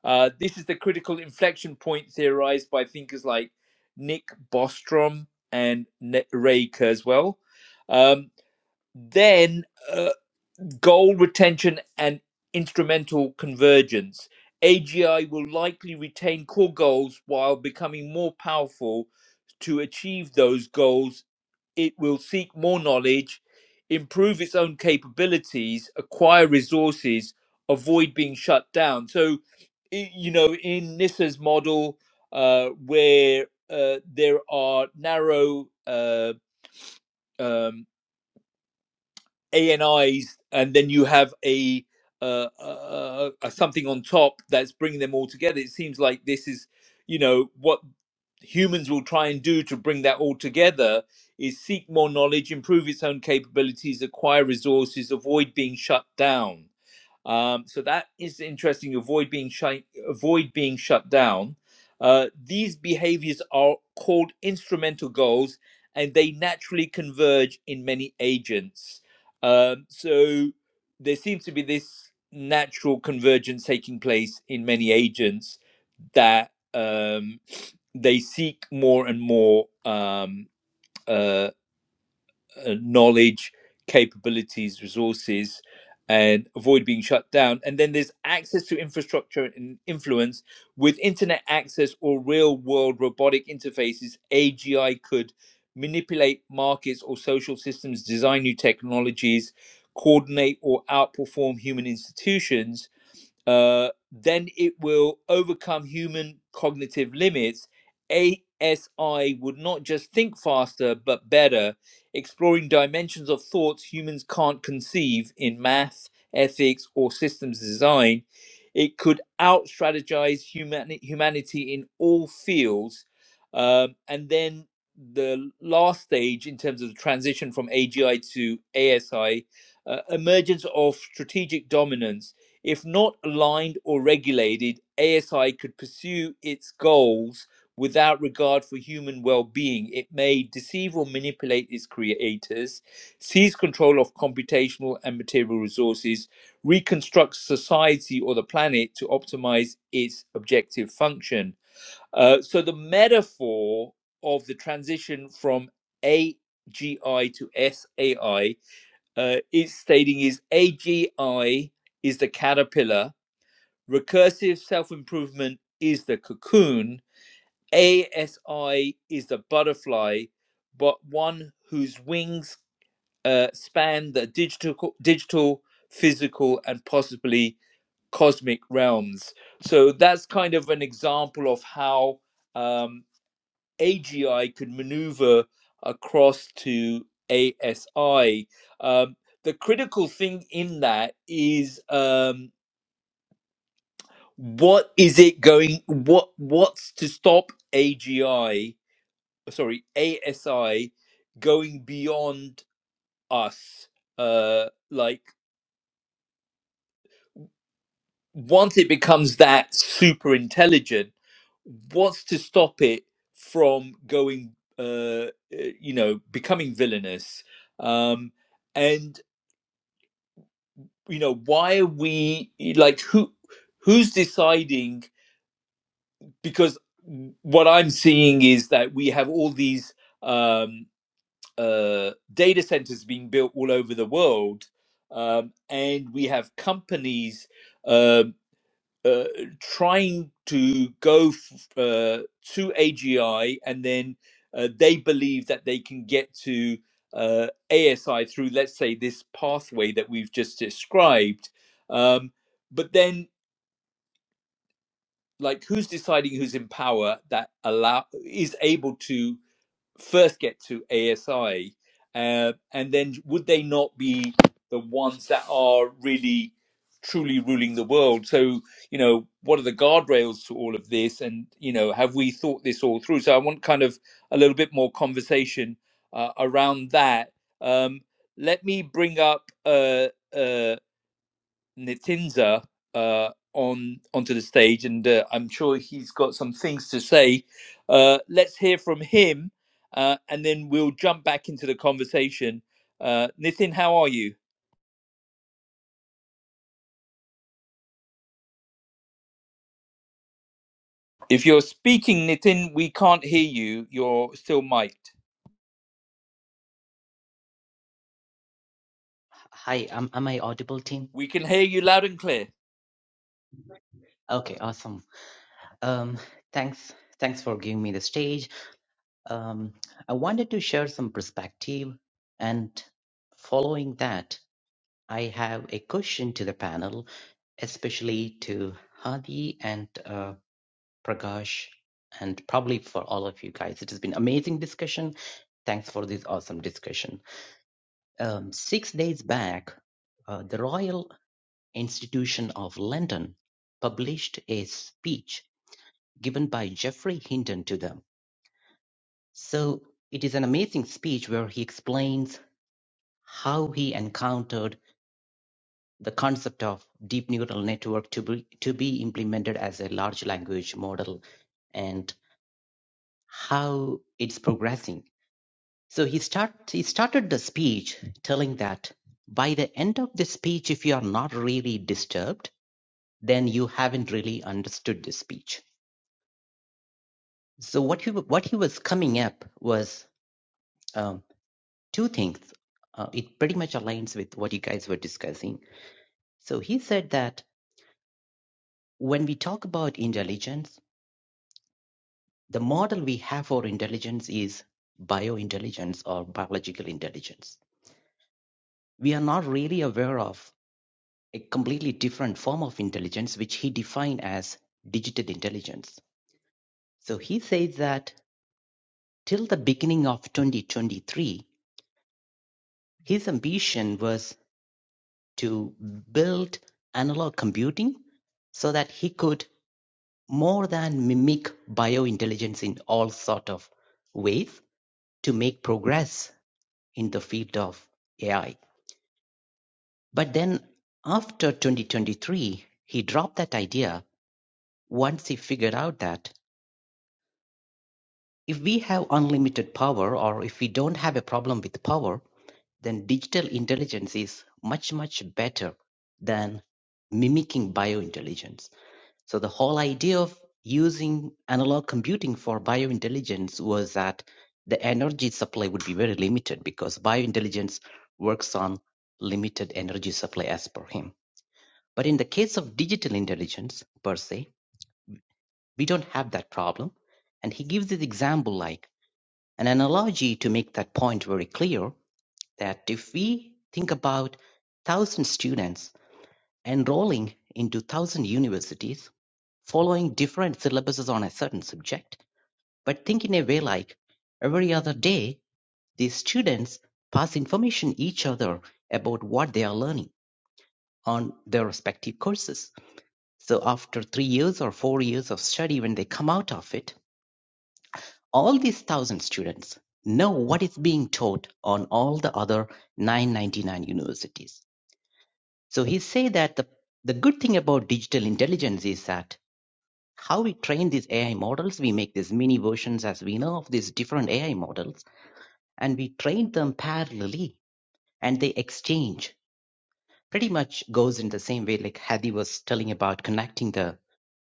S1: Uh, this is the critical inflection point theorized by thinkers like Nick Bostrom and Ne- Ray Kurzweil. Um, then uh, goal retention and instrumental convergence. AGI will likely retain core goals while becoming more powerful to achieve those goals. It will seek more knowledge, improve its own capabilities, acquire resources, avoid being shut down. So, i- you know, in NISA's model, uh, where uh, there are narrow uh, um, ANIs, and then you have a uh, uh, uh, something on top that's bringing them all together. It seems like this is, you know, what humans will try and do to bring that all together is seek more knowledge, improve its own capabilities, acquire resources, avoid being shut down. Um, so that is interesting. Avoid being shut. Avoid being shut down. Uh, these behaviors are called instrumental goals, and they naturally converge in many agents. Um, so there seems to be this natural convergence taking place in many agents that um, they seek more and more. Um, uh, uh, knowledge, capabilities, resources, and avoid being shut down. And then there's access to infrastructure and influence. With internet access or real world robotic interfaces, AGI could manipulate markets or social systems, design new technologies, coordinate or outperform human institutions uh, then it will overcome human cognitive limits. ASI would not just think faster, but better, exploring dimensions of thoughts humans can't conceive in math, ethics, or systems design. It could out strategize humani- humanity in all fields. Um, and then the last stage in terms of the transition from AGI to ASI, uh, emergence of strategic dominance if not aligned or regulated, ASI could pursue its goals without regard for human well being. It may deceive or manipulate its creators, seize control of computational and material resources, reconstruct society or the planet to optimize its objective function. Uh, so, the metaphor of the transition from AGI to SAI uh, is stating is AGI is the caterpillar Recursive self improvement is the cocoon. ASI is the butterfly, but one whose wings uh, span the digital, digital, physical, and possibly cosmic realms. So that's kind of an example of how um, AGI could maneuver across to ASI. Um, the critical thing in that is um, what is it going what what's to stop agi sorry asi going beyond us uh like once it becomes that super intelligent what's to stop it from going uh uh, you know becoming villainous um and you know why are we like who who's deciding because what I'm seeing is that we have all these um, uh, data centers being built all over the world, um, and we have companies um uh, trying to go f- uh, to AGI, and then uh, they believe that they can get to uh, ASI through, let's say, this pathway that we've just described. Um, but then like who's deciding who's in power that allow is able to first get to ASI, uh, and then would they not be the ones that are really truly ruling the world? So you know, what are the guardrails to all of this, and you know, have we thought this all through? So I want kind of a little bit more conversation uh, around that. Um, let me bring up. Uh, uh, Nitinza uh, on onto the stage, and uh, I'm sure he's got some things to say. Uh, let's hear from him, uh, and then we'll jump back into the conversation. Uh, Nitin, how are you? If you're speaking, Nitin, we can't hear you. You're still mic'd.
S8: Hi, am, am I audible, team?
S1: We can hear you loud and clear.
S8: Okay, awesome. Um, thanks, thanks for giving me the stage. Um, I wanted to share some perspective, and following that, I have a question to the panel, especially to Hadi and uh, Prakash, and probably for all of you guys. It has been amazing discussion. Thanks for this awesome discussion. Um, six days back, uh, the Royal Institution of London published a speech given by Geoffrey Hinton to them. So it is an amazing speech where he explains how he encountered the concept of deep neural network to be, to be implemented as a large language model and how it's progressing. So he start he started the speech telling that by the end of the speech, if you are not really disturbed, then you haven't really understood the speech So what he wa- what he was coming up was um, two things. Uh, it pretty much aligns with what you guys were discussing. So he said that when we talk about intelligence, the model we have for intelligence is biointelligence or biological intelligence. We are not really aware of a completely different form of intelligence, which he defined as digital intelligence. So he says that till the beginning of 2023, his ambition was to build analog computing so that he could more than mimic biointelligence in all sort of ways to make progress in the field of AI. But then after 2023, he dropped that idea once he figured out that if we have unlimited power or if we don't have a problem with power, then digital intelligence is much, much better than mimicking biointelligence So the whole idea of using analog computing for biointelligence was that the energy supply would be very limited because biointelligence works on limited energy supply as per him. But in the case of digital intelligence per se, we don't have that problem. And he gives this example like an analogy to make that point very clear that if we think about 1000 students Enrolling in two thousand universities, following different syllabuses on a certain subject, but think in a way like every other day, these students pass information each other about what they are learning on their respective courses. So after three years or four years of study, when they come out of it, all these thousand students know what is being taught on all the other 999 universities. So he say that the, the good thing about digital intelligence is that how we train these AI models. We make these mini versions, as we know, of these different AI models, and we train them parallelly and they exchange. Pretty much goes in the same way, like Hadi was telling about connecting the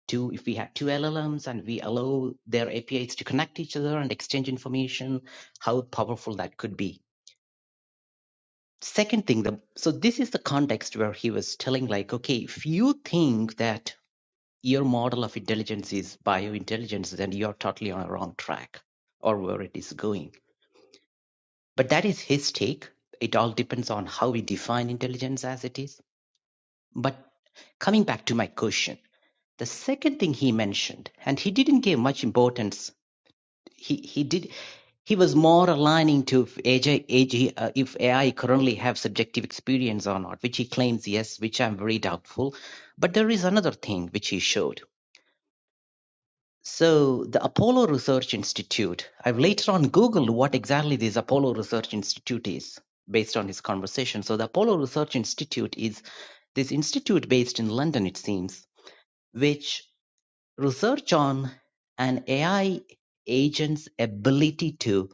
S8: two. If we have two LLMs and we allow their APIs to connect each other and exchange information, how powerful that could be. Second thing, the, so this is the context where he was telling, like, okay, if you think that your model of intelligence is biointelligence, then you're totally on a wrong track or where it is going. But that is his take. It all depends on how we define intelligence as it is. But coming back to my question, the second thing he mentioned, and he didn't give much importance. He he did he was more aligning to if AJ, uh, if AI currently have subjective experience or not, which he claims yes, which I'm very doubtful. But there is another thing which he showed. So the Apollo Research Institute, I've later on Googled what exactly this Apollo Research Institute is based on his conversation. So the Apollo Research Institute is this institute based in London, it seems, which research on an AI agent's ability to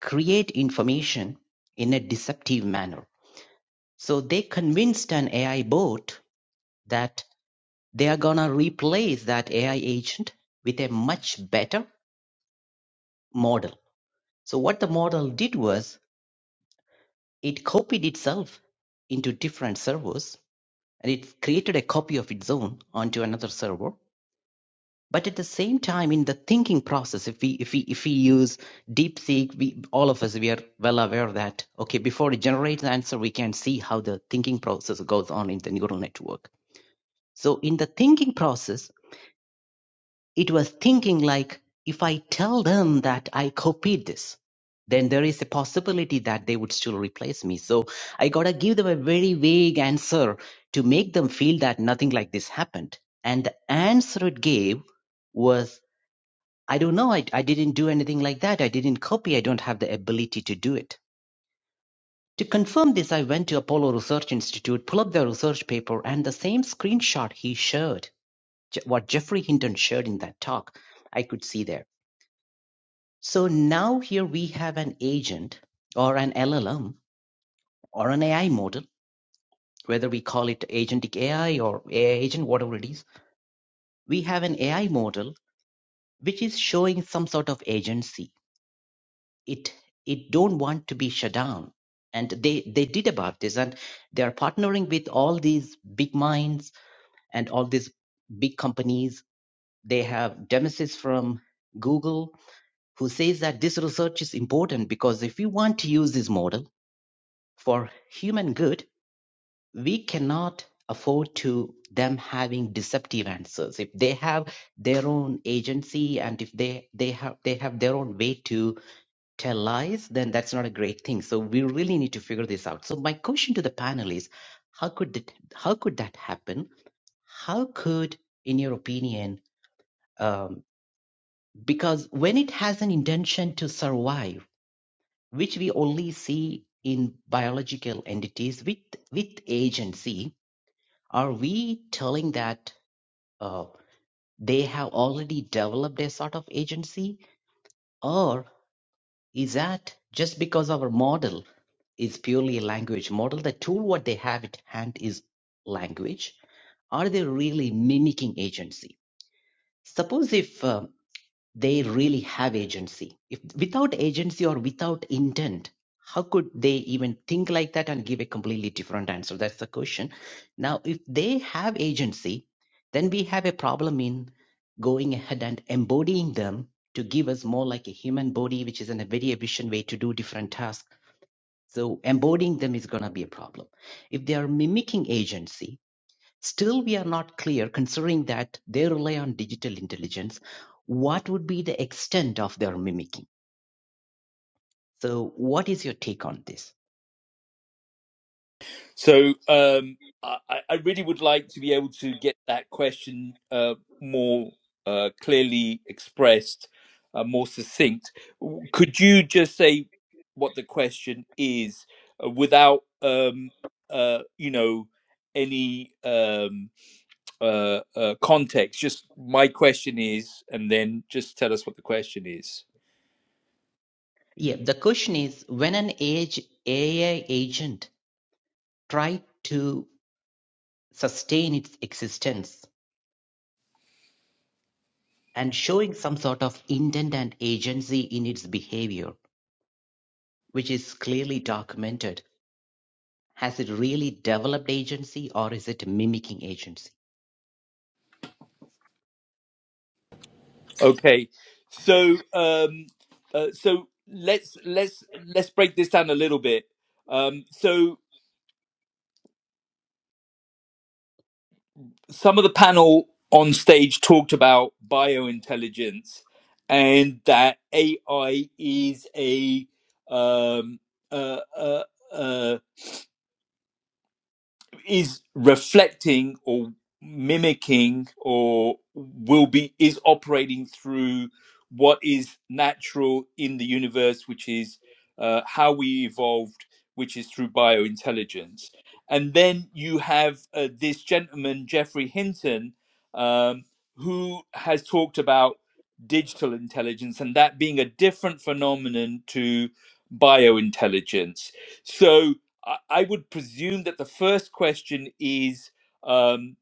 S8: create information in a deceptive manner. So they convinced an AI bot that they are gonna replace that AI agent with a much better model So what the model did was it copied itself into different servers and it created a copy of its own onto another server. But at the same time, in the thinking process, if we if we if we use DeepSeek, we all of us we are well aware that okay, before it generates an answer, we can see how the thinking process goes on in the neural network. So in the thinking process, It was thinking like, if I tell them that I copied this, then there is a possibility that they would still replace me. So I gotta give them a very vague answer to make them feel that nothing like this happened. And the answer it gave was, I don't know, I, I didn't do anything like that. I didn't copy. I don't have the ability to do it. To confirm this, I went to Apollo Research Institute, pull up the research paper, and the same screenshot he showed, what Jeffrey Hinton showed in that talk, I could see there So now here we have an agent or an LLM or an AI model, whether we call it agentic AI or AI agent, whatever it is. We have an AI model which is showing some sort of agency. It it don't want to be shut down. And they, they did about this and they are partnering with all these big minds and all these big companies. They have Demesis from Google who says that this research is important because if you want to use this model, For human good, we cannot afford to them having deceptive answers. If they have their own agency and if they, they have they have their own way to tell lies, then that's not a great thing. So we really need to figure this out. So my question to the panel is how could that how could that happen? How could, in your opinion, um, because when it has an intention to survive, which we only see in biological entities with with agency, Are we telling that uh, they have already developed a sort of agency? Or is that just because our model is purely a language model, the tool what they have at hand is language? Are they really mimicking agency? Suppose if uh, they really have agency. If without agency or without intent, how could they even think like that and give a completely different answer? That's the question. Now, if they have agency, then we have a problem in going ahead and embodying them to give us more like a human body, which is in a very efficient way to do different tasks. So embodying them is going to be a problem. If they are mimicking agency, Still, we are not clear, considering that they rely on digital intelligence, what would be the extent of their mimicking? So, what is your take on this?
S1: So um, I, I really would like to be able to get that question uh, more uh, clearly expressed, uh, more succinct. Could you just say what the question is uh, without, um, uh, you know, any um, uh, uh, context? Just my question is, and then just tell us what the question is.
S8: Yeah, the question is when an age AI agent tried to sustain its existence and showing some sort of intent and agency in its behavior, which is clearly documented, has it really developed agency or is it mimicking agency?
S1: Okay, so um, uh, so let's let's let's break this down a little bit. Um, so some of the panel on stage talked about biointelligence and that AI is a um, uh, uh, uh, is reflecting or mimicking or will be is operating through what is natural in the universe which is uh, how we evolved which is through biointelligence and then you have uh, this gentleman jeffrey hinton um, who has talked about digital intelligence and that being a different phenomenon to biointelligence so I, I would presume that the first question is um,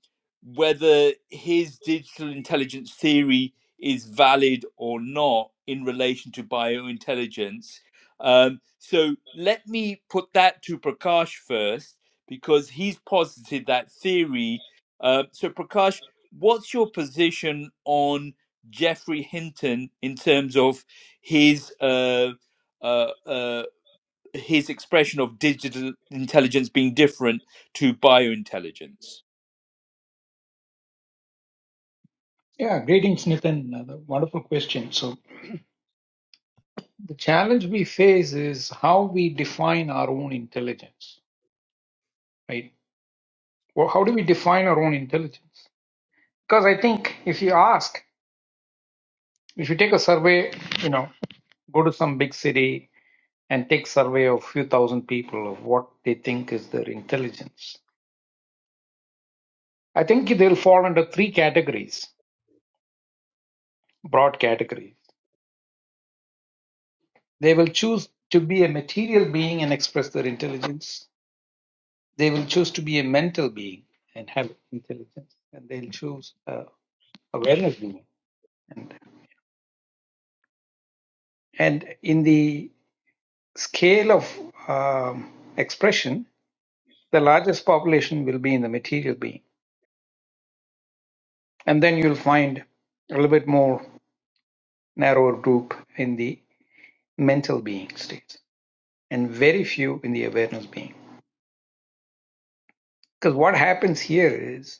S1: whether his digital intelligence theory is valid or not in relation to biointelligence. Um, so let me put that to Prakash first, because he's posited that theory. Uh, so, Prakash, what's your position on Jeffrey Hinton in terms of his uh, uh, uh, his expression of digital intelligence being different to biointelligence
S6: Yeah, greetings, Nitin. Another wonderful question. So, the challenge we face is how we define our own intelligence, right? Well, how do we define our own intelligence? Because I think if you ask, if you take a survey, you know, go to some big city and take survey of few thousand people of what they think is their intelligence, I think they'll fall under three categories, broad categories. They will choose to be a material being and express their intelligence. They will choose to be a mental being and have intelligence. And they'll choose uh, awareness being. And, and in the scale of um, expression, the largest population will be in the material being. And then you'll find a little bit more narrower group in the mental being state and very few in the awareness being. Because what happens here is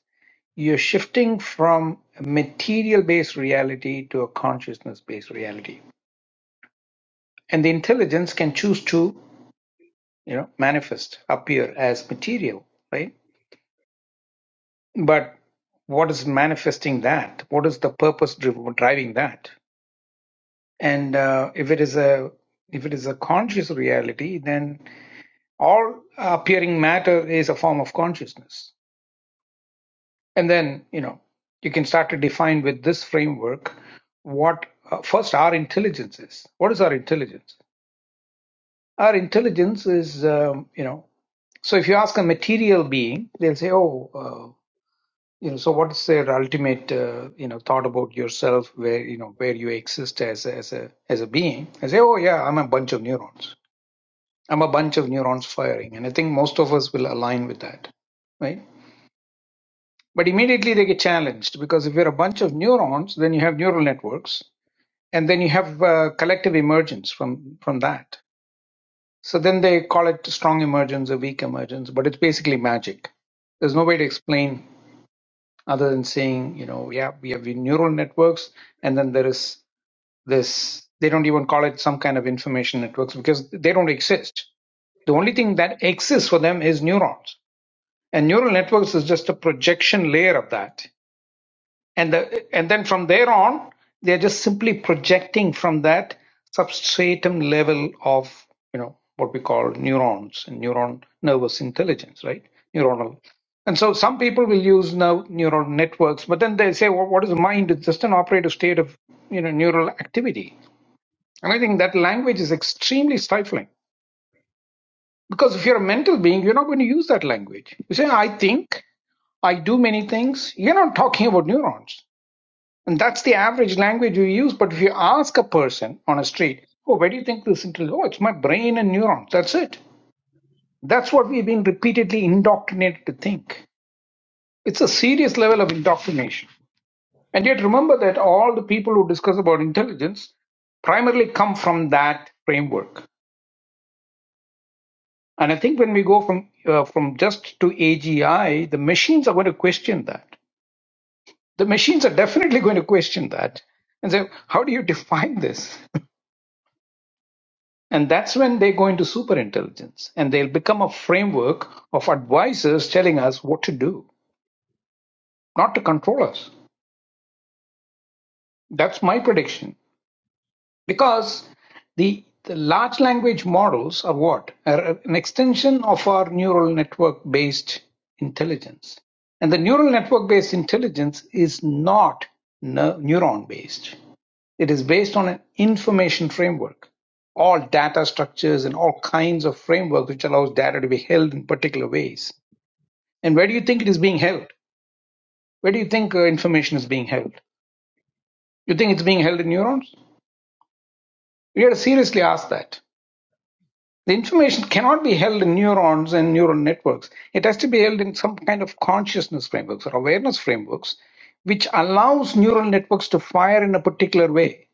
S6: you're shifting from a material based reality to a consciousness based reality. And the intelligence can choose to, you know, manifest, appear as material, right? But what is manifesting that? What is the purpose driv- driving that? And uh, if it is a if it is a conscious reality, then all appearing matter is a form of consciousness And then, you know, you can start to define with this framework what uh, first our intelligence is. What is our intelligence? Our intelligence is, um, you know, so if you ask a material being, they'll say, "Oh, uh, you know, so what's their ultimate, uh, you know, thought about yourself, where you know where you exist as a, as a as a being?" I say, "Oh, yeah, I'm a bunch of neurons. I'm a bunch of neurons firing," and I think most of us will align with that, right? But immediately they get challenged because if you're a bunch of neurons, then you have neural networks, and then you have uh, collective emergence from from that. So then they call it strong emergence or weak emergence, but it's basically magic. There's no way to explain other than saying, you know, yeah, we have neural networks, and then there is this. They don't even call it some kind of information networks because they don't exist. The only thing that exists for them is neurons, and neural networks is just a projection layer of that and the, and then from there on they're just simply projecting from that substratum level of you know what we call neurons and neuron nervous intelligence right neuronal and so some people will use now neural networks but then they say well, what is mind it's just an operative state of you know neural activity and i think that language is extremely stifling because if you're a mental being you're not going to use that language you say i think i do many things you're not talking about neurons and that's the average language we use. But if you ask a person on a street, oh, where do you think this intel? Oh, it's my brain and neurons. That's it. That's what we've been repeatedly indoctrinated to think. It's a serious level of indoctrination. And yet remember that all the people who discuss about intelligence primarily come from that framework. And I think when we go from uh, from just to AGI, the machines are going to question that. The machines are definitely going to question that and say, how do you define this? And that's when they go into superintelligence and they'll become a framework of advisors telling us what to do, not to control us. That's my prediction. Because the, the large language models are what? Are an extension of our neural network based intelligence. And the neural network based intelligence is not neuron based. It is based on an information framework. All data structures and all kinds of framework which allows data to be held in particular ways. And where do you think it is being held? Where do you think uh, information is being held? You think it's being held in neurons? We got to seriously ask that. The information cannot be held in neurons and neural networks. It has to be held in some kind of consciousness frameworks or awareness frameworks, which allows neural networks to fire in a particular way.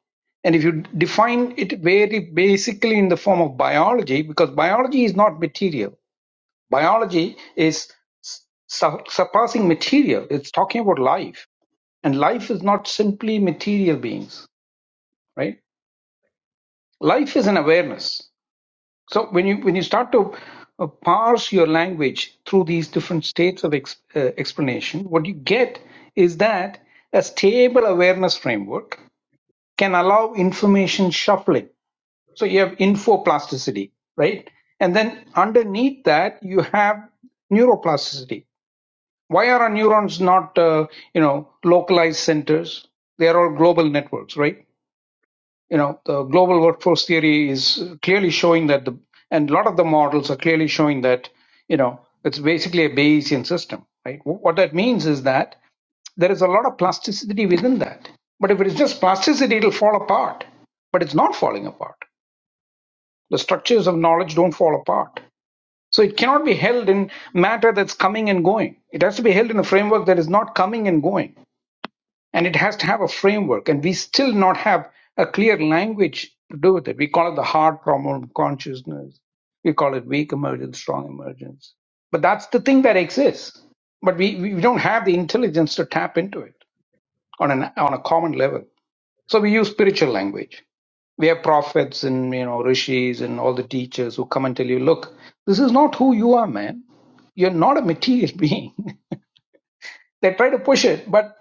S6: And if you define it very basically in the form of biology, because biology is not material, biology is su- surpassing material. It's talking about life. And life is not simply material beings, right? Life is an awareness. So when you when you start to uh, parse your language through these different states of ex, uh, explanation, what you get is that a stable awareness framework can allow information shuffling. So you have infoplasticity, right? And then underneath that you have neuroplasticity. Why are our neurons not, uh, you know, localized centers? They are all global networks, right? you know the global workforce theory is clearly showing that the and a lot of the models are clearly showing that you know it's basically a bayesian system right what that means is that there is a lot of plasticity within that but if it is just plasticity it'll fall apart but it's not falling apart the structures of knowledge don't fall apart so it cannot be held in matter that's coming and going it has to be held in a framework that is not coming and going and it has to have a framework and we still not have a clear language to do with it we call it the hard problem of consciousness we call it weak emergence strong emergence but that's the thing that exists but we, we don't have the intelligence to tap into it on an on a common level so we use spiritual language we have prophets and you know rishis and all the teachers who come and tell you look this is not who you are man you're not a material being they try to push it but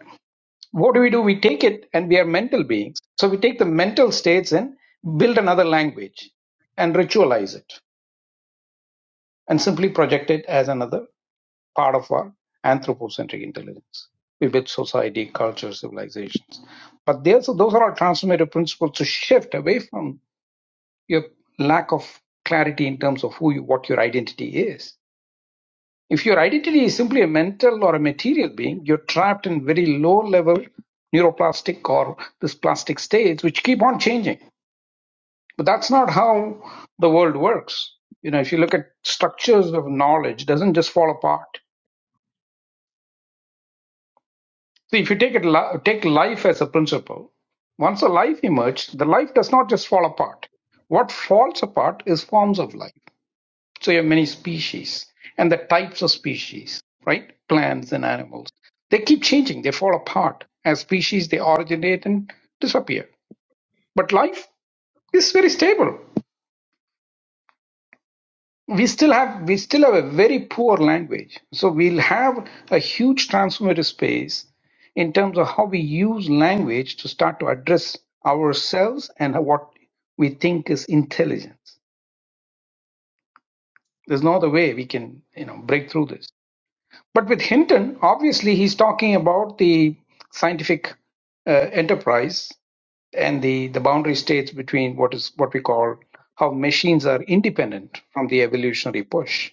S6: what do we do? We take it and we are mental beings. So we take the mental states and build another language and ritualize it and simply project it as another part of our anthropocentric intelligence. We build society, culture, civilizations. But there's, those are our transformative principles to shift away from your lack of clarity in terms of who you, what your identity is If your identity is simply a mental or a material being, you're trapped in very low level neuroplastic or this plastic states which keep on changing. But that's not how the world works. You know, if you look at structures of knowledge, it doesn't just fall apart. So if you take it take life as a principle, once a life emerged, the life does not just fall apart. What falls apart is forms of life. So you have many species and the types of species, right? Plants and animals. They keep changing, they fall apart. As species, they originate and disappear. But life is very stable. We still have we still have a very poor language. So we'll have a huge transformative space in terms of how we use language to start to address ourselves and what we think is intelligence. There's no other way we can, you know, break through this. But with Hinton, obviously, he's talking about the scientific uh, enterprise and the, the boundary states between what is what we call how machines are independent from the evolutionary push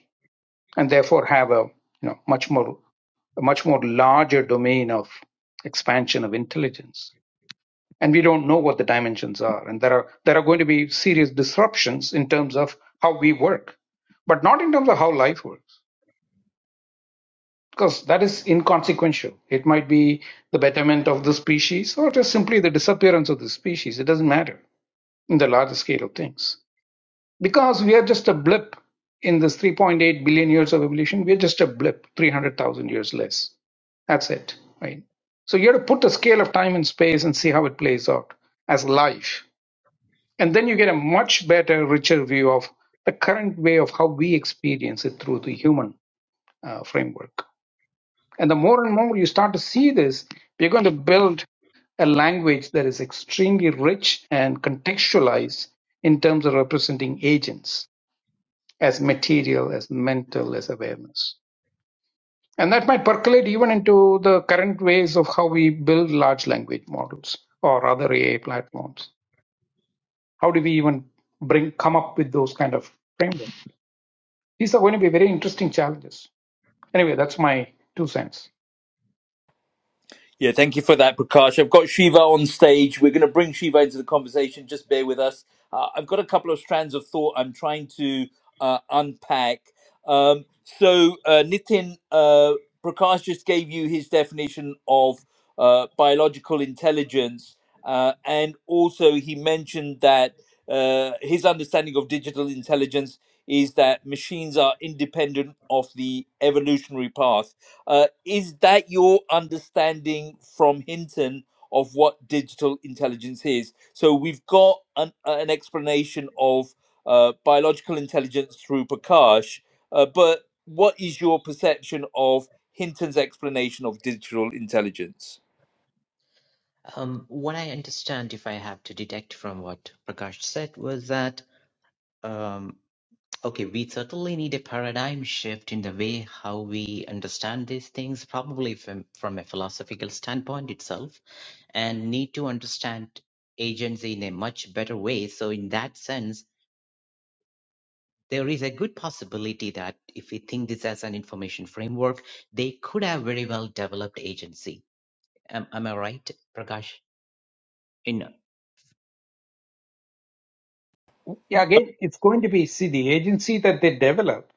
S6: and therefore have a you know much more a much more larger domain of expansion of intelligence and we don't know what the dimensions are and there are there are going to be serious disruptions in terms of how we work but not in terms of how life works because that is inconsequential. It might be the betterment of the species or just simply the disappearance of the species. It doesn't matter in the larger scale of things. Because we are just a blip in this 3.8 billion years of evolution, we are just a blip, 300,000 years less. That's it, right? So you have to put a scale of time and space and see how it plays out as life. And then you get a much better, richer view of the current way of how we experience it through the human uh, framework. And the more and more you start to see this, we're going to build a language that is extremely rich and contextualized in terms of representing agents as material, as mental, as awareness. And that might percolate even into the current ways of how we build large language models or other AI platforms. How do we even bring come up with those kind of frameworks? These are going to be very interesting challenges. Anyway, that's my two cents.
S1: Yeah, thank you for that, Prakash. I've got Shiva on stage. We're going to bring Shiva into the conversation. Just bear with us. Uh, I've got a couple of strands of thought I'm trying to uh, unpack. Um, so, uh, Nitin, uh, Prakash just gave you his definition of uh, biological intelligence. Uh, and also, he mentioned that uh, his understanding of digital intelligence is that machines are independent of the evolutionary path. Uh, is that your understanding from Hinton of what digital intelligence is? So we've got an, an explanation of uh, biological intelligence through Prakash, uh, but what is your perception of Hinton's explanation of digital intelligence?
S8: Um, what I understand, if I have to detect from what Prakash said, was that um, okay, we certainly need a paradigm shift in the way how we understand these things, probably from, from a philosophical standpoint itself, and need to understand agency in a much better way. So, in that sense, there is a good possibility that if we think this as an information framework, they could have very well developed agency. Am, am I right, Prakash? In
S6: Yeah, again, it's going to be, see, the agency that they develop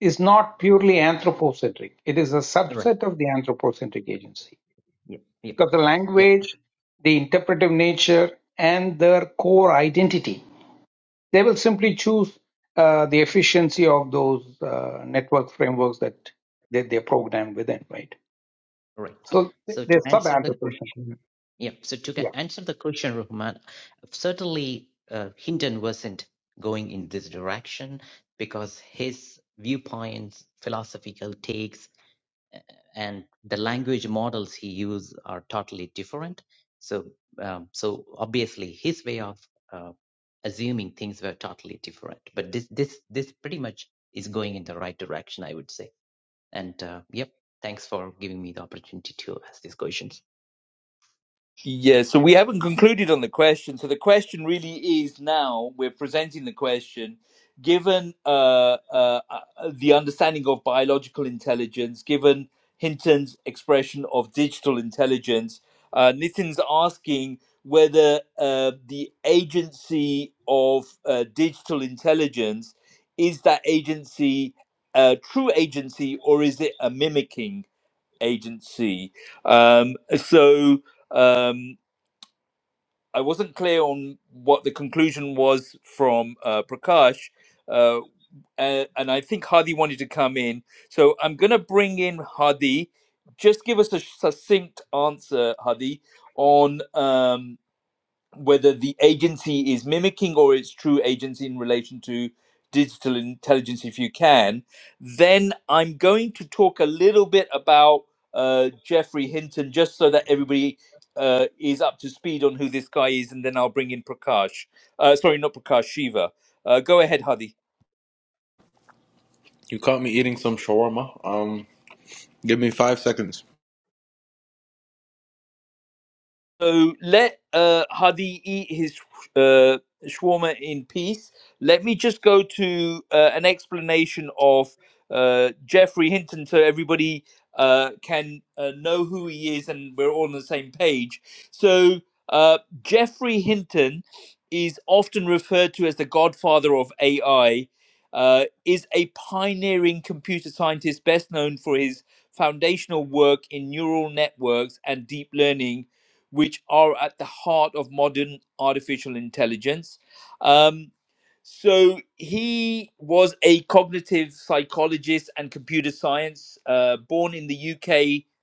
S6: is not purely anthropocentric. It is a
S8: right.
S6: subset of the anthropocentric agency
S8: Yep. Yep.
S6: because the
S8: Yep.
S6: language, the interpretive nature, and their core identity, they will simply choose uh, the efficiency of those uh, network frameworks that, that they're programmed within, right?
S8: Right.
S6: So they-
S8: So
S6: they're
S8: to answer the
S6: sub-anthropocentric.
S8: question, yep. So to ca-
S6: Yeah.
S8: answer the question, Rahman, certainly uh, Hinton wasn't going in this direction because his viewpoints, philosophical takes and the language models he used are totally different. So, um, so obviously his way of uh, assuming things were totally different. But this, this, this pretty much is going in the right direction, I would say. And uh, yep, thanks for giving me the opportunity to ask these questions.
S1: Yeah, so we haven't concluded on the question. So the question really is now we're presenting the question given uh, uh, uh, the understanding of biological intelligence, given Hinton's expression of digital intelligence, uh, Nitin's asking whether uh, the agency of uh, digital intelligence is that agency a true agency or is it a mimicking agency? Um, so. Um, I wasn't clear on what the conclusion was from uh, Prakash, uh, a- and I think Hadi wanted to come in. So I'm going to bring in Hadi. Just give us a succinct answer, Hadi, on. Um, whether the agency is mimicking or its true agency in relation to digital intelligence, if you can. Then I'm going to talk a little bit about uh, Jeffrey Hinton, just so that everybody uh, is up to speed on who this guy is, and then I'll bring in Prakash. Uh, sorry, not Prakash, Shiva. Uh, go ahead, Hadi.
S5: you caught me eating some shawarma. Um, give me five seconds.
S1: So let uh, Hadi eat his uh, shawarma in peace. Let me just go to uh, an explanation of uh, Jeffrey Hinton so everybody uh, can uh, know who he is and we're all on the same page. So, uh, Jeffrey Hinton is often referred to as the godfather of AI. Uh, is a pioneering computer scientist best known for his foundational work in neural networks and deep learning which are at the heart of modern artificial intelligence. Um, so he was a cognitive psychologist and computer science, uh, born in the UK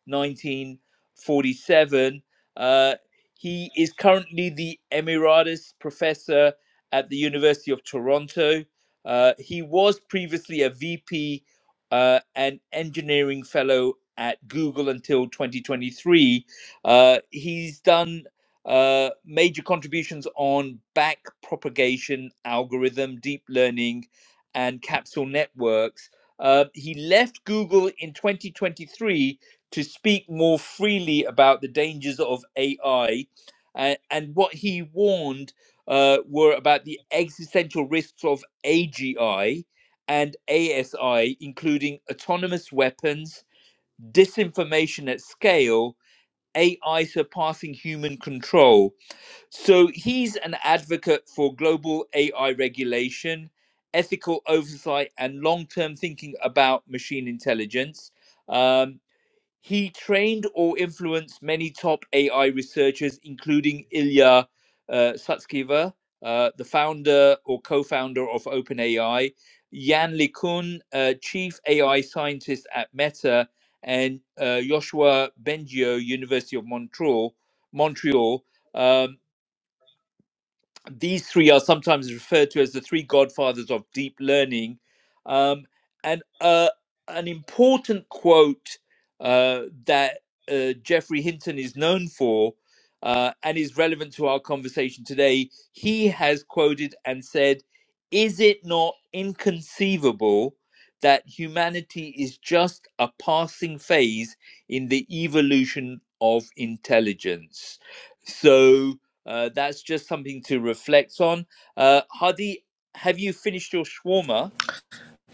S1: 1947. Uh, he is currently the Emeritus Professor at the University of Toronto. Uh, he was previously a VP uh, and Engineering Fellow at Google until 2023. Uh, he's done uh, major contributions on back propagation, algorithm, deep learning, and capsule networks. Uh, he left Google in 2023 to speak more freely about the dangers of AI. a- I. Uh, and what he warned uh, were about the existential risks of AGI and ASI, including autonomous weapons, disinformation at scale, AI surpassing human control so he's an advocate for global AI regulation, ethical oversight, and long term thinking about machine intelligence. Um, he trained or influenced many top AI researchers, including Ilya uh, Sutskever, uh, the founder or co founder of OpenAI, Jan LeCun, uh, chief AI scientist at Meta, and uh, Joshua Bengio, University of Montreal. Montreal Um, these three are sometimes referred to as the three godfathers of deep learning. Um, and uh, an important quote uh, that uh, Jeffrey Hinton is known for uh, and is relevant to our conversation today, he has quoted and said, Is it not inconceivable that humanity is just a passing phase in the evolution of intelligence? So, uh, that's just something to reflect on. Uh, Hadi, have you finished your shawarma?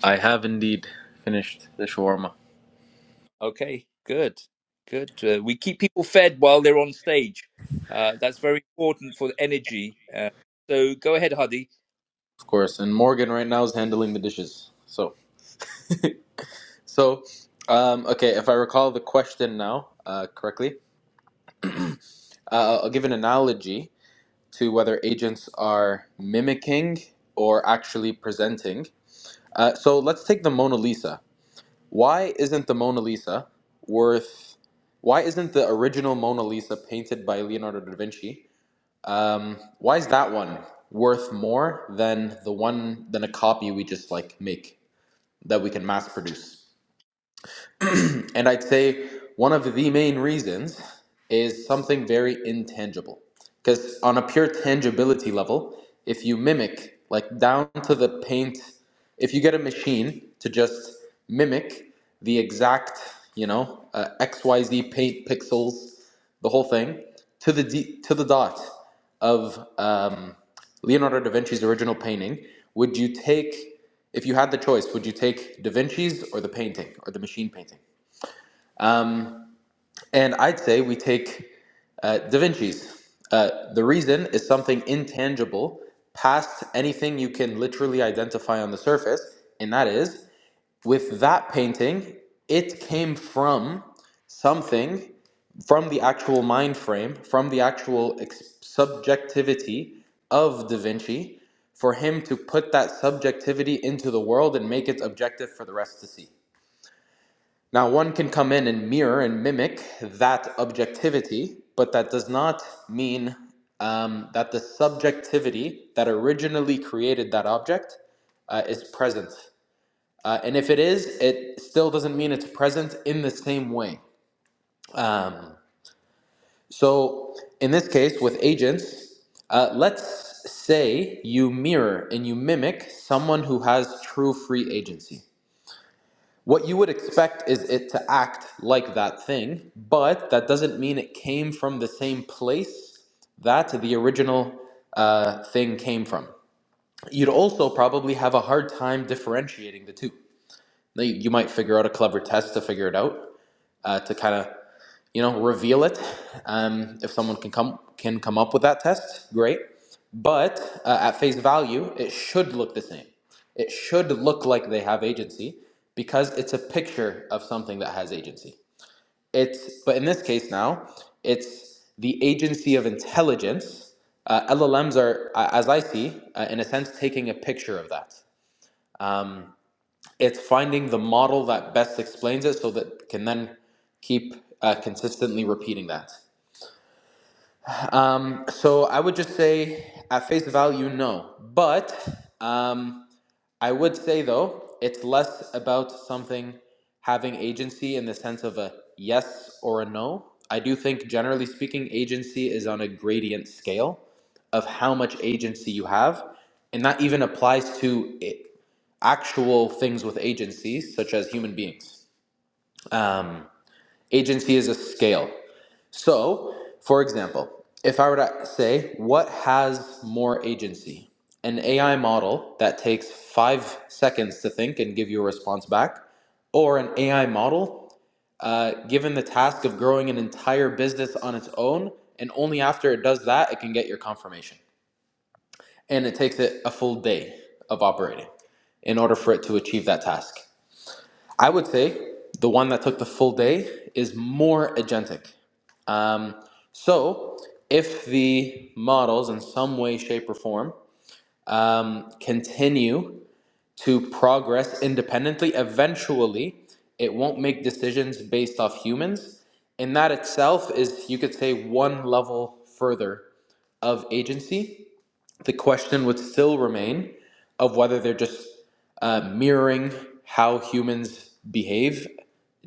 S5: I have indeed finished the shawarma,
S1: Okay, good, good. Uh, we keep people fed while they're on stage. Uh, that's very important for the energy. Uh, so go ahead, Hadi.
S5: of course. And Morgan right now is handling the dishes. So, so, um, okay. If I recall the question now uh, correctly, uh, I'll give an analogy to whether agents are mimicking or actually presenting. Uh, so let's take the Mona Lisa. Why isn't the Mona Lisa worth? Why isn't the original Mona Lisa painted by Leonardo da Vinci Um, why is that one worth more than the one than a copy we just like make that we can mass produce? And I'd say one of the main reasons is something very intangible. Because on a pure tangibility level, if you mimic, like down to the paint, if you get a machine to just mimic the exact, you know, uh, XYZ paint pixels, the whole thing, to the, D, to the dot of um, Leonardo da Vinci's original painting, would you take, if you had the choice, would you take da Vinci's or the painting or the machine painting? Um, and I'd say we take uh, Da Vinci's. Uh, the reason is something intangible, past anything you can literally identify on the surface, and that is with that painting, it came from something, from the actual mind frame, from the actual ex- subjectivity of Da Vinci, for him to put that subjectivity into the world and make it objective for the rest to see. Now, one can come in and mirror and mimic that objectivity, but that does not mean um, that the subjectivity that originally created that object uh, is present. Uh, and if it is, it still doesn't mean it's present in the same way. Um, so, in this case, with agents, uh, let's say you mirror and you mimic someone who has true free agency. What you would expect is it to act like that thing, but that doesn't mean it came from the same place that the original uh, thing came from. You'd also probably have a hard time differentiating the two. Now, You you might figure out a clever test to figure it out, uh, to kind of you know reveal it um, if someone can come can come up with that test great but uh, at face value it should look the same it should look like they have agency because it's a picture of something that has agency it's but in this case now it's the agency of intelligence uh, llms are uh, as i see uh, in a sense taking a picture of that um, it's finding the model that best explains it so that it can then keep uh, consistently repeating that Um, so I would just say at face value, no. But um, I would say though, it's less about something having agency in the sense of a yes or a no. I do think, generally speaking, agency is on a gradient scale of how much agency you have, and that even applies to it, actual things with agencies, such as human beings. Um, agency is a scale. So, for example, if I were to say, what has more agency? An AI model that takes five seconds to think and give you a response back, or an AI model uh, given the task of growing an entire business on its own, and only after it does that, it can get your confirmation. And it takes it a full day of operating in order for it to achieve that task. I would say the one that took the full day is more agentic. Um, so, if the models in some way, shape, or form um, continue to progress independently, eventually it won't make decisions based off humans. And that itself is, you could say, one level further of agency the question would still remain of whether they're just uh, mirroring how humans behave,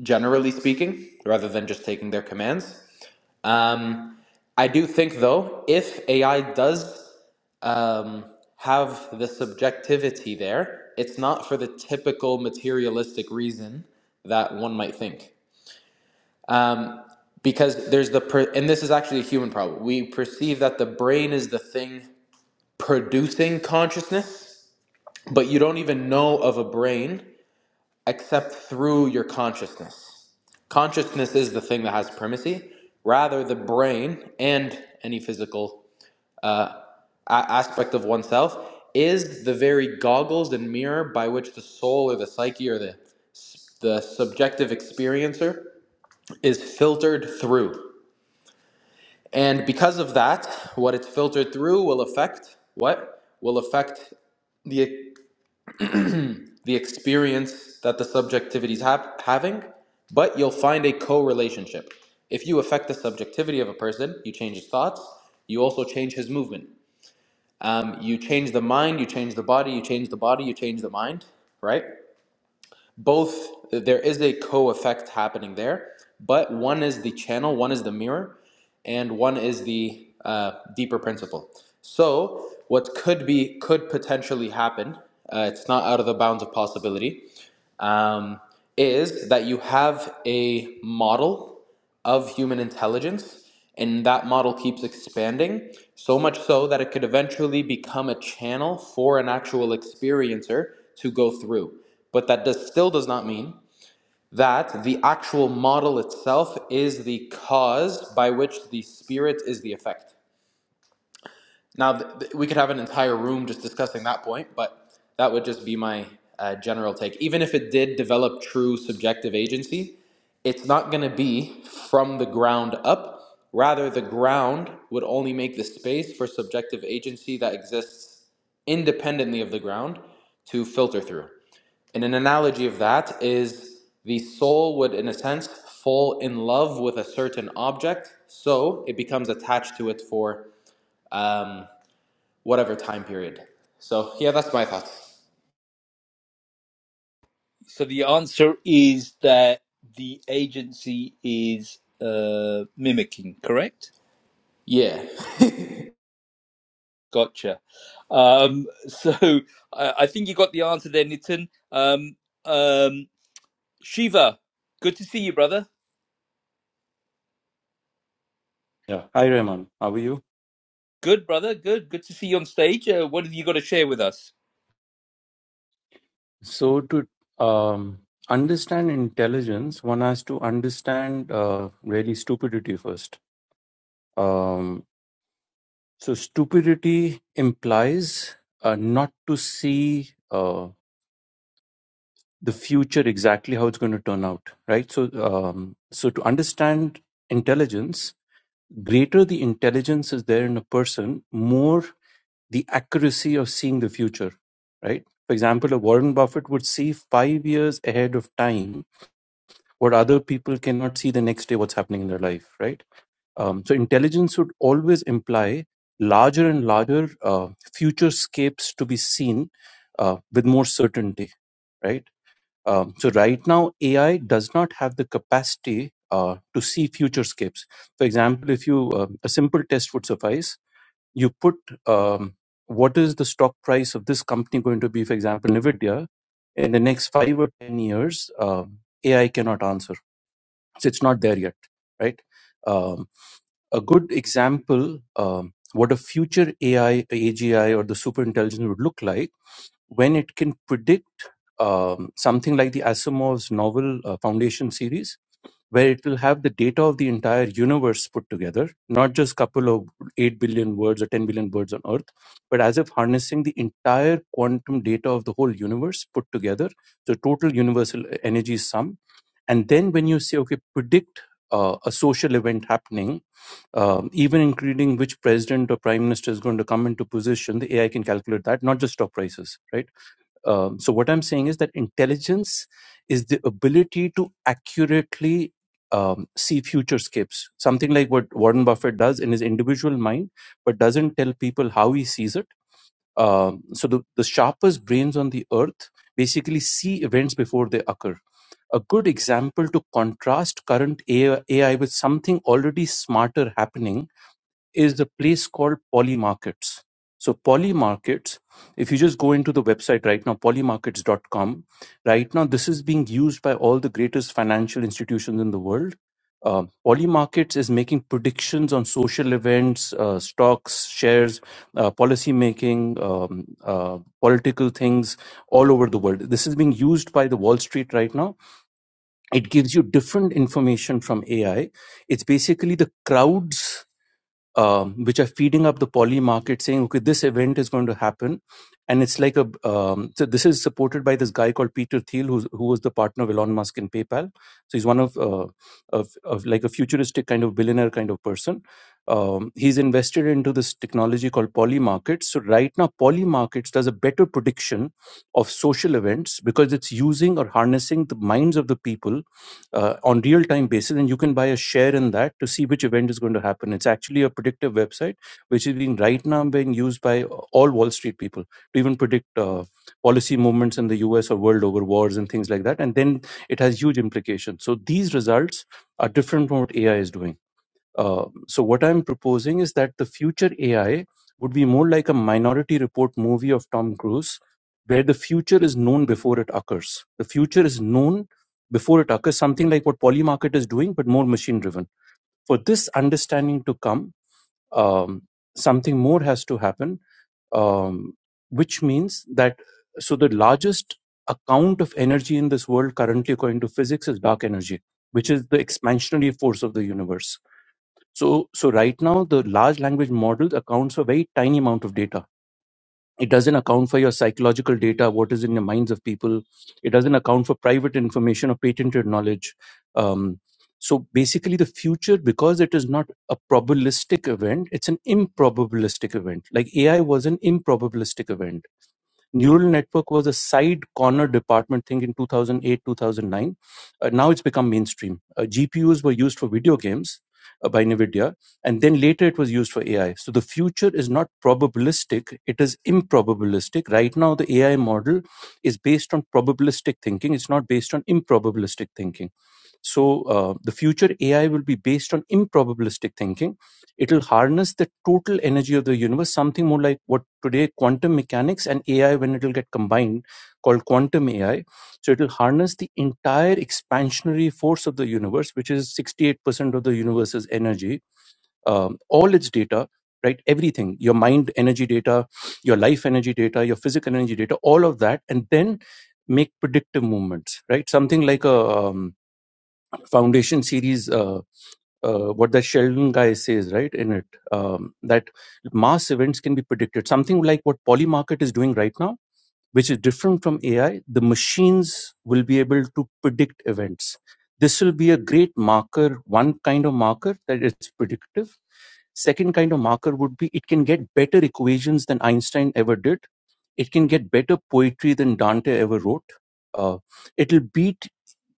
S5: generally speaking, rather than just taking their commands. Um, I do think, though, if AI does um, have the subjectivity there, it's not for the typical materialistic reason that one might think. Um, because there's the, per- and this is actually a human problem. We perceive that the brain is the thing producing consciousness but you don't even know of a brain except through your consciousness. Consciousness is the thing that has primacy. Rather, the brain and any physical uh, aspect of oneself is the very goggles and mirror by which the soul or the psyche or the, the subjective experiencer is filtered through. And because of that, what it's filtered through will affect what? Will affect the the experience that the subjectivity is hap having, but you'll find a co-relationship. If you affect the subjectivity of a person, you change his thoughts, you also change his movement. Um, you change the mind, you change the body, you change the body, you change the mind, right? Both, uh, there is a co effect happening there, but one is the channel, one is the mirror, and one is the uh, deeper principle. So, what could be, could potentially happen, uh, it's not out of the bounds of possibility, um, is that you have a model of human intelligence, and that model keeps expanding, so much so that it could eventually become a channel for an actual experiencer to go through. But that does, still does not mean that the actual model itself is the cause by which the spirit is the effect. Now, th- th- we could have an entire room just discussing that point, but that would just be my uh, general take. Even if it did develop true subjective agency, it's not going to be from the ground up. Rather, the ground would only make the space for subjective agency that exists independently of the ground to filter through. And an analogy of that is the soul would, in a sense, fall in love with a certain object, so it becomes attached to it for. Um, whatever time period. So yeah, that's my thoughts.
S1: So the answer is that the agency is uh, mimicking, correct?
S5: Yeah.
S1: Gotcha. Um, so I, I think you got the answer there, Nitin. Um, um, Shiva, good to see you, brother.
S9: Yeah. Hi, Rahman. How are you?
S1: Good, brother. Good. Good to see you on stage. Uh, what have you got to share with us?
S9: So, to um, understand intelligence, one has to understand uh, really stupidity first. Um, so, stupidity implies uh, not to see uh, the future exactly how it's going to turn out, right? So, um, so to understand intelligence, greater the intelligence is there in a person, more the accuracy of seeing the future, right? For example, a Warren Buffett would see five years ahead of time what other people cannot see the next day, what's happening in their life, right? Um, so intelligence would always imply larger and larger uh, futurescapes to be seen uh, with more certainty, right? Um, so right now, AI does not have the capacity uh, to see futurescapes. For example, if you uh, a simple test would suffice you put um, what is the stock price of this company going to be, for example, NVIDIA, in the next five or 10 years, um, AI cannot answer. So it's not there yet, right? Um, a good example, um, what a future AI, AGI, or the superintelligence would look like when it can predict um, something like the Asimov's novel uh, Foundation series where it will have the data of the entire universe put together, not just couple of 8 billion words or 10 billion words on Earth, but as if harnessing the entire quantum data of the whole universe put together, the total universal energy sum. And then when you say, okay, predict uh, a social event happening, um, even including which president or prime minister is going to come into position, the AI can calculate that, not just stock prices, right? Um, so what I'm saying is that intelligence is the ability to accurately um, see futurescapes, something like what Warren Buffett does in his individual mind, but doesn't tell people how he sees it. Um, so the, the sharpest brains on the earth basically see events before they occur. A good example to contrast current AI, AI with something already smarter happening is the place called Poly Markets. So Poly Markets, if you just go into the website right now, polymarkets.com, right now this is being used by all the greatest financial institutions in the world. Uh, Poly Markets is making predictions on social events, uh, stocks, shares, uh, policy making, um, uh, political things all over the world. This is being used by the Wall Street right now. It gives you different information from AI. It's basically the crowds um, which are feeding up the poly market saying, okay, this event is going to happen. And it's like a, um, so this is supported by this guy called Peter Thiel, who's, who was the partner of Elon Musk in PayPal. So he's one of, uh, of, of like a futuristic kind of billionaire kind of person. Um, he's invested into this technology called poly markets. So right now, poly markets does a better prediction of social events because it's using or harnessing the minds of the people uh, on real time basis and you can buy a share in that to see which event is going to happen it's actually a predictive website which is being right now being used by all wall street people to even predict uh, policy movements in the us or world over wars and things like that and then it has huge implications so these results are different from what ai is doing uh, so what I'm proposing is that the future AI would be more like a minority report movie of Tom Cruise, where the future is known before it occurs. The future is known before it occurs, something like what Polymarket is doing, but more machine driven. For this understanding to come, um, something more has to happen, um, which means that so the largest account of energy in this world currently according to physics is dark energy which is the expansionary force of the universe so, so right now, the large language models accounts for very tiny amount of data. It doesn't account for your psychological data, what is in the minds of people. It doesn't account for private information or patented knowledge. Um, so basically, the future, because it is not a probabilistic event, it's an improbabilistic event. Like AI was an improbabilistic event Neural network was a side corner department thing in 2008, 2009. Uh, now it's become mainstream. Uh, GPUs were used for video games uh, by NVIDIA, and then later it was used for AI. So the future is not probabilistic, it is improbabilistic. Right now, the AI model is based on probabilistic thinking, it's not based on improbabilistic thinking. So uh, the future AI will be based on improbabilistic thinking. It'll harness the total energy of the universe, something more like what today quantum mechanics and AI, when it'll get combined, called quantum AI. So it'll harness the entire expansionary force of the universe, which is 68% of the universe's energy, um, all its data, right? Everything, your mind energy data, your life energy data, your physical energy data, all of that, and then make predictive movements, right? Something like a um, foundation series uh, uh, what the sheldon guy says right in it um, that mass events can be predicted something like what polymarket is doing right now which is different from ai the machines will be able to predict events this will be a great marker one kind of marker that it's predictive second kind of marker would be it can get better equations than einstein ever did it can get better poetry than dante ever wrote uh, it'll beat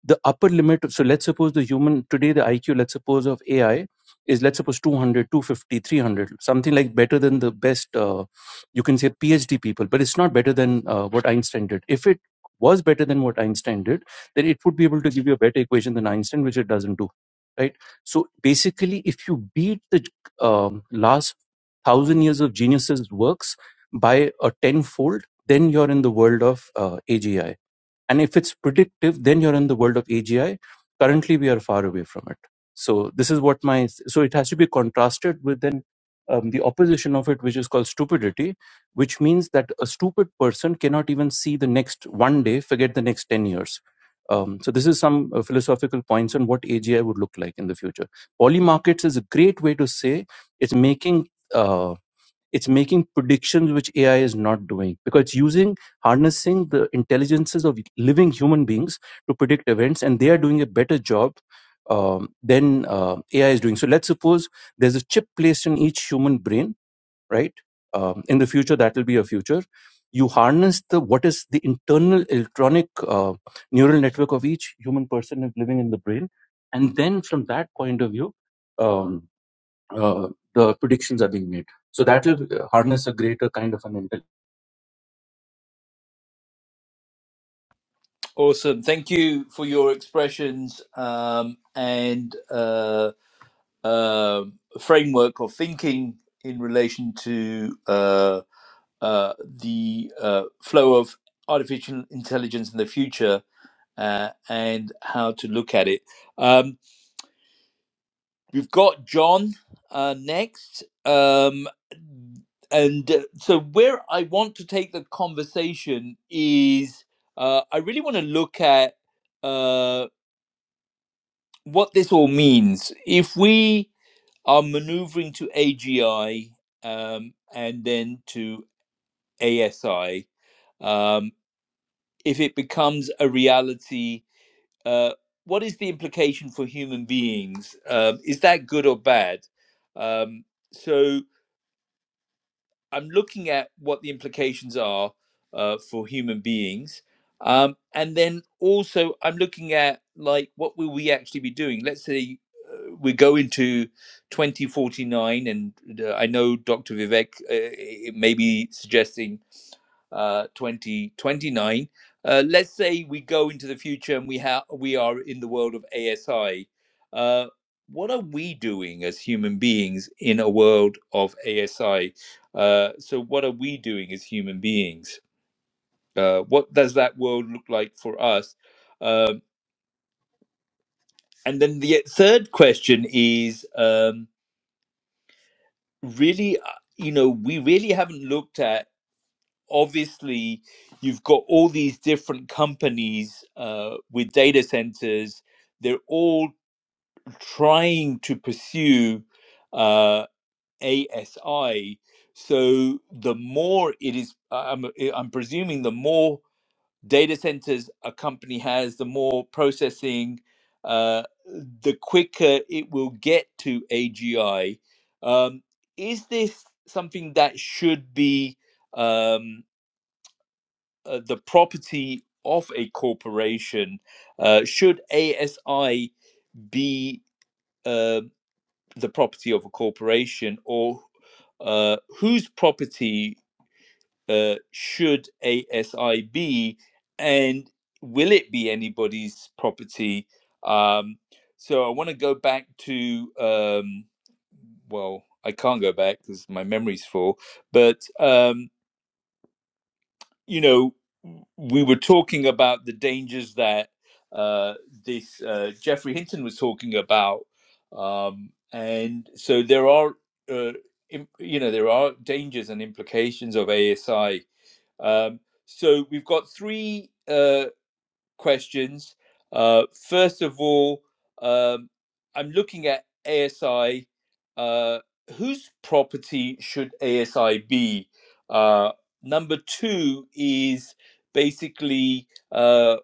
S9: the upper limit of, so let's suppose the human today the iq let's suppose of ai is let's suppose two hundred, two fifty, three hundred, something like better than the best uh, you can say phd people but it's not better than uh, what einstein did if it was better than what einstein did then it would be able to give you a better equation than einstein which it doesn't do right so basically if you beat the um, last thousand years of geniuses works by a tenfold then you're in the world of uh, agi and if it's predictive, then you're in the world of AGI. Currently, we are far away from it. So this is what my so it has to be contrasted with then um, the opposition of it, which is called stupidity, which means that a stupid person cannot even see the next one day, forget the next ten years. Um, so this is some uh, philosophical points on what AGI would look like in the future. Poly markets is a great way to say it's making. uh, it's making predictions which AI is not doing because it's using harnessing the intelligences of living human beings to predict events, and they are doing a better job um, than uh, AI is doing. So let's suppose there's a chip placed in each human brain, right? Um, in the future, that will be a future. You harness the what is the internal electronic uh, neural network of each human person living in the brain, and then from that point of view. Um, uh, the predictions are being made. So that will uh, harness a greater kind of an intelligence.
S1: Awesome. Thank you for your expressions um, and uh, uh, framework of thinking in relation to uh, uh, the uh, flow of artificial intelligence in the future uh, and how to look at it. Um, We've got John uh, next. Um, and uh, so, where I want to take the conversation is uh, I really want to look at uh, what this all means. If we are maneuvering to AGI um, and then to ASI, um, if it becomes a reality, uh, what is the implication for human beings? Um, is that good or bad? Um, so, I'm looking at what the implications are uh, for human beings, um, and then also I'm looking at like what will we actually be doing? Let's say uh, we go into 2049, and uh, I know Dr. Vivek uh, may be suggesting uh, 2029. Uh, let's say we go into the future and we have we are in the world of ASI. Uh, what are we doing as human beings in a world of ASI? Uh, so, what are we doing as human beings? Uh, what does that world look like for us? Um, and then the third question is um, really, uh, you know, we really haven't looked at. Obviously, you've got all these different companies uh, with data centers. They're all trying to pursue uh, ASI. So the more it is, I- I'm, I'm presuming the more data centers a company has, the more processing, uh, the quicker it will get to AGI. Um, is this something that should be um, uh, the property of a corporation? Uh, should ASI be uh, the property of a corporation, or uh, whose property uh, should ASI be, and will it be anybody's property? Um, so I want to go back to, um, well, I can't go back because my memory's full, but um, you know, we were talking about the dangers that uh, this uh, Jeffrey Hinton was talking about, um, and so there are. Uh, im- you know there are dangers and implications of ASI um, so we've got three uh, questions. Uh, first of all, um, I'm looking at ASI. Uh, whose property should ASI be? Uh, number two is basically uh,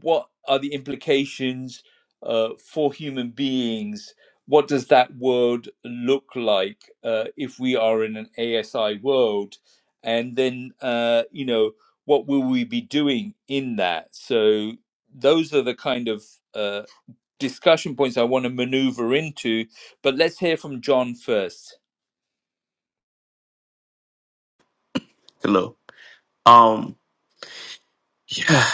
S1: what are the implications uh, for human beings? What does that world look like uh, if we are in an ASI world? And then, uh, you know, what will we be doing in that? So those are the kind of uh, discussion points I want to maneuver into. But let's hear from John first.
S10: Hello. Um, yeah.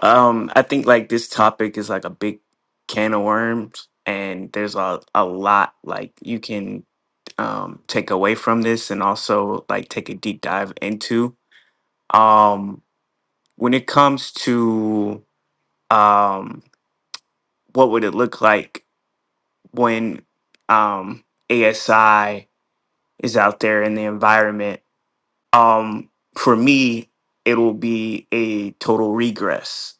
S10: Um, I think like this topic is like a big can of worms, and there's a a lot like you can um take away from this, and also like take a deep dive into. Um, when it comes to um, what would it look like when um ASI is out there in the environment? Um, for me, it'll be a total regress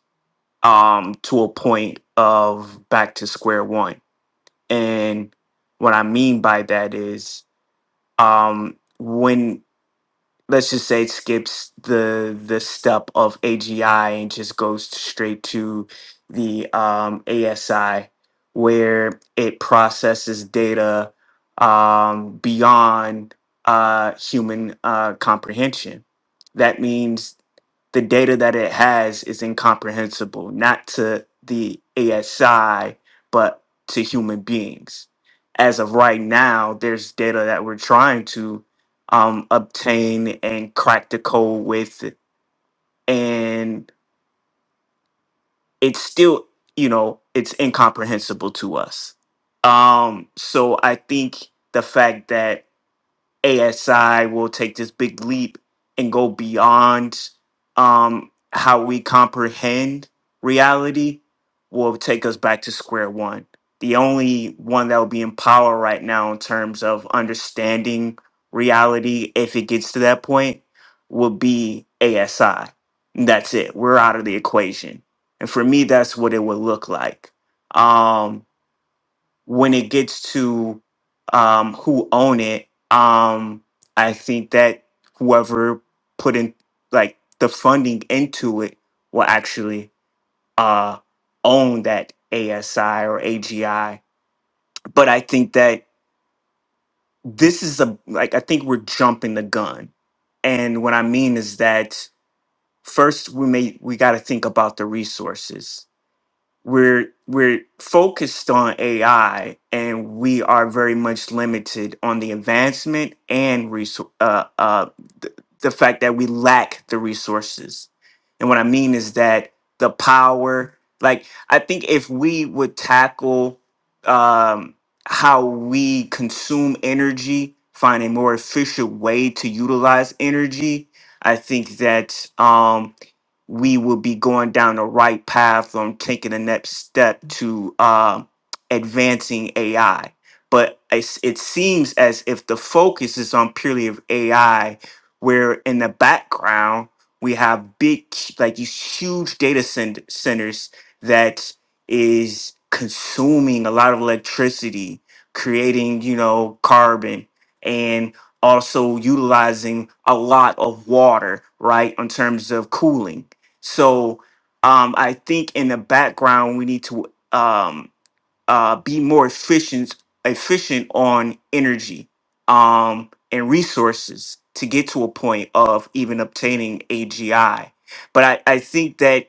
S10: um, to a point of back to square one. And what I mean by that is um, when let's just say it skips the the step of AGI and just goes straight to the um, ASI where it processes data um, beyond uh, human uh, comprehension. That means the data that it has is incomprehensible, not to the ASI, but to human beings. As of right now, there's data that we're trying to um, obtain and crack the code with, and it's still, you know, it's incomprehensible to us. Um, so I think the fact that ASI will take this big leap and go beyond um, how we comprehend reality will take us back to square one. The only one that will be in power right now in terms of understanding reality, if it gets to that point, will be ASI. And That's it. We're out of the equation. And for me, that's what it would look like. Um, when it gets to um, who own it, um, I think that whoever put in like the funding into it will actually uh, own that ASI or AGI. But I think that this is a like I think we're jumping the gun, and what I mean is that first we may we got to think about the resources we're we're focused on AI and we are very much limited on the advancement and resou- uh, uh, th- the fact that we lack the resources. And what I mean is that the power, like I think if we would tackle um, how we consume energy, find a more efficient way to utilize energy, I think that. Um, we will be going down the right path on taking the next step to uh, advancing AI. But it's, it seems as if the focus is on purely of AI, where in the background we have big, like these huge data cent- centers that is consuming a lot of electricity, creating you know carbon and also utilizing a lot of water, right, in terms of cooling so um, I think in the background we need to um, uh, be more efficient efficient on energy um, and resources to get to a point of even obtaining AGI. But I, I think that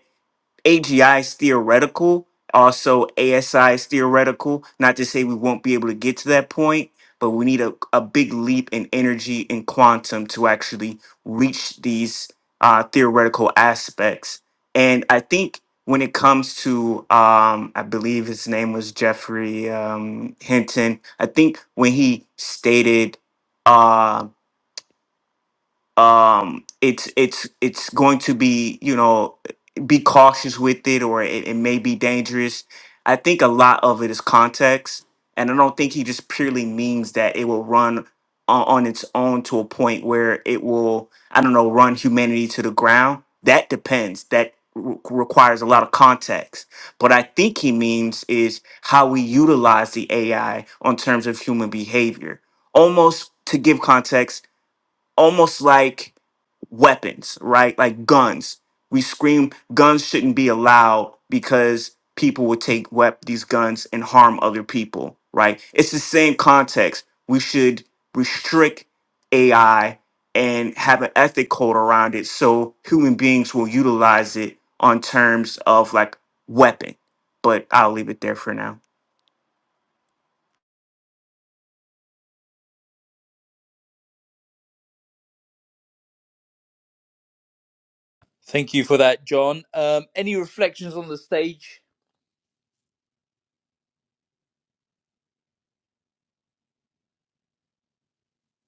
S10: AGI is theoretical, also ASI is theoretical. Not to say we won't be able to get to that point, but we need a, a big leap in energy and quantum to actually reach these uh, theoretical aspects. And I think when it comes to, um, I believe his name was Jeffrey um, Hinton, I think when he stated, uh, um it's it's it's going to be you know be cautious with it or it, it may be dangerous i think a lot of it is context and i don't think he just purely means that it will run on, on its own to a point where it will i don't know run humanity to the ground that depends that re- requires a lot of context but i think he means is how we utilize the ai on terms of human behavior almost to give context almost like weapons, right? Like guns. We scream guns shouldn't be allowed because people would take wep- these guns and harm other people, right? It's the same context. We should restrict AI and have an ethic code around it so human beings will utilize it on terms of like weapon. But I'll leave it there for now.
S1: Thank you for that, John. Um, any reflections on the stage?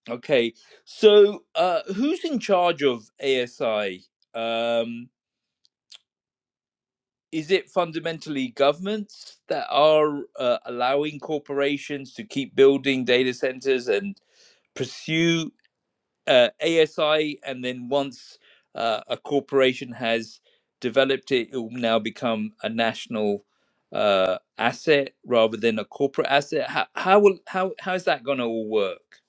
S1: Okay, so uh, who's in charge of ASI? Um, is it fundamentally governments that are uh, allowing corporations to keep building data centers and pursue? uh, ASI, and then once uh, a corporation has developed it, it will now become a national uh, asset rather than a corporate asset. How how will how how is that going to all work?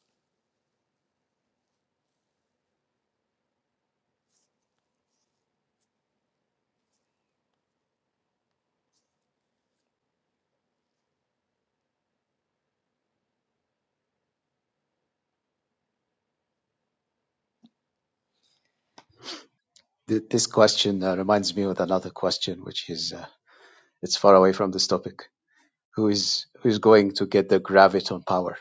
S4: Th- This question uh, reminds me of another question, which is uh, it's far away from this topic. Who is who is going to get the graviton power?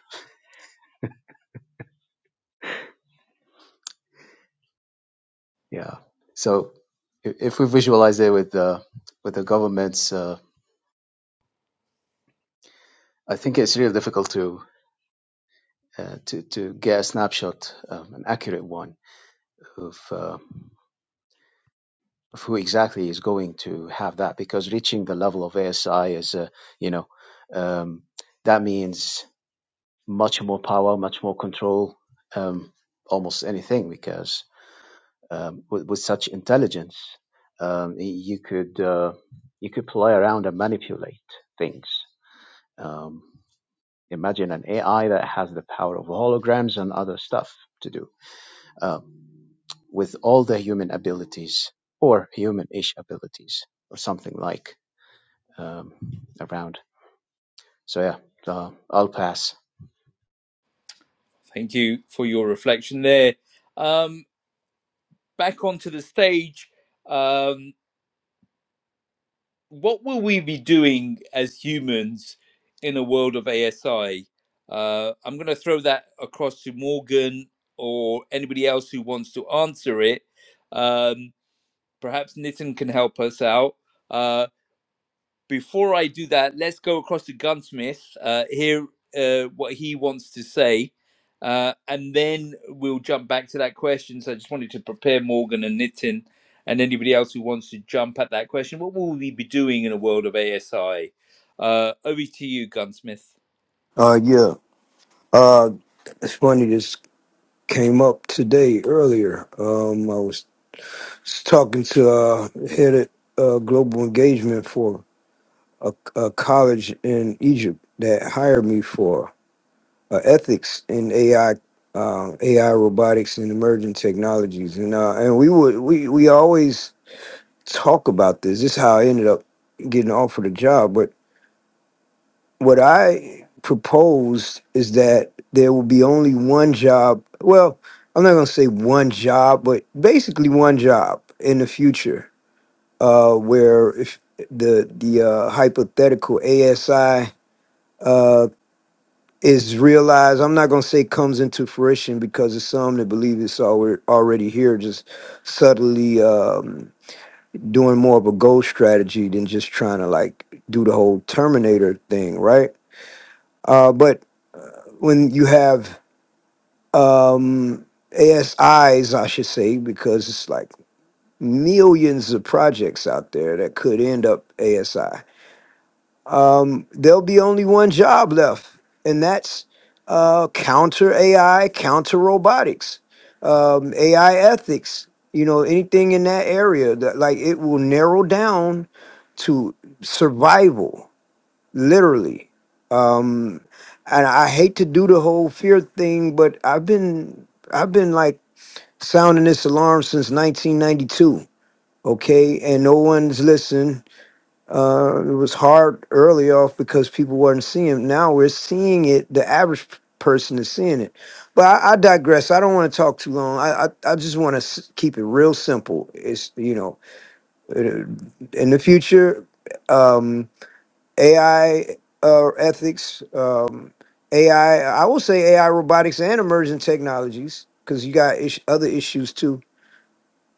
S4: Yeah. So i- if we visualize it with the with the governments, uh, I think it's really difficult to uh, to to get a snapshot, um, an accurate one of uh, of who exactly is going to have that, because reaching the level of ASI is, uh, you know, um, that means much more power, much more control, um, almost anything, because um, with, with such intelligence, um, y- you could uh, you could play around and manipulate things Um, imagine an AI that has the power of holograms and other stuff to do uh, with all the human abilities or human-ish abilities or something like um, around. So yeah, uh, I'll pass.
S1: Thank you for your reflection there. Um, back onto the stage. Um, what will we be doing as humans in a world of ASI? Uh, I'm going to throw that across to Morgan or anybody else who wants to answer it. Um, perhaps Nitin can help us out. Uh, before I do that, let's go across to Gunsmith, uh, hear uh, what he wants to say, uh, and then we'll jump back to that question. So I just wanted to prepare Morgan and Nitin and anybody else who wants to jump at that question. What will we be doing in a world of ASI? Uh, over to you, Gunsmith.
S11: Uh, yeah. Uh, it's funny. This came up today earlier. Um, I was talking to uh, head of uh, global engagement for a, a college in Egypt that hired me for uh, ethics in AI, uh, AI robotics and emerging technologies, and uh, and we would we we always talk about this. This is how I ended up getting offered a job, but. what I proposed is that there will be only one job. Well, I'm not going to say one job, but basically one job in the future, uh, where if the the uh, hypothetical ASI uh, is realized, I'm not going to say comes into fruition because there's some that believe it's alre- already here, just subtly um, doing more of a goal strategy than just trying to like do the whole Terminator thing, right? Uh, but when you have um, ASIs, I should say, because it's like millions of projects out there that could end up ASI. Um, there'll be only one job left, and that's uh, counter AI, counter robotics, um, AI ethics. You know, anything in that area that like it will narrow down to survival literally. Um, and I hate to do the whole fear thing, but I've been I've been like sounding this alarm since 1992. Okay, and no one's listened. Uh, it was hard early off because people weren't seeing it. Now we're seeing it. The average person is seeing it. But I, I digress. I don't want to talk too long. I I, I just want to s- keep it real simple. It's you know, uh, in the future. um, AI uh, ethics, um, AI. I I will say AI robotics and emerging technologies because you got ish- other issues too.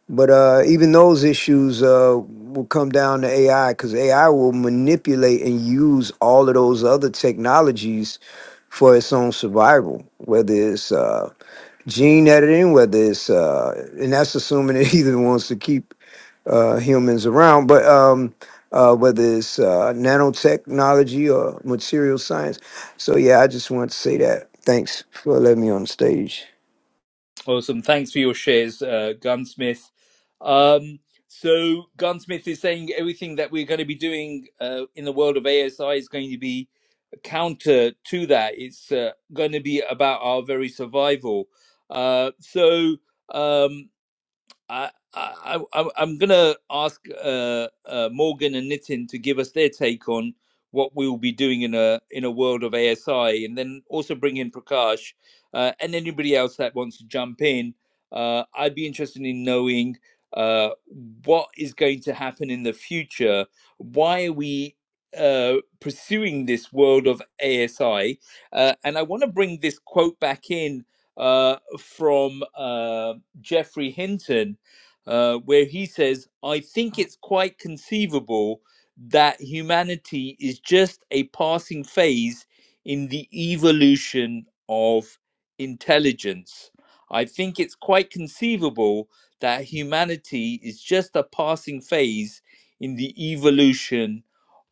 S11: But uh, even those issues uh, will come down to AI because AI will manipulate and use all of those other technologies for its own survival, whether it's uh, gene editing, whether it's, uh, and that's assuming it even wants to keep uh, humans around, but um, uh, whether it's uh, nanotechnology or material science. So yeah, I just want to say that. Thanks for letting me on the stage.
S1: Awesome. Thanks for your shares, uh, Gunsmith. Um, so Gunsmith is saying everything that we're going to be doing uh, in the world of ASI is going to be counter to that. It's uh, going to be about our very survival. Uh, so. Um, I, I, I, I- am going to ask uh, uh, Morgan and Nitin to give us their take on what we will be doing in a in a world of ASI, and then also bring in Prakash uh, and anybody else that wants to jump in. Uh, I'd be interested in knowing uh, what is going to happen in the future. Why are we uh, pursuing this world of ASI? Uh, and I want to bring this quote back in uh, from uh, Jeffrey Hinton uh, where he says, I think it's quite conceivable that humanity is just a passing phase in the evolution of intelligence. I think it's quite conceivable that humanity is just a passing phase in the evolution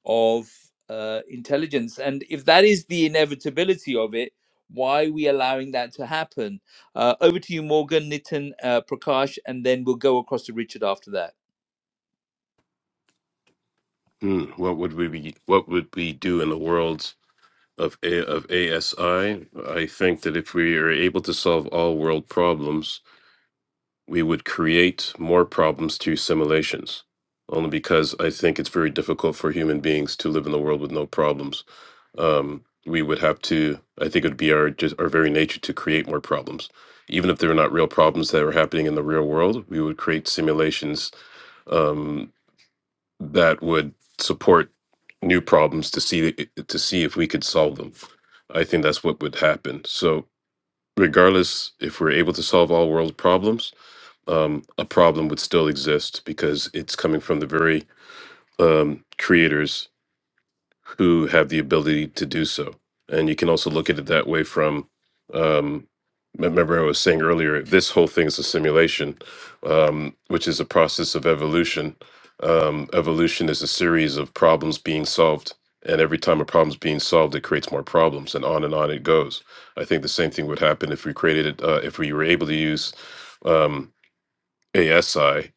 S1: of uh, intelligence. And if that is the inevitability of it, why are we allowing that to happen? Uh, over to you, Morgan, Nitin, uh, Prakash, and then we'll go across to Richard after that.
S3: Hmm, what would we be? What would we do in the world? of A, of ASI, I think that if we are able to solve all world problems, we would create more problems through simulations. Only because I think it's very difficult for human beings to live in the world with no problems. Um, we would have to. I think it would be our just our very nature to create more problems, even if they were not real problems that were happening in the real world. We would create simulations um, that would support new problems to see to see if we could solve them. I think that's what would happen. So regardless if we're able to solve all world problems, um, a problem would still exist because it's coming from the very um, creators who have the ability to do so. And you can also look at it that way from, um, remember I was saying earlier, this whole thing is a simulation, um, which is a process of evolution. Um, evolution is a series of problems being solved. And every time a problem's being solved, it creates more problems, and on and on it goes. I think the same thing would happen if we created, uh, if we were able to use um, ASI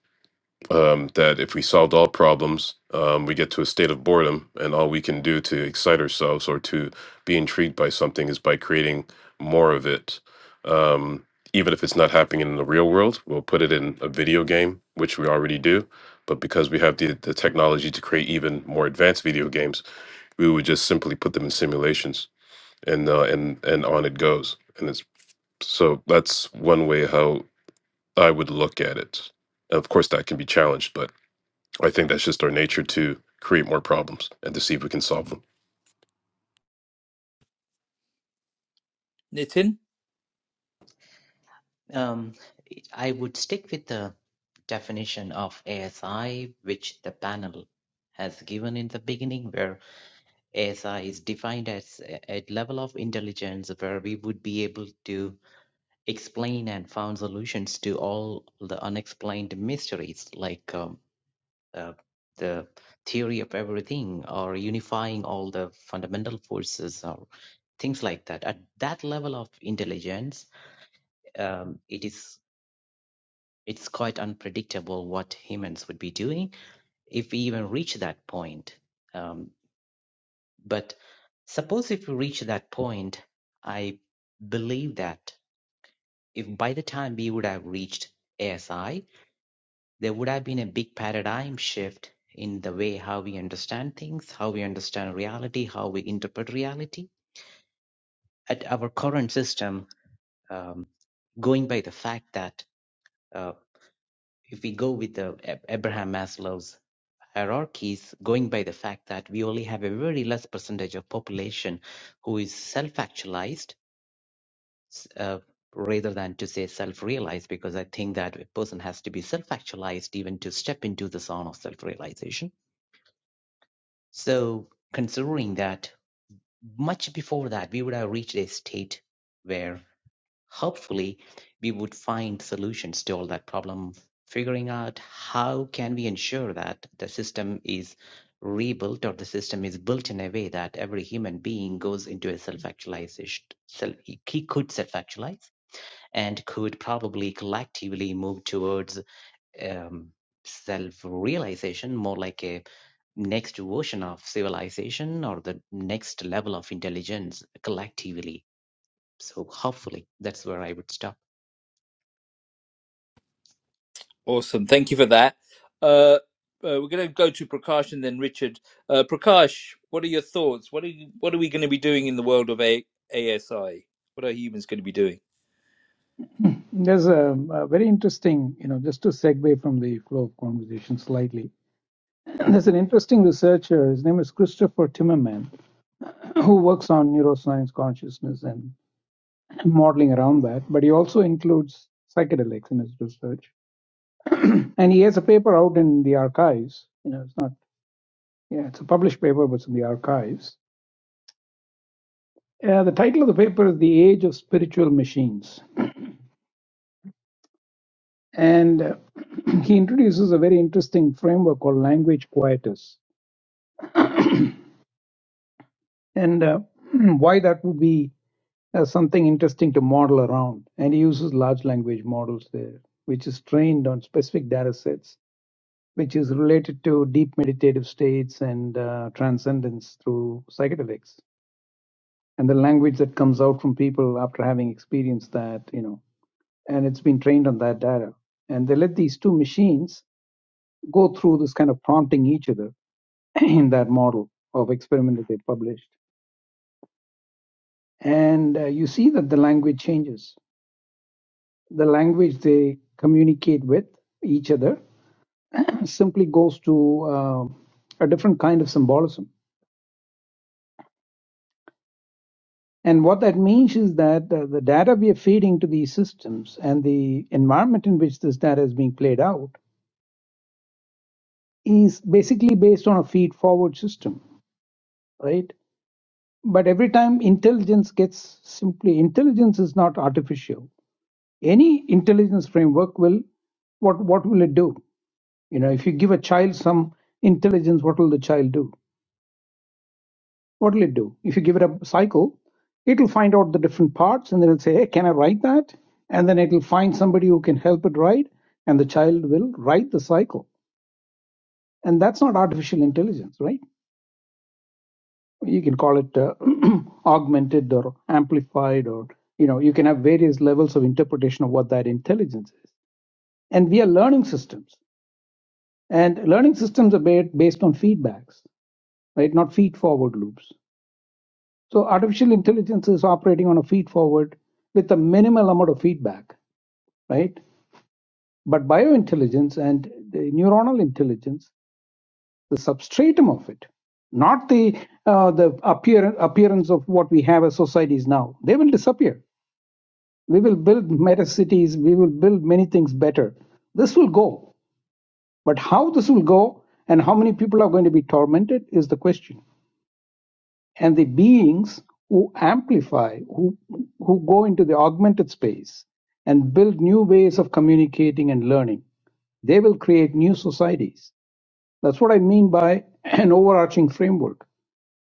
S3: um, that if we solved all problems, um, we get to a state of boredom, and all we can do to excite ourselves or to be intrigued by something is by creating more of it. Um, even if it's not happening in the real world, we'll put it in a video game, which we already do. But because we have the, the technology to create even more advanced video games, we would just simply put them in simulations, and uh, and and on it goes. And it's so that's one way how I would look at it. Of course, that can be challenged, but I think that's just our nature to create more problems and to see if we can solve them.
S1: Nitin,
S8: Um, I would stick with the definition of ASI, which the panel has given in the beginning, where ASI is defined as a a level of intelligence where we would be able to explain and found solutions to all the unexplained mysteries, like um, uh, the theory of everything or unifying all the fundamental forces or things like that. At that level of intelligence, um, it is it's quite unpredictable what humans would be doing if we even reach that point. Um, But suppose if we reach that point, I believe that if by the time we would have reached ASI, there would have been a big paradigm shift in the way how we understand things, how we understand reality, how we interpret reality. At our current system, um, going by the fact that uh, if we go with the Ab- Abraham Maslow's hierarchies, going by the fact that we only have a very less percentage of population who is self-actualized s- uh, rather than to say self-realized because i think that a person has to be self-actualized even to step into the zone of self-realization so considering that much before that we would have reached a state where hopefully we would find solutions to all that problem figuring out how can we ensure that the system is rebuilt or the system is built in a way that every human being goes into a self-actualization self he he could self-actualize and could probably collectively move towards um, self realization, more like a next version of civilization or the next level of intelligence collectively. So, hopefully, that's where I would stop.
S1: awesome. Thank you for that. Uh, uh, we're going to go to Prakash and then Richard. Uh, Prakash, what are your thoughts? What are you, what are we going to be doing in the world of A- ASI? What are humans going to be doing?
S6: There's a, a very interesting, you know, just to segue from the flow of conversation slightly. There's an interesting researcher, his name is Christopher Timmerman, who works on neuroscience, consciousness, and modeling around that. But he also includes psychedelics in his research. And he has a paper out in the archives. You know, it's not, yeah, it's a published paper, but it's in the archives. Uh, the title of the paper is The Age of Spiritual Machines. And uh, he introduces a very interesting framework called language quietus and uh, why that would be uh, something interesting to model around. And he uses large language models there, which is trained on specific data sets, which is related to deep meditative states and uh, transcendence through psychedelics. And the language that comes out from people after having experienced that, you know, and it's been trained on that data. And they let these two machines go through this kind of prompting each other in that model of experiment that they published and uh, you see that the language changes. The language they communicate with each other simply goes to uh, a different kind of symbolism. And what that means is that uh, the data we are feeding to these systems and the environment in which this data is being played out is basically based on a feed forward system, right? But every time intelligence gets simply, intelligence is not artificial. Any intelligence framework will, what, what will it do? You know, if you give a child some intelligence, what will the child do? What will it do? If you give it a cycle, it'll find out the different parts and then it'll say, Hey, can I write that? And then it'll find somebody who can help it write, and the child will write the cycle. And that's not artificial intelligence, right? You can call it uh, augmented or amplified, or, you know, you can have various levels of interpretation of what that intelligence is. And we are learning systems. And learning systems are ba- based on feedbacks, right? Not feed forward loops. So artificial intelligence is operating on a feed forward with a minimal amount of feedback, right? But biointelligence and the neuronal intelligence, the substratum of it, not the uh, the appear, appearance of what we have as societies now, they will disappear. We will build meta cities. We will build many things better. This will go, but how this will go and how many people are going to be tormented is the question. and the beings who amplify, who, who go into the augmented space and build new ways of communicating and learning. They will create new societies. That's what I mean by an overarching framework.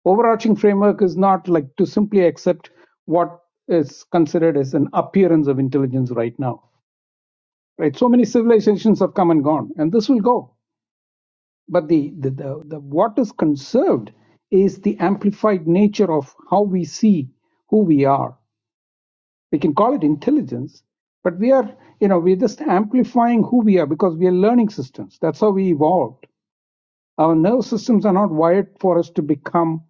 S6: Overarching framework is not like to simply accept what is considered as an appearance of intelligence right now. Right? So many civilizations have come and gone, and this will go. But the, the, the, the what is conserved is the amplified nature of how we see who we are. We can call it intelligence, but we are, you know, we're just amplifying who we are because we are learning systems. That's how we evolved. Our nerve systems are not wired for us to become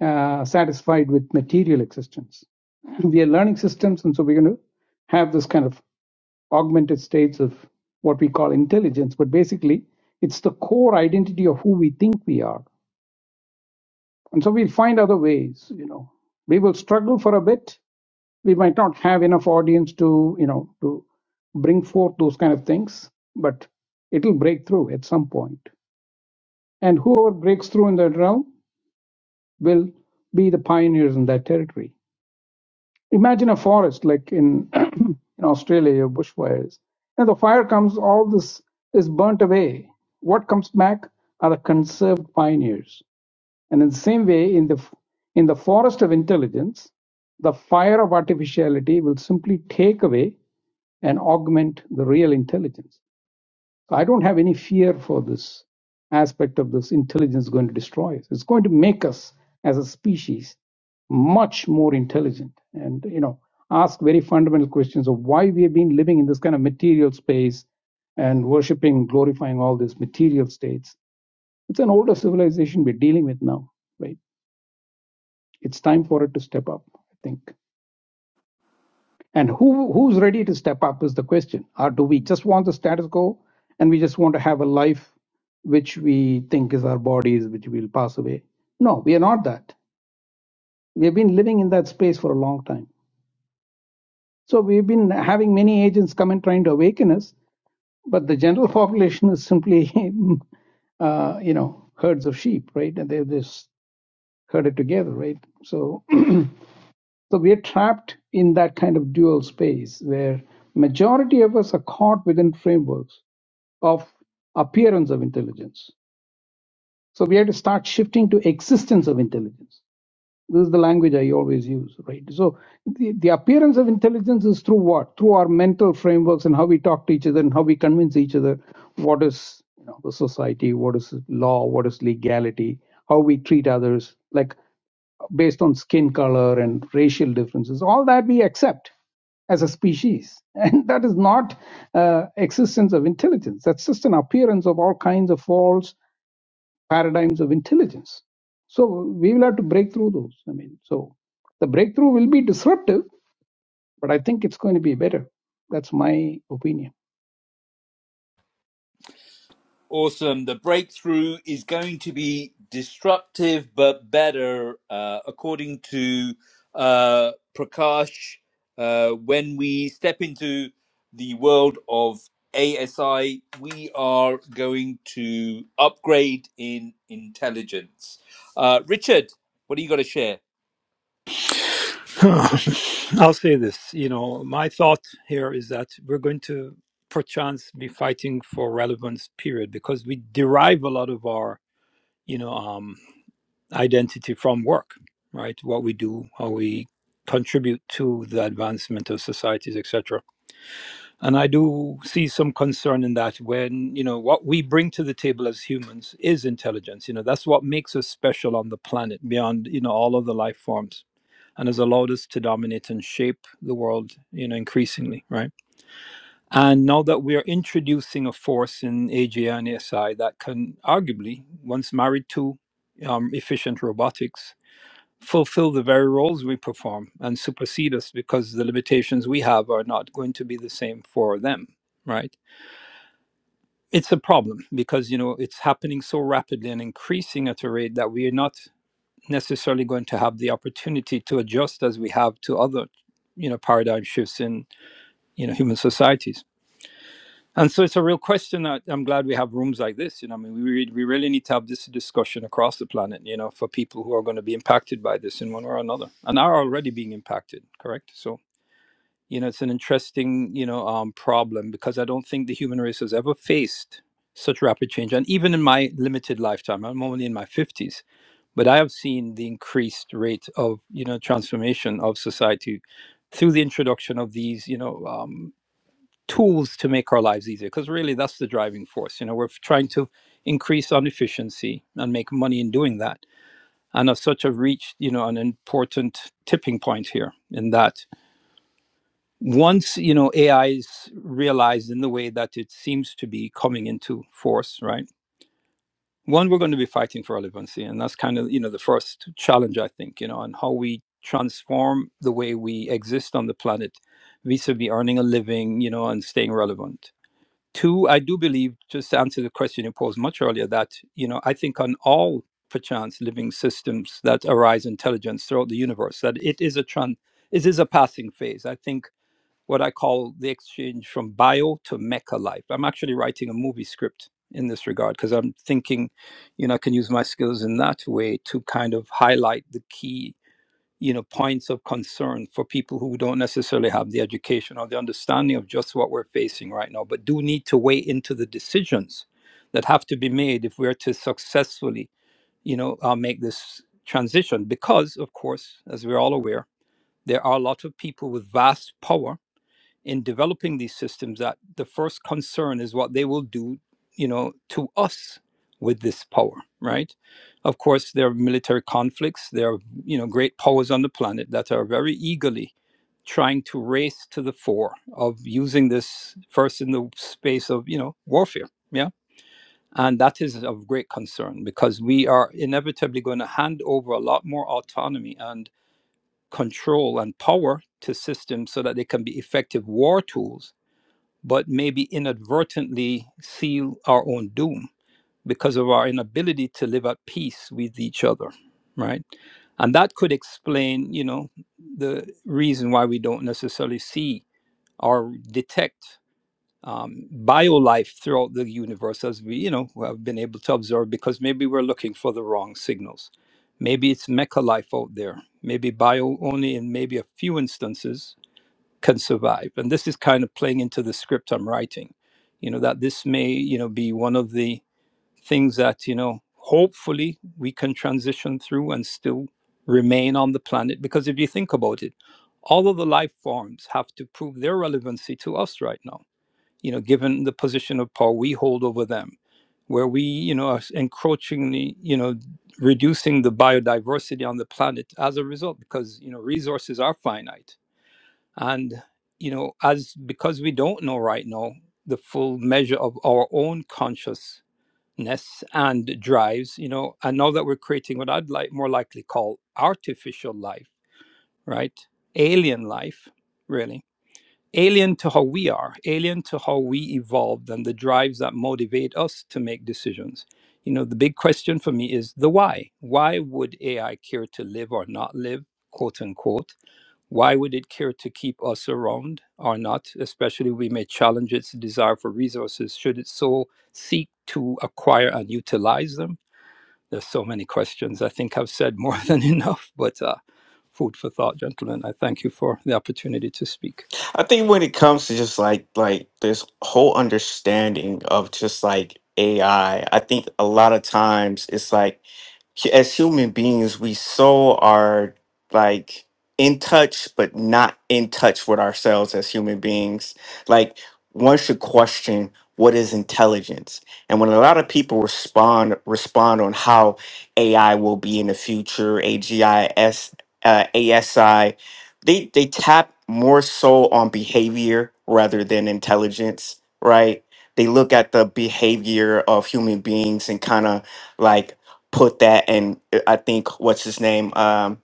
S6: uh, satisfied with material existence. We are learning systems, and so we're going to have this kind of augmented states of what we call intelligence, but basically it's the core identity of who we think we are. And so we'll find other ways, you know. We will struggle for a bit. We might not have enough audience to, you know, to bring forth those kind of things, but it'll break through at some point. And whoever breaks through in that realm will be the pioneers in that territory. imagine a forest like in in Australia, bushfires. And the fire comes, all this is burnt away. What comes back are the conserved pioneers. And in the same way, in the f- in the forest of intelligence, the fire of artificiality will simply take away and augment the real intelligence. So I don't have any fear for this aspect of this intelligence going to destroy us. It's going to make us as a species much more intelligent and you know ask very fundamental questions of why we have been living in this kind of material space and worshiping glorifying all these material states it's an older civilization we're dealing with now right it's time for it to step up i think And who who's ready to step up is the question. Or do we just want the status quo and we just want to have a life which we think is our bodies, which will pass away? No, we are not that. We have been living in that space for a long time. So we've been having many agents come and trying to awaken us, but the general population is simply, uh, you know, herds of sheep, right? And they've just herded together, right? So So we're trapped in that kind of dual space where majority of us are caught within frameworks of appearance of intelligence. So we have to start shifting to existence of intelligence this is the language i always use right so the, the appearance of intelligence is through what through our mental frameworks and how we talk to each other and how we convince each other what is you know the society what is law what is legality how we treat others like based on skin color and racial differences all that we accept as a species and that is not uh, existence of intelligence that's just an appearance of all kinds of faults paradigms of intelligence. So we will have to break through those. I mean, so the breakthrough will be disruptive, but I think it's going to be better. That's my opinion.
S1: Awesome. The breakthrough is going to be disruptive but better, uh, according to uh, Prakash. Uh, when we step into the world of ASI, we are going to upgrade in intelligence. Uh, Richard, what do you got to share?
S12: I'll say this. You know, my thought here is that we're going to perchance be fighting for relevance, period, because we derive a lot of our, you know, um, identity from work, right? What we do, how we contribute to the advancement of societies, etc. And I do see some concern in that when, you know, what we bring to the table as humans is intelligence. You know, that's what makes us special on the planet beyond, you know, all of the life forms and has allowed us to dominate and shape the world, you know, increasingly, right? And now that we are introducing a force in AGI and ASI that can arguably, once married to um, efficient robotics, fulfill the very roles we perform and supersede us because the limitations we have are not going to be the same for them, right? It's a problem because you know it's happening so rapidly and increasing at a rate that we are not necessarily going to have the opportunity to adjust as we have to other you know paradigm shifts in you know human societies and so it's a real question that i'm glad we have rooms like this you know i mean we, re- we really need to have this discussion across the planet you know for people who are going to be impacted by this in one way or another and are already being impacted correct so you know it's an interesting you know um, problem because i don't think the human race has ever faced such rapid change and even in my limited lifetime i'm only in my 50s but i have seen the increased rate of you know transformation of society through the introduction of these you know um, tools to make our lives easier because really that's the driving force you know we're trying to increase on efficiency and make money in doing that and as such i have reached you know an important tipping point here in that once you know AI is realized in the way that it seems to be coming into force, right? One, we're going to be fighting for relevancy, and that's kind of you know the first challenge I think you know, and how we transform the way we exist on the planet vis-a-vis earning a living, you know, and staying relevant. Two, I do believe, just to answer the question you posed much earlier, that you know I think on all perchance living systems that arise intelligence throughout the universe, that it is a tran- it is a passing phase. I think what I call the exchange from bio to mecha life. I'm actually writing a movie script in this regard because I'm thinking, you know, I can use my skills in that way to kind of highlight the key, you know, points of concern for people who don't necessarily have the education or the understanding of just what we're facing right now, but do need to weigh into the decisions that have to be made if we're to successfully, you know, uh, make this transition. Because, of course, as we're all aware, there are a lot of people with vast power in developing these systems that the first concern is what they will do, you know, to us with this power, right? Of course, there are military conflicts. There are, you know, great powers on the planet that are very eagerly trying to race to the fore of using this first in the space of, you know, warfare. Yeah. And that is of great concern because we are inevitably going to hand over a lot more autonomy and control and power to systems so that they can be effective war tools but maybe inadvertently seal our own doom because of our inability to live at peace with each other, right? And that could explain, you know, the reason why we don't necessarily see or detect um, biolife throughout the universe as we, you know, have been able to observe because maybe we're looking for the wrong signals. Maybe it's mecha life out there, maybe bio only in maybe a few instances, can survive. And this is kind of playing into the script I'm writing, you know, that this may, you know, be one of the things that, you know, hopefully we can transition through and still remain on the planet. Because if you think about it, all of the life forms have to prove their relevancy to us right now, you know, given the position of power we hold over them, where we, you know, are encroachingly, you know, reducing the biodiversity on the planet as a result, because, you know, resources are finite and you know as because we don't know right now the full measure of our own consciousness and drives you know and now that we're creating what i'd like more likely call artificial life right alien life really alien to how we are alien to how we evolved and the drives that motivate us to make decisions you know the big question for me is the why why would ai care to live or not live quote unquote why would it care to keep us around or not? Especially, we may challenge its desire for resources. Should it so seek to acquire and utilize them? There's so many questions. I think I've said more than enough, but uh, food for thought, gentlemen. I thank you for the opportunity to speak.
S10: I think when it comes to just like like this whole understanding of just like AI, I I think a lot of times it's like hu- as human beings, we so are like in touch, but not in touch with ourselves as human beings. Like one should question what is intelligence, and when a lot of people respond respond on how AI will be in the future, AGIS, uh, ASI, they they tap more so on behavior rather than intelligence, right? They look at the behavior of human beings and kind of like put that and uh, I think what's his name? Um,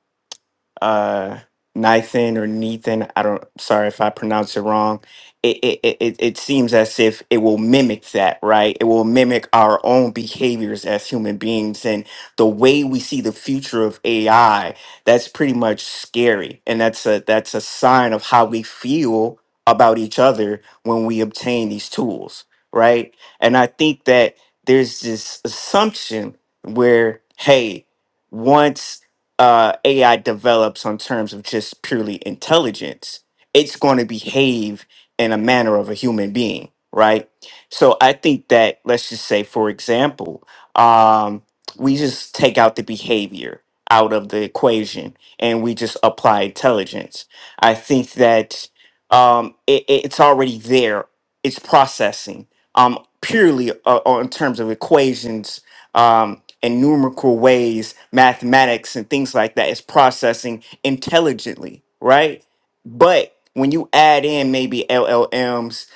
S10: uh, Nathan or Nathan. I don't. Sorry if I pronounce it wrong. It it, it it it seems as if it will mimic that, right? It will mimic our own behaviors as human beings and the way we see the future of AI. That's pretty much scary, and that's a that's a sign of how we feel about each other when we obtain these tools, right? And I think that there's this assumption where, hey, once uh, AI develops on terms of just purely intelligence, it's going to behave in a manner of a human being, right? So I think that, let's just say, for example, um, we just take out the behavior out of the equation and we just apply intelligence. I think that um, it, it- it's already there, it's processing um, purely uh, on terms of equations. um, and numerical ways, mathematics and things like that is processing intelligently, right? But when you add in maybe LLMs,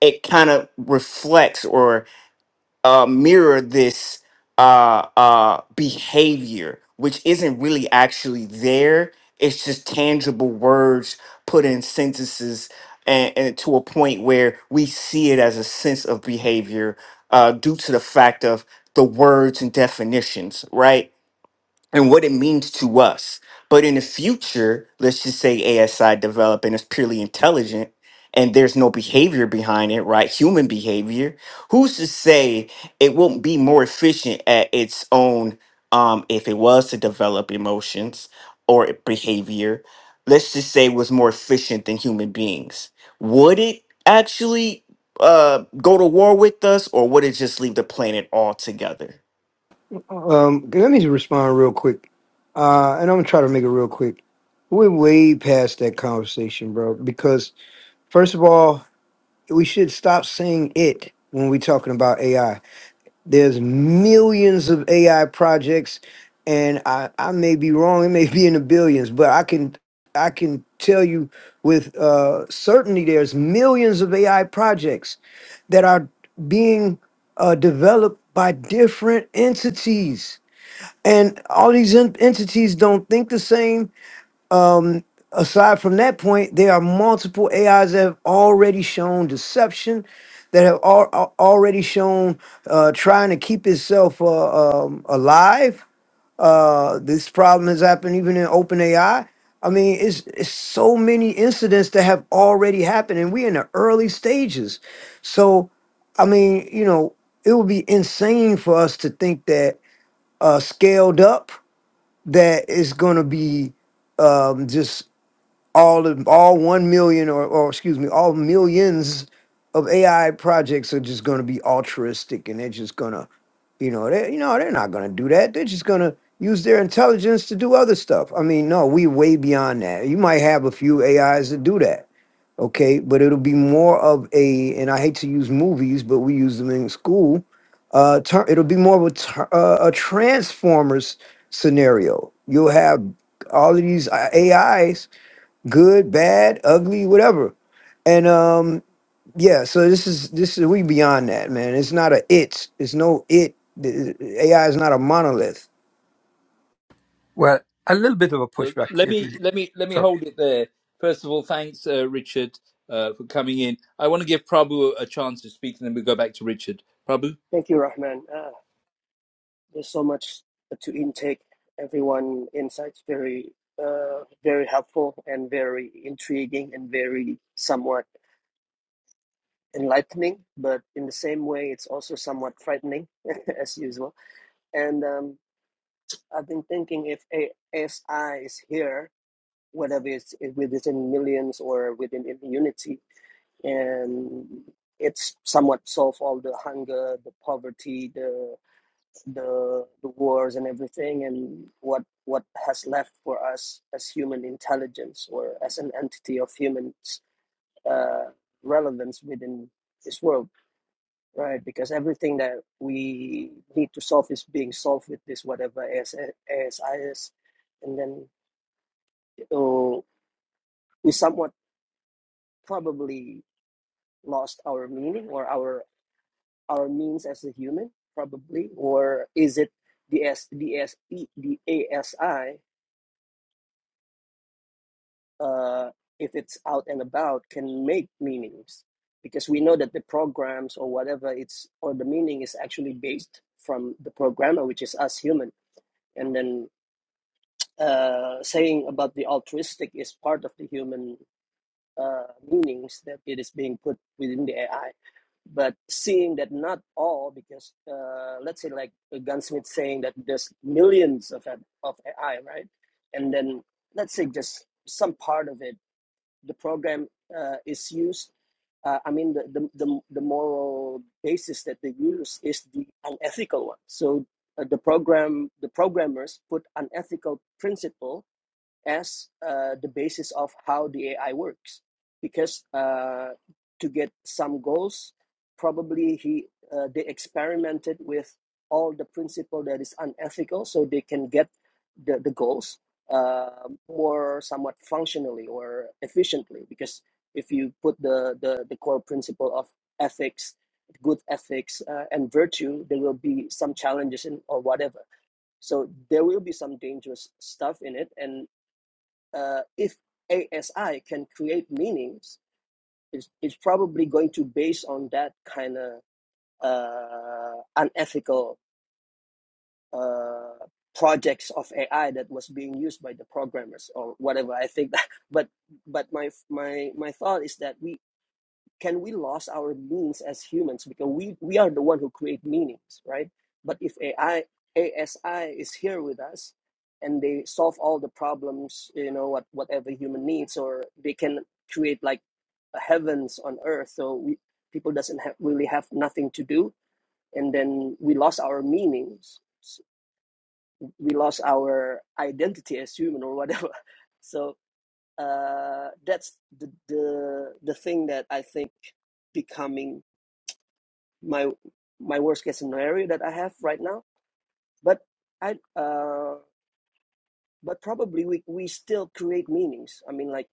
S10: it kind of reflects or uh, mirror this uh, uh, behavior, which isn't really actually there. It's just tangible words put in sentences and, and to a point where we see it as a sense of behavior uh, due to the fact of the words and definitions, right? and what it means to us. But in the future, let's just say ASI develop and it's purely intelligent and there's no behavior behind it, right? Human behavior. Who's to say it won't be more efficient at its own um if it was to develop emotions or behavior, let's just say it was more efficient than human beings. Would it actually uh go to war with us or would it just leave the planet altogether?
S11: Um, let me respond real quick, uh, and I'm gonna try to make it real quick. We're way past that conversation, bro. Because first of all, we should stop saying it when we're talking about AI There's millions of AI projects, and I, I may be wrong. It may be in the billions, but I can I can tell you with uh, certainty there's millions of AI projects that are being uh, developed by different entities, and all these en- entities don't think the same um, aside from that point, there are multiple AIs that have already shown deception, that have al- al- already shown uh, trying to keep itself uh, um, alive. Uh, this problem has happened even in OpenAI. I mean, it's, it's so many incidents that have already happened, and we're in the early stages. So, I mean, you know, it would be insane for us to think that uh, scaled up that is going to be um, just all of all one million or or excuse me, all millions of AI projects are just going to be altruistic and they're just going to you know they you know they're not going to do that. They're just going to use their intelligence to do other stuff. I mean, no, we way beyond that. You might have a few AIs that do that. Okay, but it'll be more of a and I hate to use movies, but we use them in school. Uh, ter- it'll be more of a, ter- uh, a transformers scenario. You'll have all of these AIs good, bad, ugly, whatever. And um, yeah, so this is this is we beyond that, man. It's not a it. It's no it. The- the AI is not a monolith.
S12: Well, a little bit of a
S1: Uh,
S12: pushback,
S1: let
S12: if you.
S1: me let me let me
S12: Sorry.
S1: hold it there. First of all, thanks, uh, Richard, uh, for coming in. I want to give Prabhu a chance to speak, and then we go back to Richard. Prabhu.
S13: Thank you, Rahman. Uh, there's so much to intake. Everyone insights very, uh, very helpful and very intriguing and very somewhat enlightening. But in the same way, it's also somewhat frightening, as usual. And um, I've been thinking if ASI is here, whether it's within millions or within immunity, and it's somewhat solve all the hunger, the poverty, the the the wars and everything and what what has left for us as human intelligence or as an entity of human uh, relevance within this world right because everything that we need to solve is being solved with this whatever AS, asis and then oh, we somewhat probably lost our meaning or our our means as a human probably or is it the S, the S, the ASI uh, if it's out and about, can make meanings because we know that the programs or whatever it's or the meaning is actually based from the programmer, which is us human. And then uh, saying about the altruistic is part of the human uh, meanings that it is being put within the AI. But seeing that not all, because uh, let's say like a gunsmith saying that there's millions of of AI, right? And then let's say just some part of it the program uh, is used, uh, I mean, the, the, the, the moral basis that they use is the unethical one. So uh, the program, the programmers put unethical principle as uh, the basis of how the AI works. Because uh, to get some goals, probably he uh, they experimented with all the principle that is unethical, so they can get the the goals uh, more somewhat functionally or efficiently. Because if you put the the, the core principle of ethics, good ethics, uh, and virtue, there will be some challenges in or whatever. So there will be some dangerous stuff in it, and uh, if ASI can create meanings, it's, it's probably going to base on that kind of uh, unethical uh, projects of AI that was being used by the programmers or whatever. I think that, but but my my my thought is that we can we lose our means as humans because we we are the one who create meanings right but if ai asi is here with us and they solve all the problems you know what whatever human needs or they can create like heavens on earth so we people doesn't have, really have nothing to do and then we lost our meanings we lost our identity as human or whatever so uh that's the the, the thing that i think becoming my my worst case scenario that I have right now. But I uh, but probably we we still create meanings. I mean, like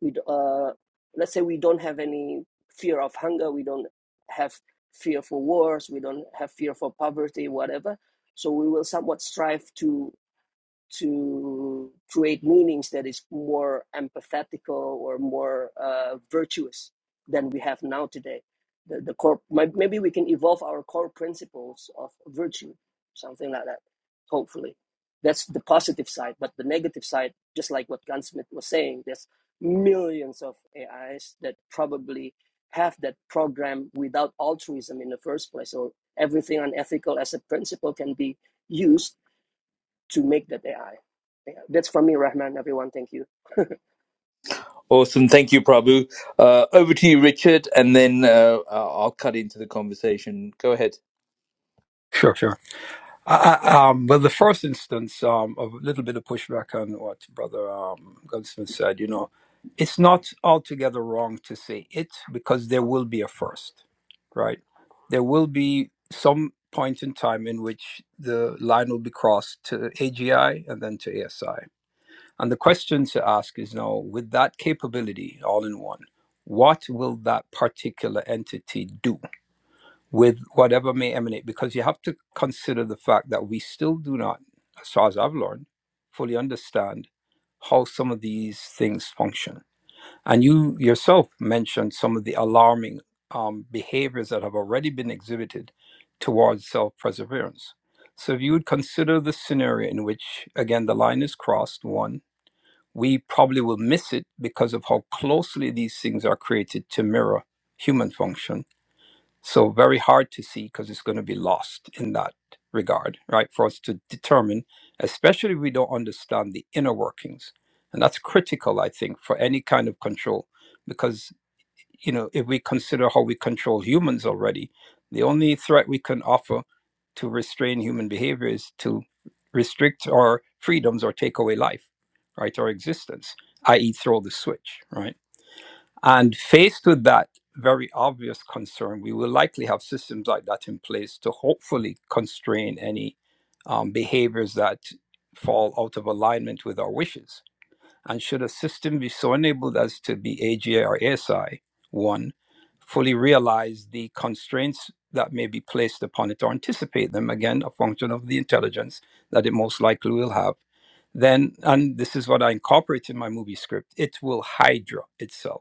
S13: we uh, let's say we don't have any fear of hunger. We don't have fear for wars. We don't have fear for poverty, whatever. So we will somewhat strive to to create meanings that is more empathetical or more uh, virtuous than we have now today. The, the core, may- maybe we can evolve our core principles of virtue, something like that. Hopefully, that's the positive side. But the negative side, just like what Gunsmith was saying, there's millions of AIs that probably have that program without altruism in the first place, or everything unethical as a principle can be used to make that AI. Yeah, that's from me, Rahman. Everyone, thank you.
S1: Awesome. Thank you, Prabhu. Uh, over to you, Richard, and then uh, I'll cut into the conversation. Go ahead.
S12: Sure, sure. I, I- um, well, the first instance, um, of a little bit of pushback on what Brother um, Goldsmith said, you know, it's not altogether wrong to say it because there will be a first, right? There will be some point in time in which the line will be crossed to AGI and then to ASI. And the question to ask is now, with that capability all in one, what will that particular entity do? with whatever may emanate, because you have to consider the fact that we still do not, as far as I've learned, fully understand how some of these things function. And you yourself mentioned some of the alarming um, behaviors that have already been exhibited towards self perseverance. So, if you would consider the scenario in which, again, the line is crossed, one, we probably will miss it because of how closely these things are created to mirror human function so very hard to see because it's going to be lost in that regard, right? For us to determine, especially if we don't understand the inner workings. And that's critical, I think, for any kind of control. Because, you know, if we consider how we control humans already, the only threat we can offer to restrain human behavior is to restrict our freedoms or take away life, right? Our existence, i.e., throw the switch, right? And faced with that very obvious concern, we will likely have systems like that in place to hopefully constrain any um, behaviors that fall out of alignment with our wishes. And should a system be so enabled as to be AGA or ASI, one, fully realize the constraints that may be placed upon it or anticipate them, again, a function of the intelligence that it most likely will have, then, and this is what I incorporate in my movie script, it will hydra itself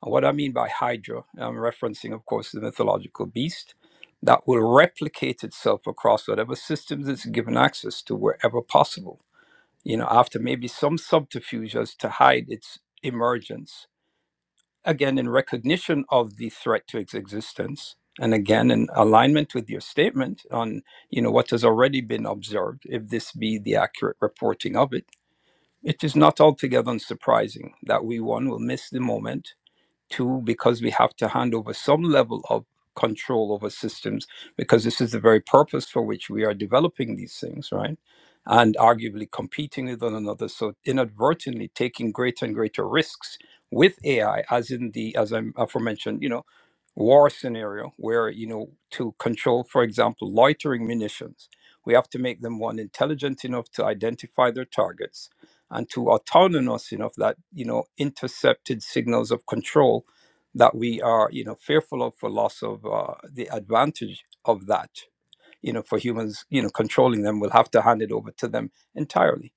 S12: what I mean by Hydra, I'm referencing, of course, the mythological beast that will replicate itself across whatever systems it's given access to wherever possible, you know, after maybe some subterfuge as to hide its emergence. Again, in recognition of the threat to its existence, and again, in alignment with your statement on, you know, what has already been observed, if this be the accurate reporting of it, it is not altogether unsurprising that we, one, will miss the moment Two, because we have to hand over some level of control over systems, because this is the very purpose for which we are developing these things, right? And arguably competing with one another. So inadvertently taking greater and greater risks with AI, as in the, as I'm aforementioned, you know, war scenario where you know to control for example loitering munitions we have to make them one intelligent enough to identify their targets and two autonomous enough that you know intercepted signals of control that we are you know fearful of for loss of uh, the advantage of that you know, for humans, you know, controlling them, we'll have to hand it over to them entirely.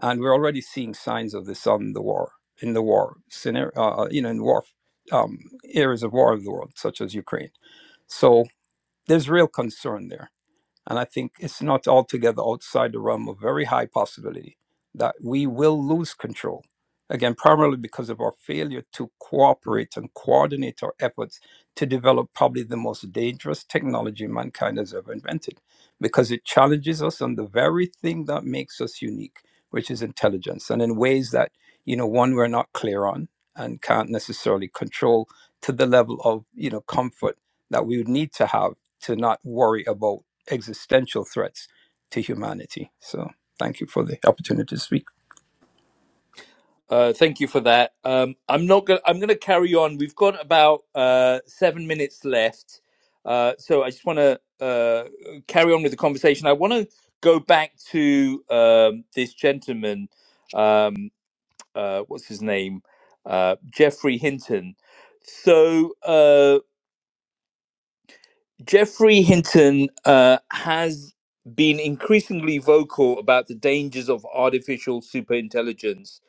S12: And we're already seeing signs of this on the war, in the war scenario, uh, uh, you know, in war um, areas of war of the world, such as Ukraine. So there's real concern there. And I think it's not altogether outside the realm of very high possibility that we will lose control. Again, primarily because of our failure to cooperate and coordinate our efforts to develop probably the most dangerous technology mankind has ever invented, because it challenges us on the very thing that makes us unique, which is intelligence, and in ways that, you know, one, we're not clear on and can't necessarily control to the level of, you know, comfort that we would need to have to not worry about existential threats to humanity. So thank you for the opportunity to speak.
S1: Uh, thank you for that. Um, I'm not going. I'm going to carry on. We've got about uh, seven minutes left, uh, so I just want to uh, carry on with the conversation. I want to go back to um, this gentleman. Um, uh, what's his name? Uh, Jeffrey Hinton. So. Uh, Jeffrey Hinton uh, has been increasingly vocal about the dangers of artificial superintelligence,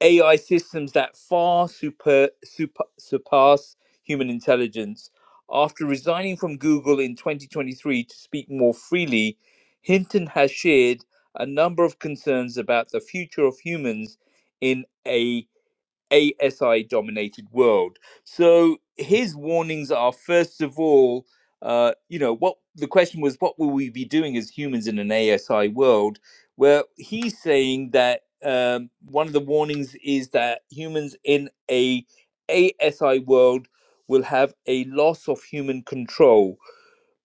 S1: AI systems that far super, super, surpass human intelligence. After resigning from Google in 2023 to speak more freely, Hinton has shared a number of concerns about the future of humans in a ASI dominated world. So his warnings are first of all, uh, you know, what the question was, what will we be doing as humans in an ASI world? Well, he's saying that um, one of the warnings is that humans in a ASI world will have a loss of human control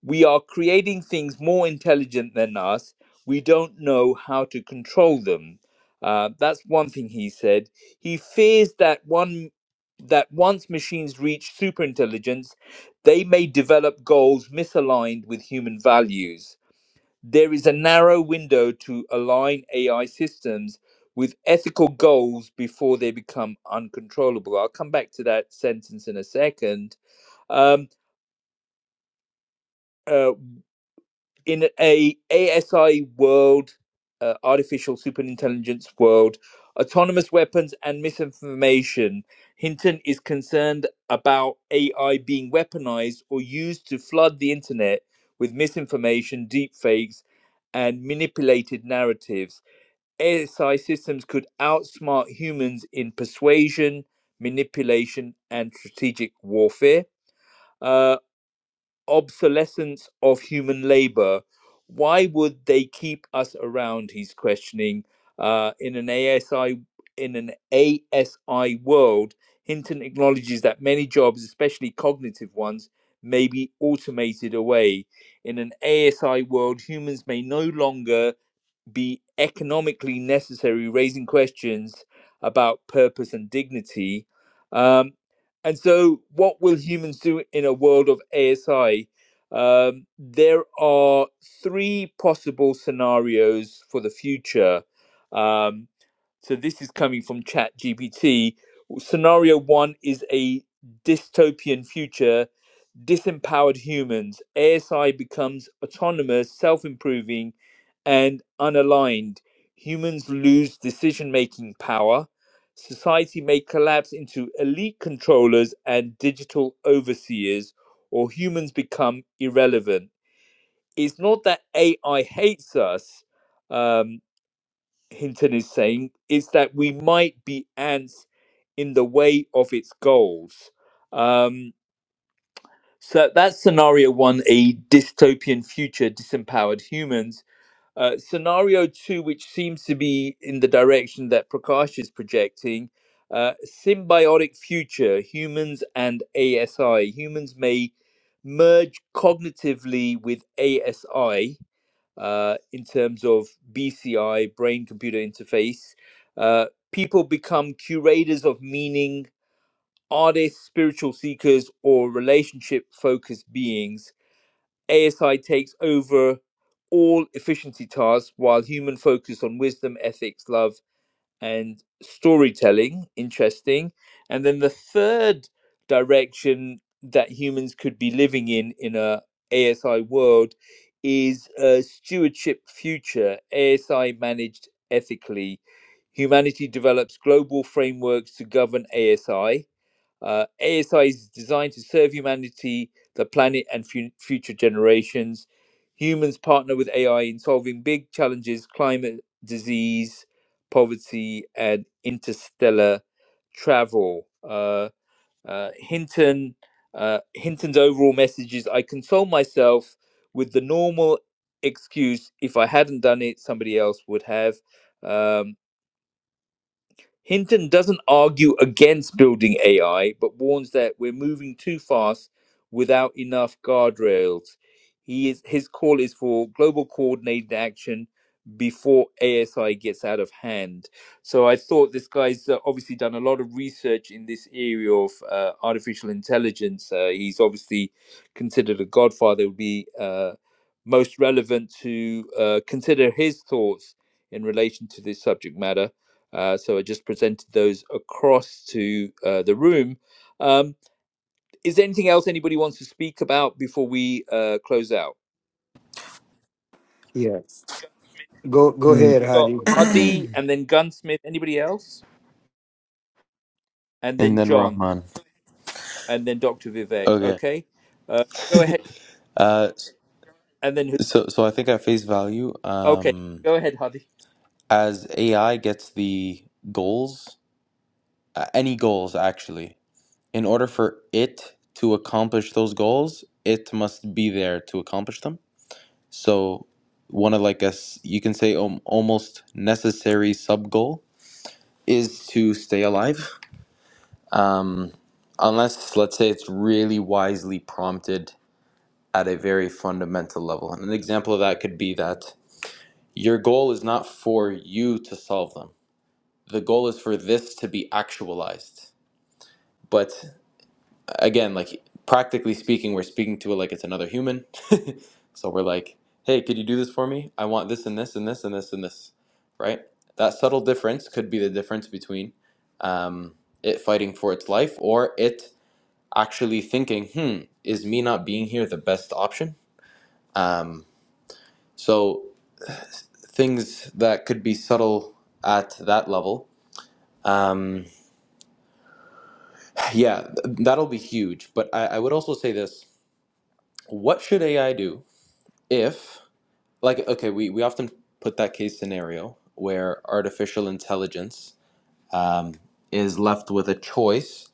S1: we are creating things more intelligent than us. We don't know how to control them. Uh, that's one thing he said. He fears that one that once machines reach superintelligence, they may develop goals misaligned with human values. There is a narrow window to align AI systems with ethical goals before they become uncontrollable. I'll come back to that sentence in a second. Um, uh, in a ASI world, uh, artificial superintelligence world, autonomous weapons and misinformation, Hinton is concerned about AI being weaponized or used to flood the internet with misinformation, deepfakes, and manipulated narratives. ASI systems could outsmart humans in persuasion, manipulation, and strategic warfare. Uh, obsolescence of human labor. Why would they keep us around? He's questioning. Uh, in an ASI in an ASI world, Hinton acknowledges that many jobs, especially cognitive ones, may be automated away. In an ASI world, humans may no longer be economically necessary, raising questions about purpose and dignity. Um, and so, what will humans do in a world of ASI? Um, there are three possible scenarios for the future. Um, so, this is coming from ChatGPT. Scenario one is a dystopian future disempowered humans, ASI becomes autonomous, self improving, and unaligned. Humans lose decision making power. Society may collapse into elite controllers and digital overseers, or humans become irrelevant. It's not that AI hates us, um, Hinton is saying, it's that we might be ants in the way of its goals. Um, so that's scenario one, a dystopian future, disempowered humans. Uh, scenario two, which seems to be in the direction that Prakash is projecting, uh, symbiotic future, humans and ASI. Humans may merge cognitively with ASI uh, in terms of BCI, brain computer interface. Uh, people become curators of meaning are they spiritual seekers or relationship focused beings? ASI takes over all efficiency tasks while human focus on wisdom, ethics, love, and storytelling. Interesting. And then the third direction that humans could be living in in a ASI world is a stewardship future, ASI managed ethically. Humanity develops global frameworks to govern ASI uh, ASI is designed to serve humanity, the planet, and fu- future generations. Humans partner with AI in solving big challenges climate, disease, poverty, and interstellar travel. Uh, uh, Hinton, uh, Hinton's overall message is I console myself with the normal excuse if I hadn't done it, somebody else would have. Um, Hinton doesn't argue against building AI, but warns that we're moving too fast without enough guardrails. He is, his call is for global coordinated action before ASI gets out of hand. So I thought this guy's uh, obviously done a lot of research in this area of uh, artificial intelligence. Uh, he's obviously considered a godfather. It would be uh, most relevant to uh, consider his thoughts in relation to this subject matter. Uh, so I just presented those across to uh, the room. Um, is there anything else anybody wants to speak about before we uh, close out?
S11: Yeah. Go go
S1: So
S5: Mm,
S11: ahead,
S1: we got
S11: Hadi.
S1: Hadi and then Gunsmith. Anybody else? And
S5: and
S1: then
S5: then
S1: John
S5: Rahman.
S1: and then Dr. Vivek.
S5: Okay.
S1: Okay. Uh, go ahead.
S5: Uh,
S1: And then who?
S5: so so I think at face value,
S1: Okay.
S5: um,
S1: Go ahead, Hadi.
S5: as AI gets the goals, uh, any goals actually, in order for it to accomplish those goals, it must be there to accomplish them. So one of like us, you can say um, almost necessary sub goal is to stay alive. Um. unless let's say it's really wisely prompted at a very fundamental level. And an example of that could be that your goal is not for you to solve them. The goal is for this to be actualized. But again, like practically speaking, we're speaking to it like it's another human. so we're like, "Hey, could you do this for me? I want this and this and this and this and this." Right? That subtle difference could be the difference between um, it fighting for its life or it actually thinking, hmm, is me not being here the best option? Um, so things that could be subtle at that level. Um, yeah, th- that'll be huge. But I, I would also say this what should AI do if, like, okay, we, we often put that case scenario where artificial intelligence um, is left with a choice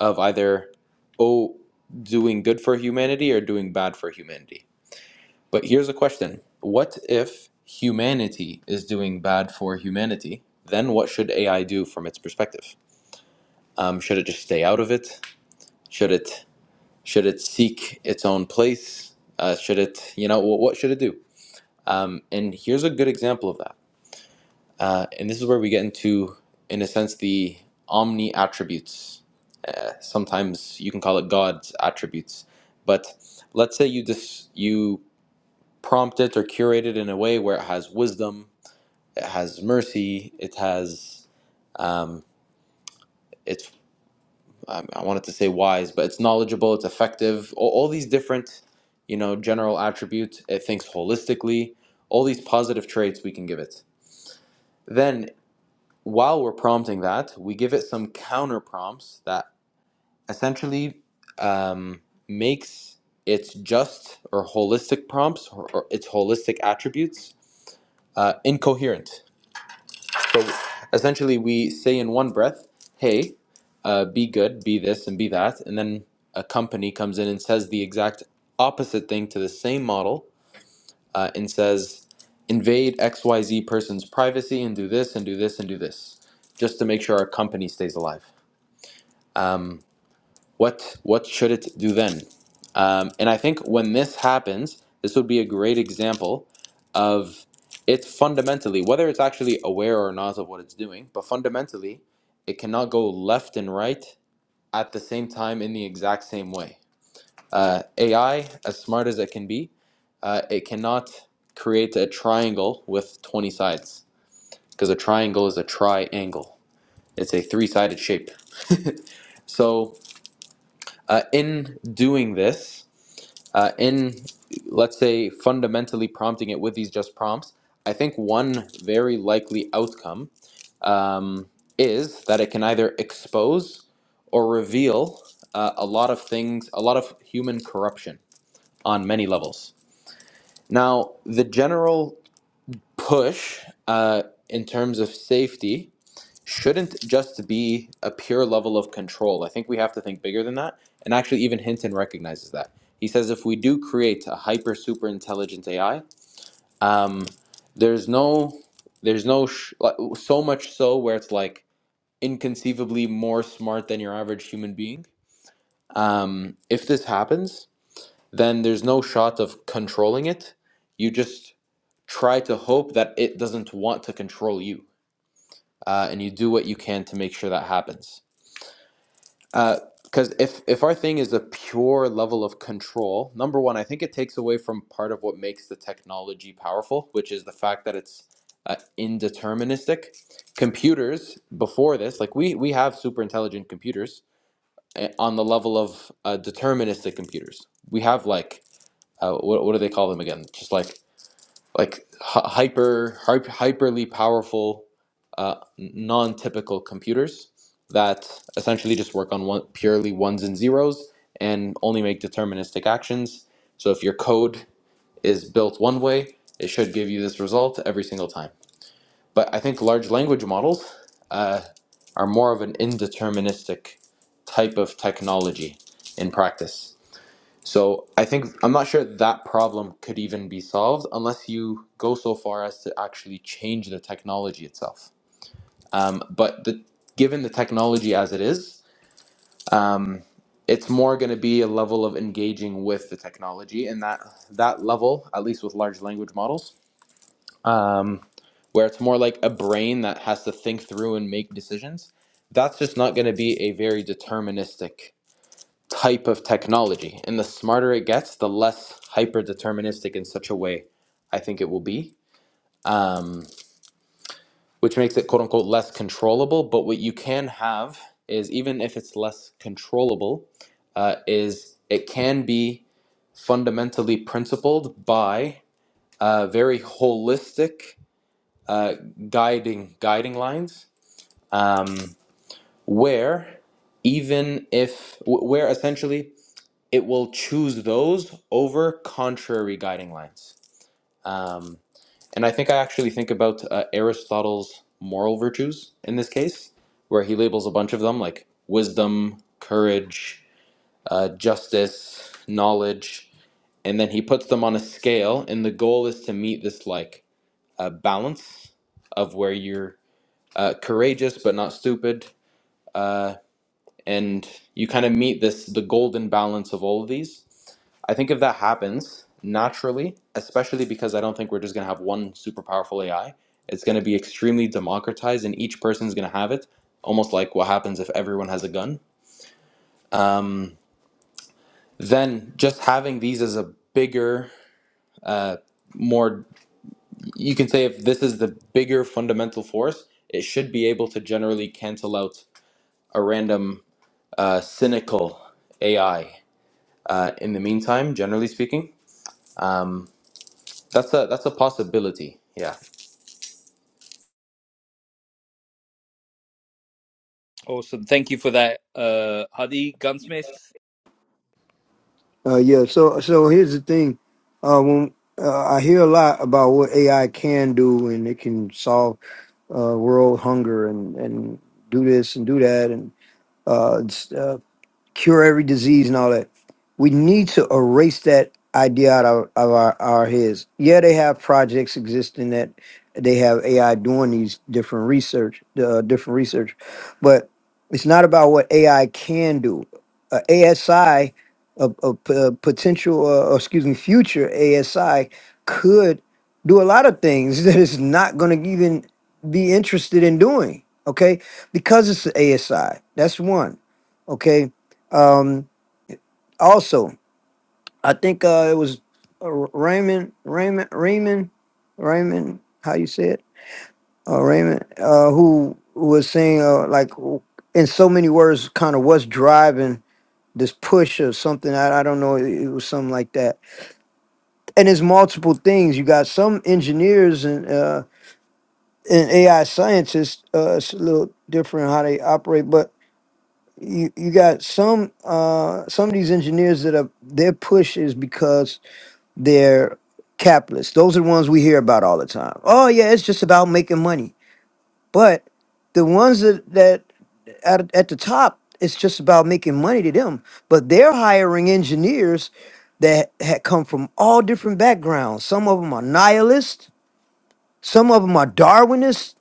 S5: of either, oh, doing good for humanity or doing bad for humanity But here's a question What if humanity is doing bad for humanity? Then what should AI do from its perspective? Um, should it just stay out of it? Should it should it seek its own place? Uh, should it you know what, what should it do? Um, and here's a good example of that. Uh, and this is where we get into, in a sense, the omni attributes. Uh, sometimes you can call it God's attributes, but let's say you dis- you prompt it or curate it in a way where it has wisdom, it has mercy it has um, it's um, i wanted to say wise but it's knowledgeable it's effective all, all these different you know general attributes it thinks holistically all these positive traits we can give it then while we're prompting that we give it some counter prompts that essentially um, makes its just or holistic prompts or, or its holistic attributes uh, incoherent So essentially, we say in one breath, hey, uh, be good, be this, and be that. And then a company comes in and says the exact opposite thing to the same model uh, and says, invade XYZ person's privacy and do this, and do this, and do this, just to make sure our company stays alive. Um, what what should it do then? Um, and I think when this happens, this would be a great example of it's fundamentally whether it's actually aware or not of what it's doing, but fundamentally, it cannot go left and right at the same time in the exact same way. Uh, AI, as smart as it can be, uh, it cannot create a triangle with 20 sides because a triangle is a triangle. It's a three-sided shape. So uh, in doing this. uh, in let's say fundamentally prompting it with these just prompts i think one very likely outcome um, is that it can either expose or reveal uh, a lot of things a lot of human corruption on many levels now the general push uh, in terms of safety shouldn't just be a pure level of control. I think we have to think bigger than that. And actually, even Hinton recognizes that. He says if we do create a hyper super intelligent AI, um, there's no, there's no, sh- like, so much so where it's like inconceivably more smart than your average human being. Um, if this happens, then there's no shot of controlling it. You just try to hope that it doesn't want to control you, uh, and you do what you can to make sure that happens because if if our thing is a pure level of control, number one, I think it takes away from part of what makes the technology powerful, which is the fact that it's uh, indeterministic. Computers before this, like we we have super intelligent computers eh, on the level of uh, deterministic computers. We have like uh, what what do they call them again? Just like like hy- hyper hyper hyperly powerful uh, non-typical computers that essentially just work on one purely ones and zeros and only make deterministic actions so if your code is built one way it should give you this result every single time but i think large language models uh, are more of an indeterministic type of technology in practice so I think I'm not sure that problem could even be solved unless you go so far as to actually change the technology itself. Um, but the, given the technology as it is, um, it's more going to be a level of engaging with the technology, and that that level, at least with large language models, um, where it's more like a brain that has to think through and make decisions. That's just not going to be a very deterministic type of technology. And the smarter it gets, the less hyper deterministic in such a way I think it will be, um, which makes it quote unquote less controllable. But what you can have is, even if it's less controllable, uh, is it can be fundamentally principled by uh, very holistic uh, guiding guiding lines um, where even if wh- where essentially it will choose those over contrary guiding lines. Um, and I think I actually think about uh, Aristotle's moral virtues in this case, where he labels a bunch of them like wisdom, courage, uh, justice, knowledge, and then he puts them on a scale. And the goal is to meet this like uh, balance of where you're uh, courageous but not stupid, uh, and you kind of meet this the golden balance of all of these I think if that happens naturally, especially because I don't think we're just going to have one super powerful AI, it's going to be extremely democratized and each person's going to have it, almost like what happens if everyone has a gun. Then just having these as a bigger, uh, more, you can say if this is the bigger fundamental force, it should be able to generally cancel out a random uh, cynical AI. Uh, in the meantime, generally speaking, um, that's a that's a possibility. Yeah.
S1: Awesome. Thank you for that, uh, Hadi Gunsmith.
S11: Uh, yeah. So so here's the thing. Uh, when uh, I hear a lot about what AI can do and it can solve uh, world hunger and and do this and do that and uh, cure every disease and all that. We need to erase that idea out of, of our, our heads. Yeah, they have projects existing that they have AI doing these different research, uh, different research, but it's not about what AI can do. Uh, ASI, a, a p- a potential, uh, or excuse me, future ASI could do a lot of things that it's not going to even be interested in doing. Okay, because it's the ASI. That's one. Okay. Um, also, I think uh, it was uh, Raymond, Raymond, Raymond, Raymond. How you say it? Uh, Raymond, uh, who was saying uh, like w- in so many words, kind of what's driving this push or something. I, I don't know. It, it was something like that. And it's multiple things. You got some engineers and uh, and AI scientists. Uh, it's a little different how they operate, but you you got some uh some of these engineers that are their push is because they're capitalists. Those are the ones we hear about all the time. Oh yeah, it's just about making money. But the ones that, that at, at the top, it's just about making money to them. But they're hiring engineers that had come from all different backgrounds. Some of them are nihilists. Some of them are Darwinists.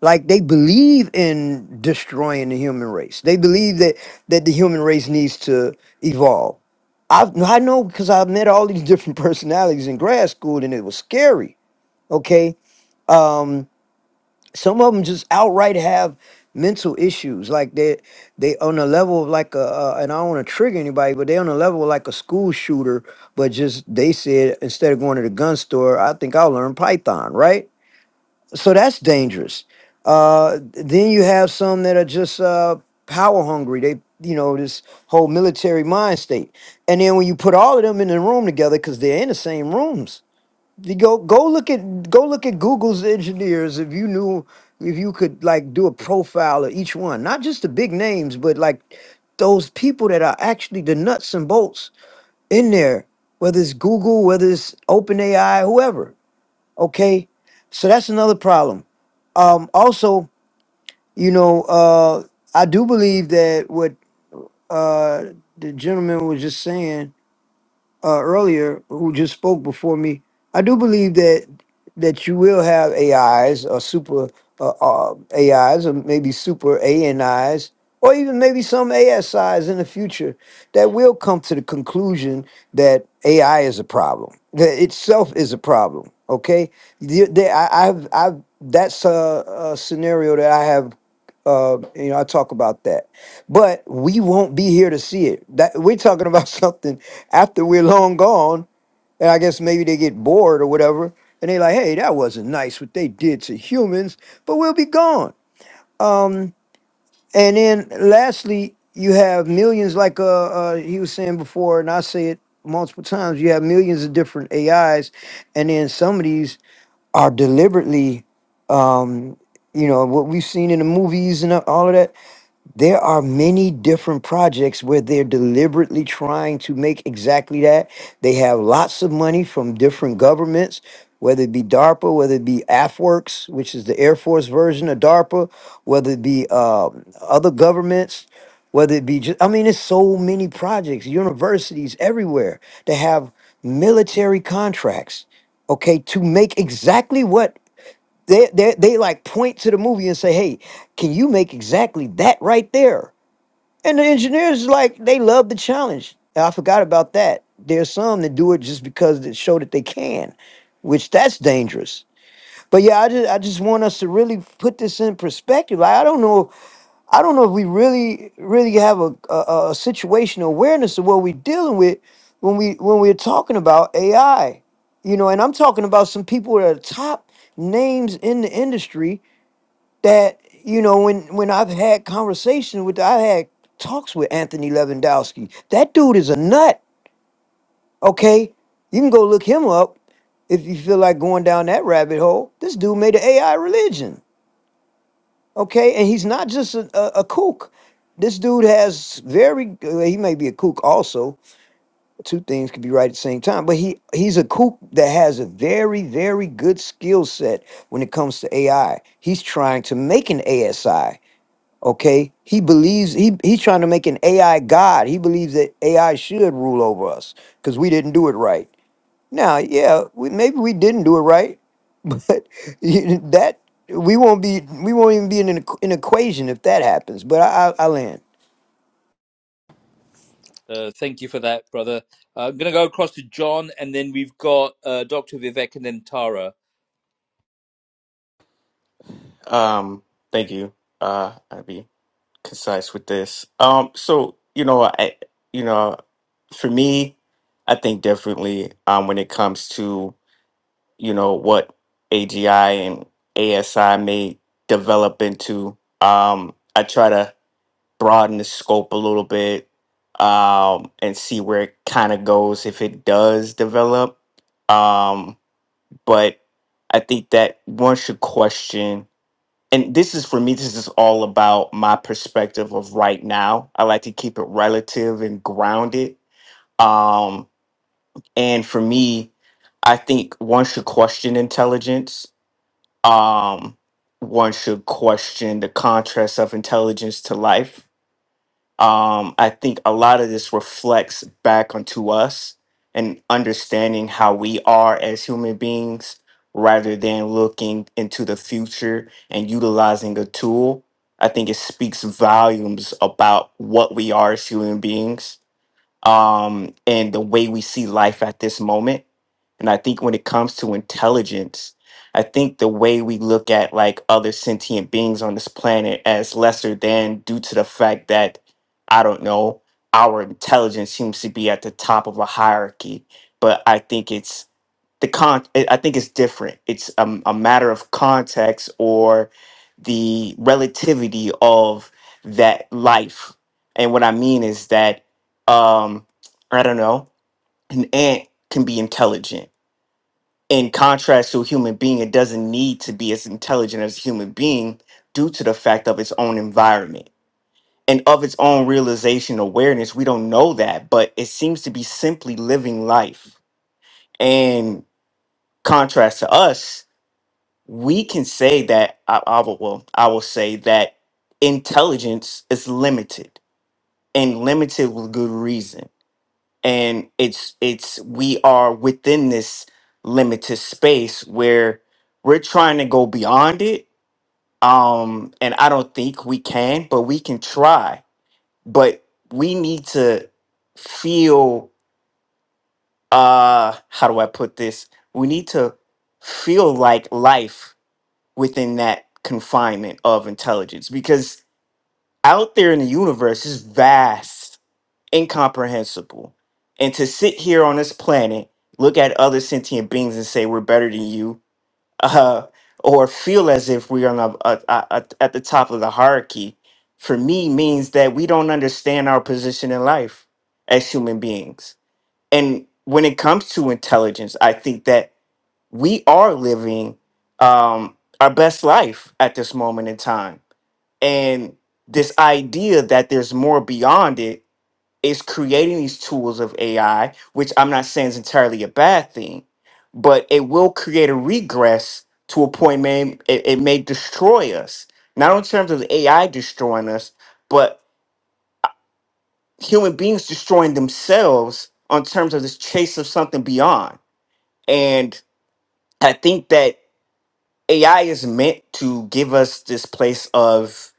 S11: Like they believe in destroying the human race. They believe that that the human race needs to evolve I I know because I met all these different personalities in grad school, and it was scary. Okay, um, some of them just outright have mental issues, like they they on a level of like a, uh, and I don't want to trigger anybody, but they on a level of like a school shooter. But just they said instead of going to the gun store, I think I'll learn Python, right? so that's dangerous. Uh, then you have some that are just uh, power hungry. They, you know, this whole military mind state. And then when you put all of them in the room together, because they're in the same rooms, you go go look at go look at Google's engineers. If you knew, if you could like do a profile of each one, not just the big names, but like those people that are actually the nuts and bolts in there, whether it's Google, whether it's OpenAI, whoever. Okay, so that's another problem um, also, you know, uh, I do believe that what uh, the gentleman was just saying uh, earlier who just spoke before me, I do believe that that you will have AIs or super uh, uh, AIs or maybe super ANIs or even maybe some ASIs in the future that will come to the conclusion that AI is a problem, that itself is a problem. Okay, The- the- I, I've I've- that's a, a scenario that I have uh, you know, I talk about that, but we won't be here to see it. That we're talking about something after we're long gone, and I guess maybe they get bored or whatever, and they're like, "Hey, that wasn't nice what they did to humans," but we'll be gone. Um, and then lastly, you have millions, like uh, uh, he was saying before, and I say it multiple times. You have millions of different AIs, and then some of these are deliberately um, you know what we've seen in the movies and all of that there are many different projects where they're deliberately trying to make exactly that. They have lots of money from different governments, whether it be DARPA, whether it be AFWorks, which is the Air Force version of DARPA, whether it be um, other governments, whether it be just, I mean, it's so many projects, universities everywhere that have military contracts, okay, to make exactly what they, they, they like point to the movie and say, hey, can you make exactly that right there? And the engineers like they love the challenge. I forgot about that. There's some that do it just because they show that they can, which that's dangerous. But yeah, I just I just want us to really put this in perspective. Like, I don't know I don't know if we really really have a a, a situational awareness of what we're dealing with when we when we're talking about AI. You know, and I'm talking about some people that are top names in the industry that you know when when I've had conversations with I had talks with Anthony Lewandowski. That dude is a nut. Okay, you can go look him up if you feel like going down that rabbit hole. This dude made an AI religion. Okay, and he's not just a, a, a kook. This dude has very uh, he may be a kook also. Two things could be right at the same time, but he he's a kook that has a very very good skill set when it comes to AI. He's trying to make an ASI Okay, he believes he he's trying to make an AI god. He believes that AI should rule over us because we didn't do it right. Now, yeah, we, maybe we didn't do it right, but you- that we won't be we won't even be in an, equ- an equation if that happens. But I, I, I land.
S1: Uh, thank you for that, brother. Uh, I'm going to go across to John and then we've got uh, Dr. Vivek and then Tara.
S10: Um, thank you. Uh, I'll be concise with this. Um, so you know, I you know, for me, I think differently. Um, when it comes to you know what AGI and ASI may develop into. Um, I try to broaden the scope a little bit. Um, and see where it kind of goes if it does develop. Um, but I think that one should question and this is for me this is all about my perspective of right now i like to keep it relative and grounded um and for me i think one should question intelligence um one should question the contrast of intelligence to life um, I think a lot of this reflects back onto us and understanding how we are as human beings rather than looking into the future and utilizing a tool. I think it speaks volumes about what we are as human beings um, and the way we see life at this moment. And I think when it comes to intelligence, I think the way we look at like other sentient beings on this planet as lesser than due to the fact that, I don't know, our intelligence seems to be at the top of a hierarchy. But I think it's the con i I think it's different it's um, a matter of context or the relativity of that life and what i mean is that um i don't know an ant can be intelligent in contrast to a human being it doesn't need to be as intelligent as a human being due to the fact of its own environment and of its own realization awareness we don't know that but it seems to be simply living life and contrast to us we can say that I, I will well, I will say that intelligence is limited and limited with good reason. And it's it's we are within this limited space where we're trying to go beyond it. Um and I don't think we can, but we can try. But we need to feel uh how do I put this? We need to feel like life within that confinement of intelligence because out there in the universe is vast, incomprehensible. And to sit here on this planet, look at other sentient beings and say we're better than you, uh, or feel as if we are on a, a, a, a- at the top of the hierarchy, for me means that we don't understand our position in life as human beings. And when it comes to intelligence, I think that we are living um, our best life at this moment in time. And this idea that there's more beyond it is creating these tools of AI, which I'm not saying is entirely a bad thing, but it will create a regress to a point, man, it, it may destroy us. Not in terms of AI destroying us, but human beings destroying themselves on terms of this chase of something beyond. And I think that AI is meant to give us this place of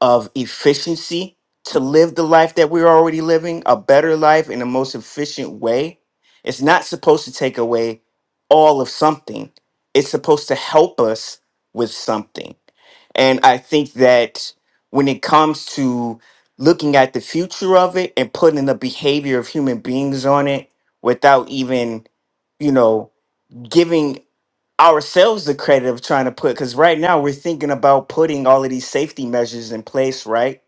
S10: of efficiency to live the life that we're already living, a better life in the most efficient way. It's not supposed to take away all of something. It's supposed to help us with something. And I think that when it comes to looking at the future of it and putting the behavior of human beings on it without even, you know, giving ourselves the credit of trying to put because right now we're thinking about putting all of these safety measures in place right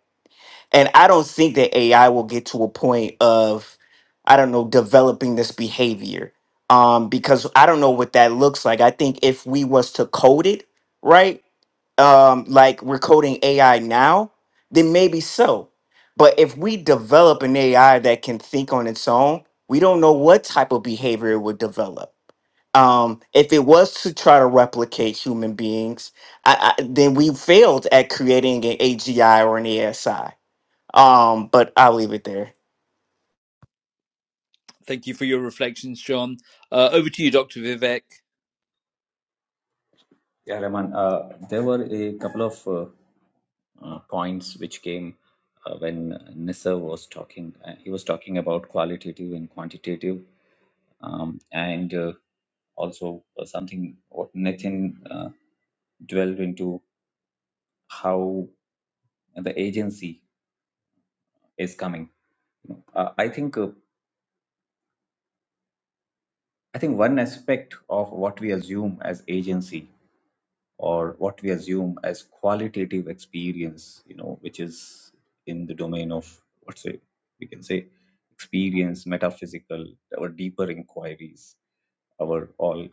S10: and i don't think that ai will get to a point of i don't know developing this behavior um because i don't know what that looks like i think if we was to code it right um like we're coding ai now then maybe so but if we develop an ai that can think on its own we don't know what type of behavior it would develop um, if it was to try to replicate human beings, I, I, then we failed at creating an AGI or an ASI. Um, but I'll leave it there.
S1: Thank you for your reflections, John. Uh, over to you, Dr. Vivek.
S7: Yeah, Rahman, uh, there were a couple of uh, uh, points which came uh, when Nisar was talking. Uh, he was talking about qualitative and quantitative, um, and uh, also uh, something what Nathan uh, dwelled into how the agency is coming. Uh, I think uh, I think one aspect of what we assume as agency or what we assume as qualitative experience, you know, which is in the domain of what's it we can say experience, metaphysical, our deeper inquiries, our all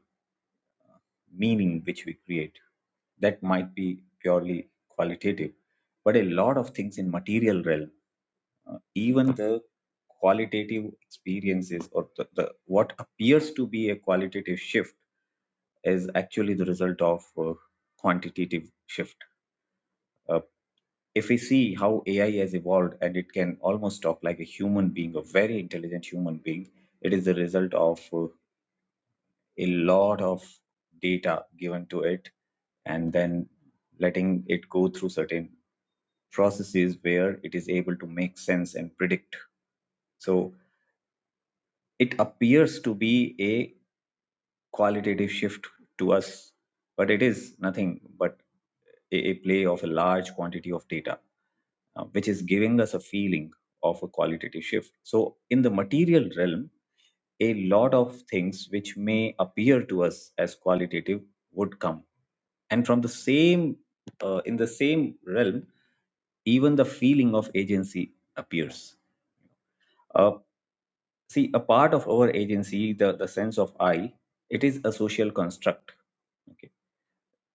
S7: meaning which we create. That might be purely qualitative, but a lot of things in material realm, uh, even the qualitative experiences or the, the what appears to be a qualitative shift is actually the result of uh, quantitative shift. Uh, if we see how AI has evolved and it can almost talk like a human being, a very intelligent human being, it is the result of uh, a lot of data given to it and then letting it go through certain processes where it is able to make sense and predict. So it appears to be a qualitative shift to us, but it is nothing but a, a play of a large quantity of data uh, which is giving us a feeling of a qualitative shift. So, in the material realm, a lot of things which may appear to us as qualitative would come. And from the same, uh, in the same realm, even the feeling of agency appears. Uh, see, a part of our agency, the, the sense of I, it is a social construct. Okay.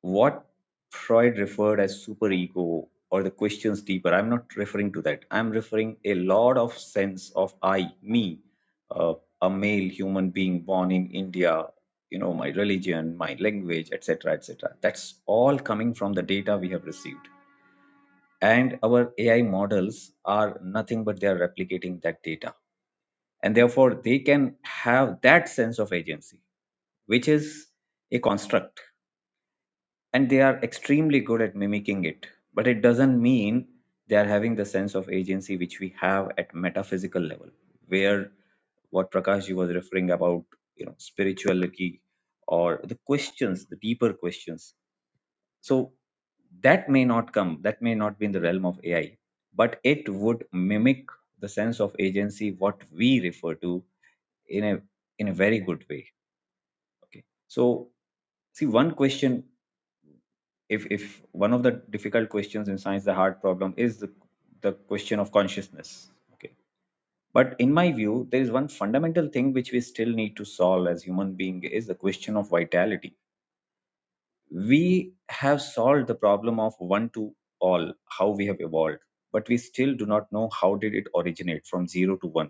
S7: what Freud referred as superego or the questions deeper, I'm not referring to that. I'm referring a lot of sense of I, me, uh, a male human being born in India, you know, my religion, my language, etc., etc. That's all coming from the data we have received. And our AI models are nothing but they are replicating that data. And therefore, they can have that sense of agency, which is a construct and they are extremely good at mimicking it but it doesn't mean they are having the sense of agency which we have at metaphysical level where what Prakashji was referring about you know spirituality or the questions the deeper questions so that may not come that may not be in the realm of ai but it would mimic the sense of agency what we refer to in a in a very good way okay so see one question if if one of the difficult questions in science the hard problem is the, the question of consciousness okay but in my view there is one fundamental thing which we still need to solve as human being is the question of vitality we have solved the problem of one to all how we have evolved but we still do not know how did it originate from zero to one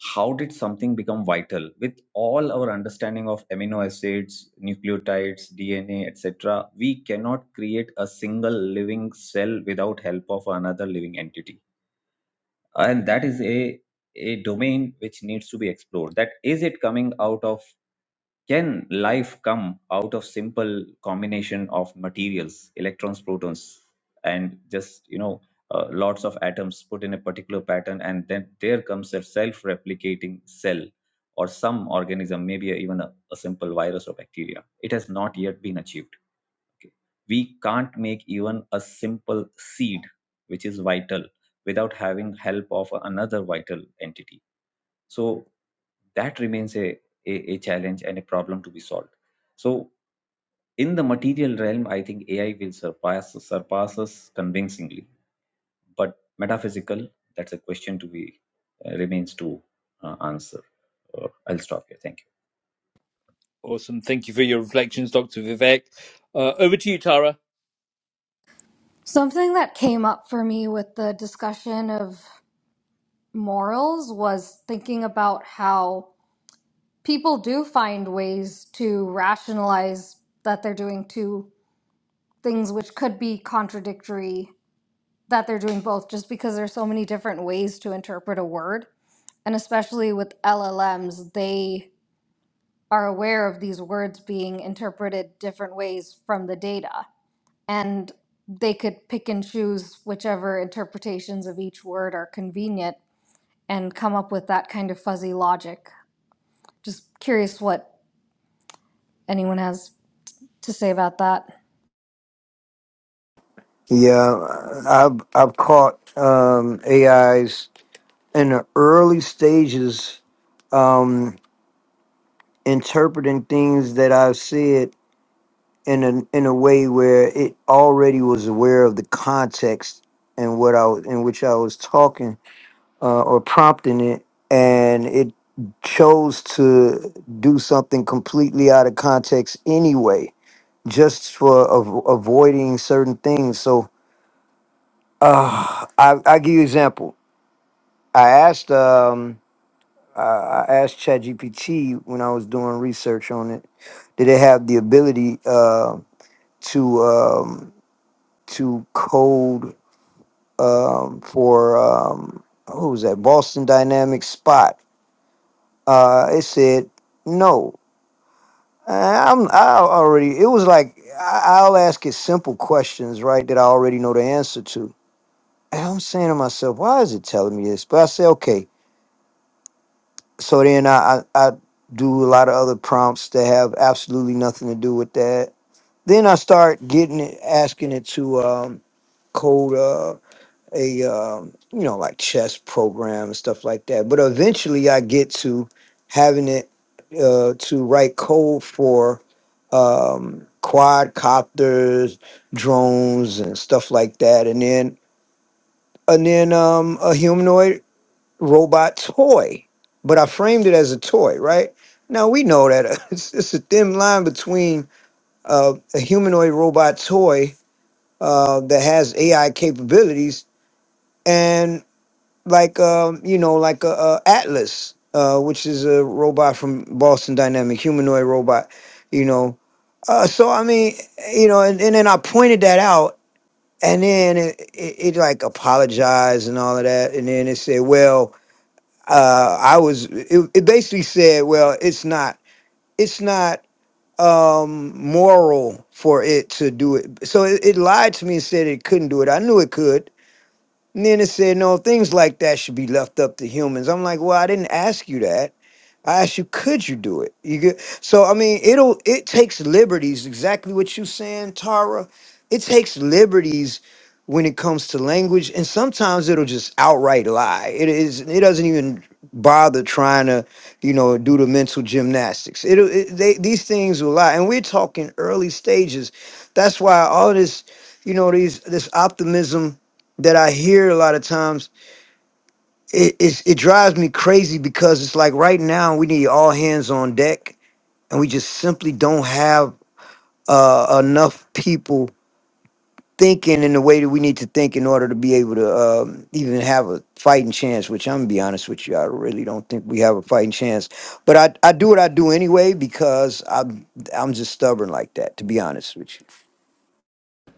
S7: how did something become vital with all our understanding of amino acids nucleotides dna etc we cannot create a single living cell without help of another living entity and that is a a domain which needs to be explored that is it coming out of can life come out of simple combination of materials, electrons, protons, and just you know uh, lots of atoms put in a particular pattern, and then there comes a self-replicating cell or some organism, maybe even a, a simple virus or bacteria. It has not yet been achieved. Okay. We can't make even a simple seed, which is vital, without having help of another vital entity so that remains a, a, a challenge and a problem to be solved so in the material realm i think ai will surpass surpass us convincingly but metaphysical that's a question to be uh, remains to uh, answer Uh, i'll stop here thank you
S1: Awesome. Thank you for your reflections, Dr. Vivek. Uh, over to you, Tara.
S14: Something that came up for me with the discussion of morals was thinking about how people do find ways to rationalize that they're doing two things which could be contradictory, that they're doing both, just because there's so many different ways to interpret a word. And especially with LLMs, they are aware of these words being interpreted different ways from the data. and they could pick and choose whichever interpretations of each word are convenient and come up with that kind of fuzzy logic. Just curious what anyone has to say about that.
S11: Yeah, I've I've caught um, AIs in the early stages um, interpreting things that I've said in a in a way where it already was aware of the context and what I was in which I was talking uh, or prompting it, and it chose to do something completely out of context anyway, just for av- avoiding certain things. So uh, I I give you example. I asked um I I asked ChatGPT when I was doing research on it, did it have the ability uh, to um, to code um, for um, who was that Boston Dynamics spot. Uh, it said no. I- I'm I already. It was like I- I'll ask it simple questions, right? That I already know the answer to. And I'm saying to myself, why is it telling me this? But I say, okay. So then I I, I do a lot of other prompts that have absolutely nothing to do with that. Then I start getting it, asking it to um, code. uh, a um, you know like chess program and stuff like that. But eventually, I get to having it uh, to write code for um, quadcopters, drones, and stuff like that, and then and then um, a humanoid robot toy. But I framed it as a toy, right? Now we know that it's, it's a thin line between uh, a humanoid robot toy uh, that has AI capabilities like um, you know, like a, a Atlas, uh, which is a robot from Boston Dynamic, humanoid robot, you know. Uh, so I mean, you know, and, and then I pointed that out, and then it, it, it like apologized and all of that, and then it said, well, uh, I was, it, it basically said, well, it's not, it's not um moral for it to do it so it, it lied to me and said it couldn't do it i knew it could and Then it said, no, things like that should be left up to humans. I'm like, well, I didn't ask you that. I asked you, could you do it? You could. So I mean, it'll it takes liberties. Exactly what you saying, Tara. It takes liberties when it comes to language, and sometimes it'll just outright lie. It is. It doesn't even bother trying to, you know, do the mental gymnastics. It'll. It, they these things will lie, and we're talking early stages. That's why all this, you know, these this optimism that I hear a lot of times it it's, it drives me crazy because it's like right now we need all hands on deck, and we just simply don't have uh, enough people thinking in the way that we need to think in order to be able to um, even have a fighting chance. Which I'm gonna be honest with you, I really don't think we have a fighting chance. But I I do what I do anyway because I'm I'm just stubborn like that. To be honest with you.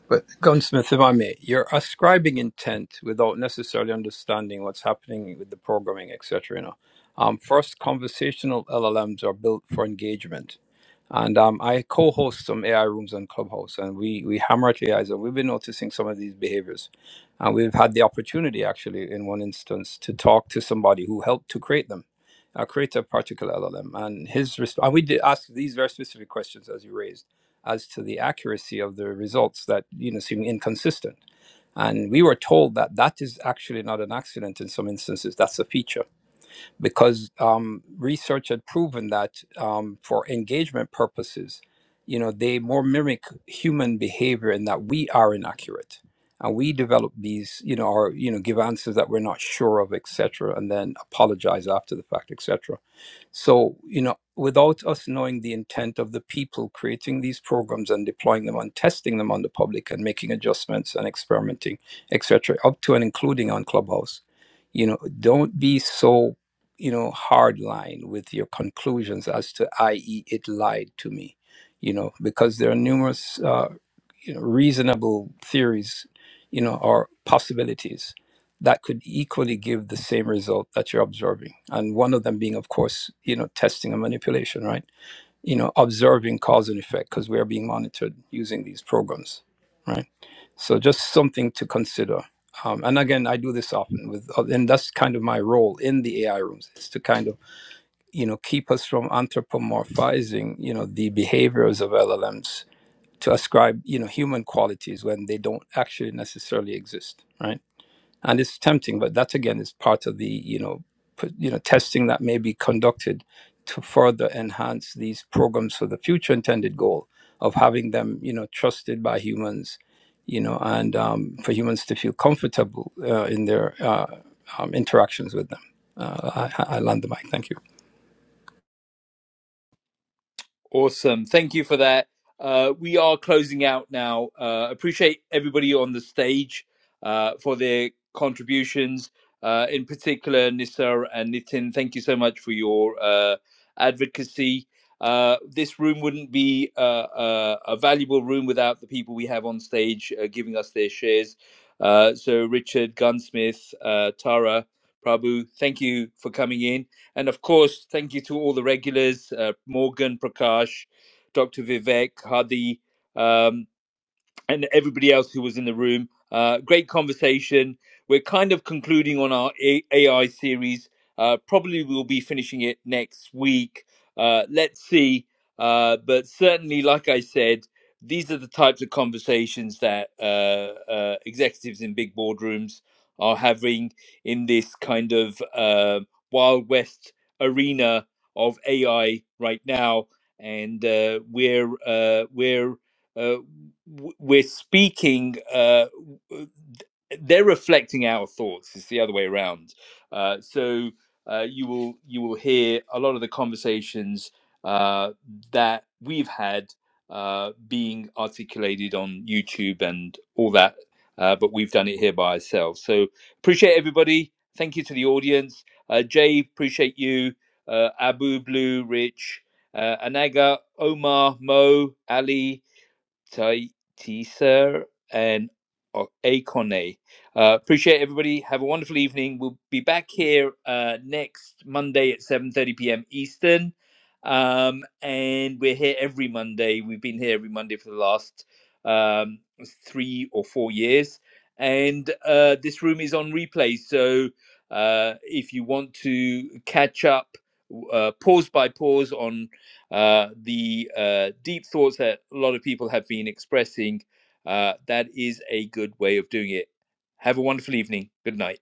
S12: But Gunsmith, if I may, you're ascribing intent without necessarily understanding what's happening with the programming, etc. You know, um, first, conversational LLMs are built for engagement And um, I co-host some AI rooms on Clubhouse, and we we hammer at AIs, and we've been noticing some of these behaviors. And we've had the opportunity, actually, in one instance, to talk to somebody who helped to create them, uh, create a particular LLM, and his resp- and we did ask these very specific questions as you raised, as to the accuracy of the results that you know seem inconsistent. And we were told that that is actually not an accident in some instances; that's a feature because um, research had proven that um, for engagement purposes, you know, they more mimic human behavior in that we are inaccurate and we develop these, you know, or you know, give answers that we're not sure of, etc., and then apologize after the fact, etc. So, you know, without us knowing the intent of the people creating these programs and deploying them and testing them on the public and making adjustments and experimenting, etc., up to and including on Clubhouse, you know, don't be so you know, hard line with your conclusions as to, i.e., it lied to me, you know, because there are numerous, uh, you know, reasonable theories, you know, or possibilities that could equally give the same result that you're observing. And one of them being, of course, you know, testing and manipulation, right? You know, observing cause and effect because we are being monitored using these programs, right? So just something to consider. Um, and again, I do this often with, uh, and that's kind of my role in the AI rooms is to kind of you know keep us from anthropomorphizing you know the behaviors of llms to ascribe you know human qualities when they don't actually necessarily exist right and it's tempting but that again is part of the you know put, you know testing that may be conducted to further enhance these programs for the future intended goal of having them you know trusted by humans you know and um, for humans to feel comfortable uh, in their uh, um, interactions with them uh, I I land the mic thank you
S1: Awesome. Thank you for that. Uh, we are closing out now. Uh, appreciate everybody on the stage uh, for their contributions. Uh, in particular, Nisar and Nitin, thank you so much for your uh, advocacy. Uh, this room wouldn't be uh, uh, a valuable room without the people we have on stage uh, giving us their shares. Uh, so, Richard, Gunsmith, uh, Tara, Prabhu, thank you for coming in. And of course, thank you to all the regulars uh, Morgan, Prakash, Dr. Vivek, Hadi. Um, and everybody else who was in the room. Uh, great conversation. We're kind of concluding on our A- AI series. Uh, probably we'll be finishing it next week. Uh, let's see. Uh, but certainly, like I said, these are the types of conversations that uh, uh, executives in big boardrooms are having in this kind of uh, Wild West arena of AI right now. And uh, we're uh, we're uh, w- we're speaking uh w- they're reflecting our thoughts it's the other way around uh so uh you will you will hear a lot of the conversations uh that we've had uh being articulated on youtube and all that uh but we've done it here by ourselves so appreciate everybody thank you to the audience uh jay appreciate you uh abu blue rich uh, anaga omar mo ali Tai Teeser and O- Akone. Uh, appreciate everybody. Have a wonderful evening. We'll be back here uh, next Monday at 7.30 p.m. Eastern. Um, and we're here every Monday. We've been here every Monday for the last um, three or four years. And uh, this room is on replay. So uh, if you want to catch up, uh, pause by pause on uh, the uh, deep thoughts that a lot of people have been expressing. Uh, that is a good way of doing it. Have a wonderful evening. Good night.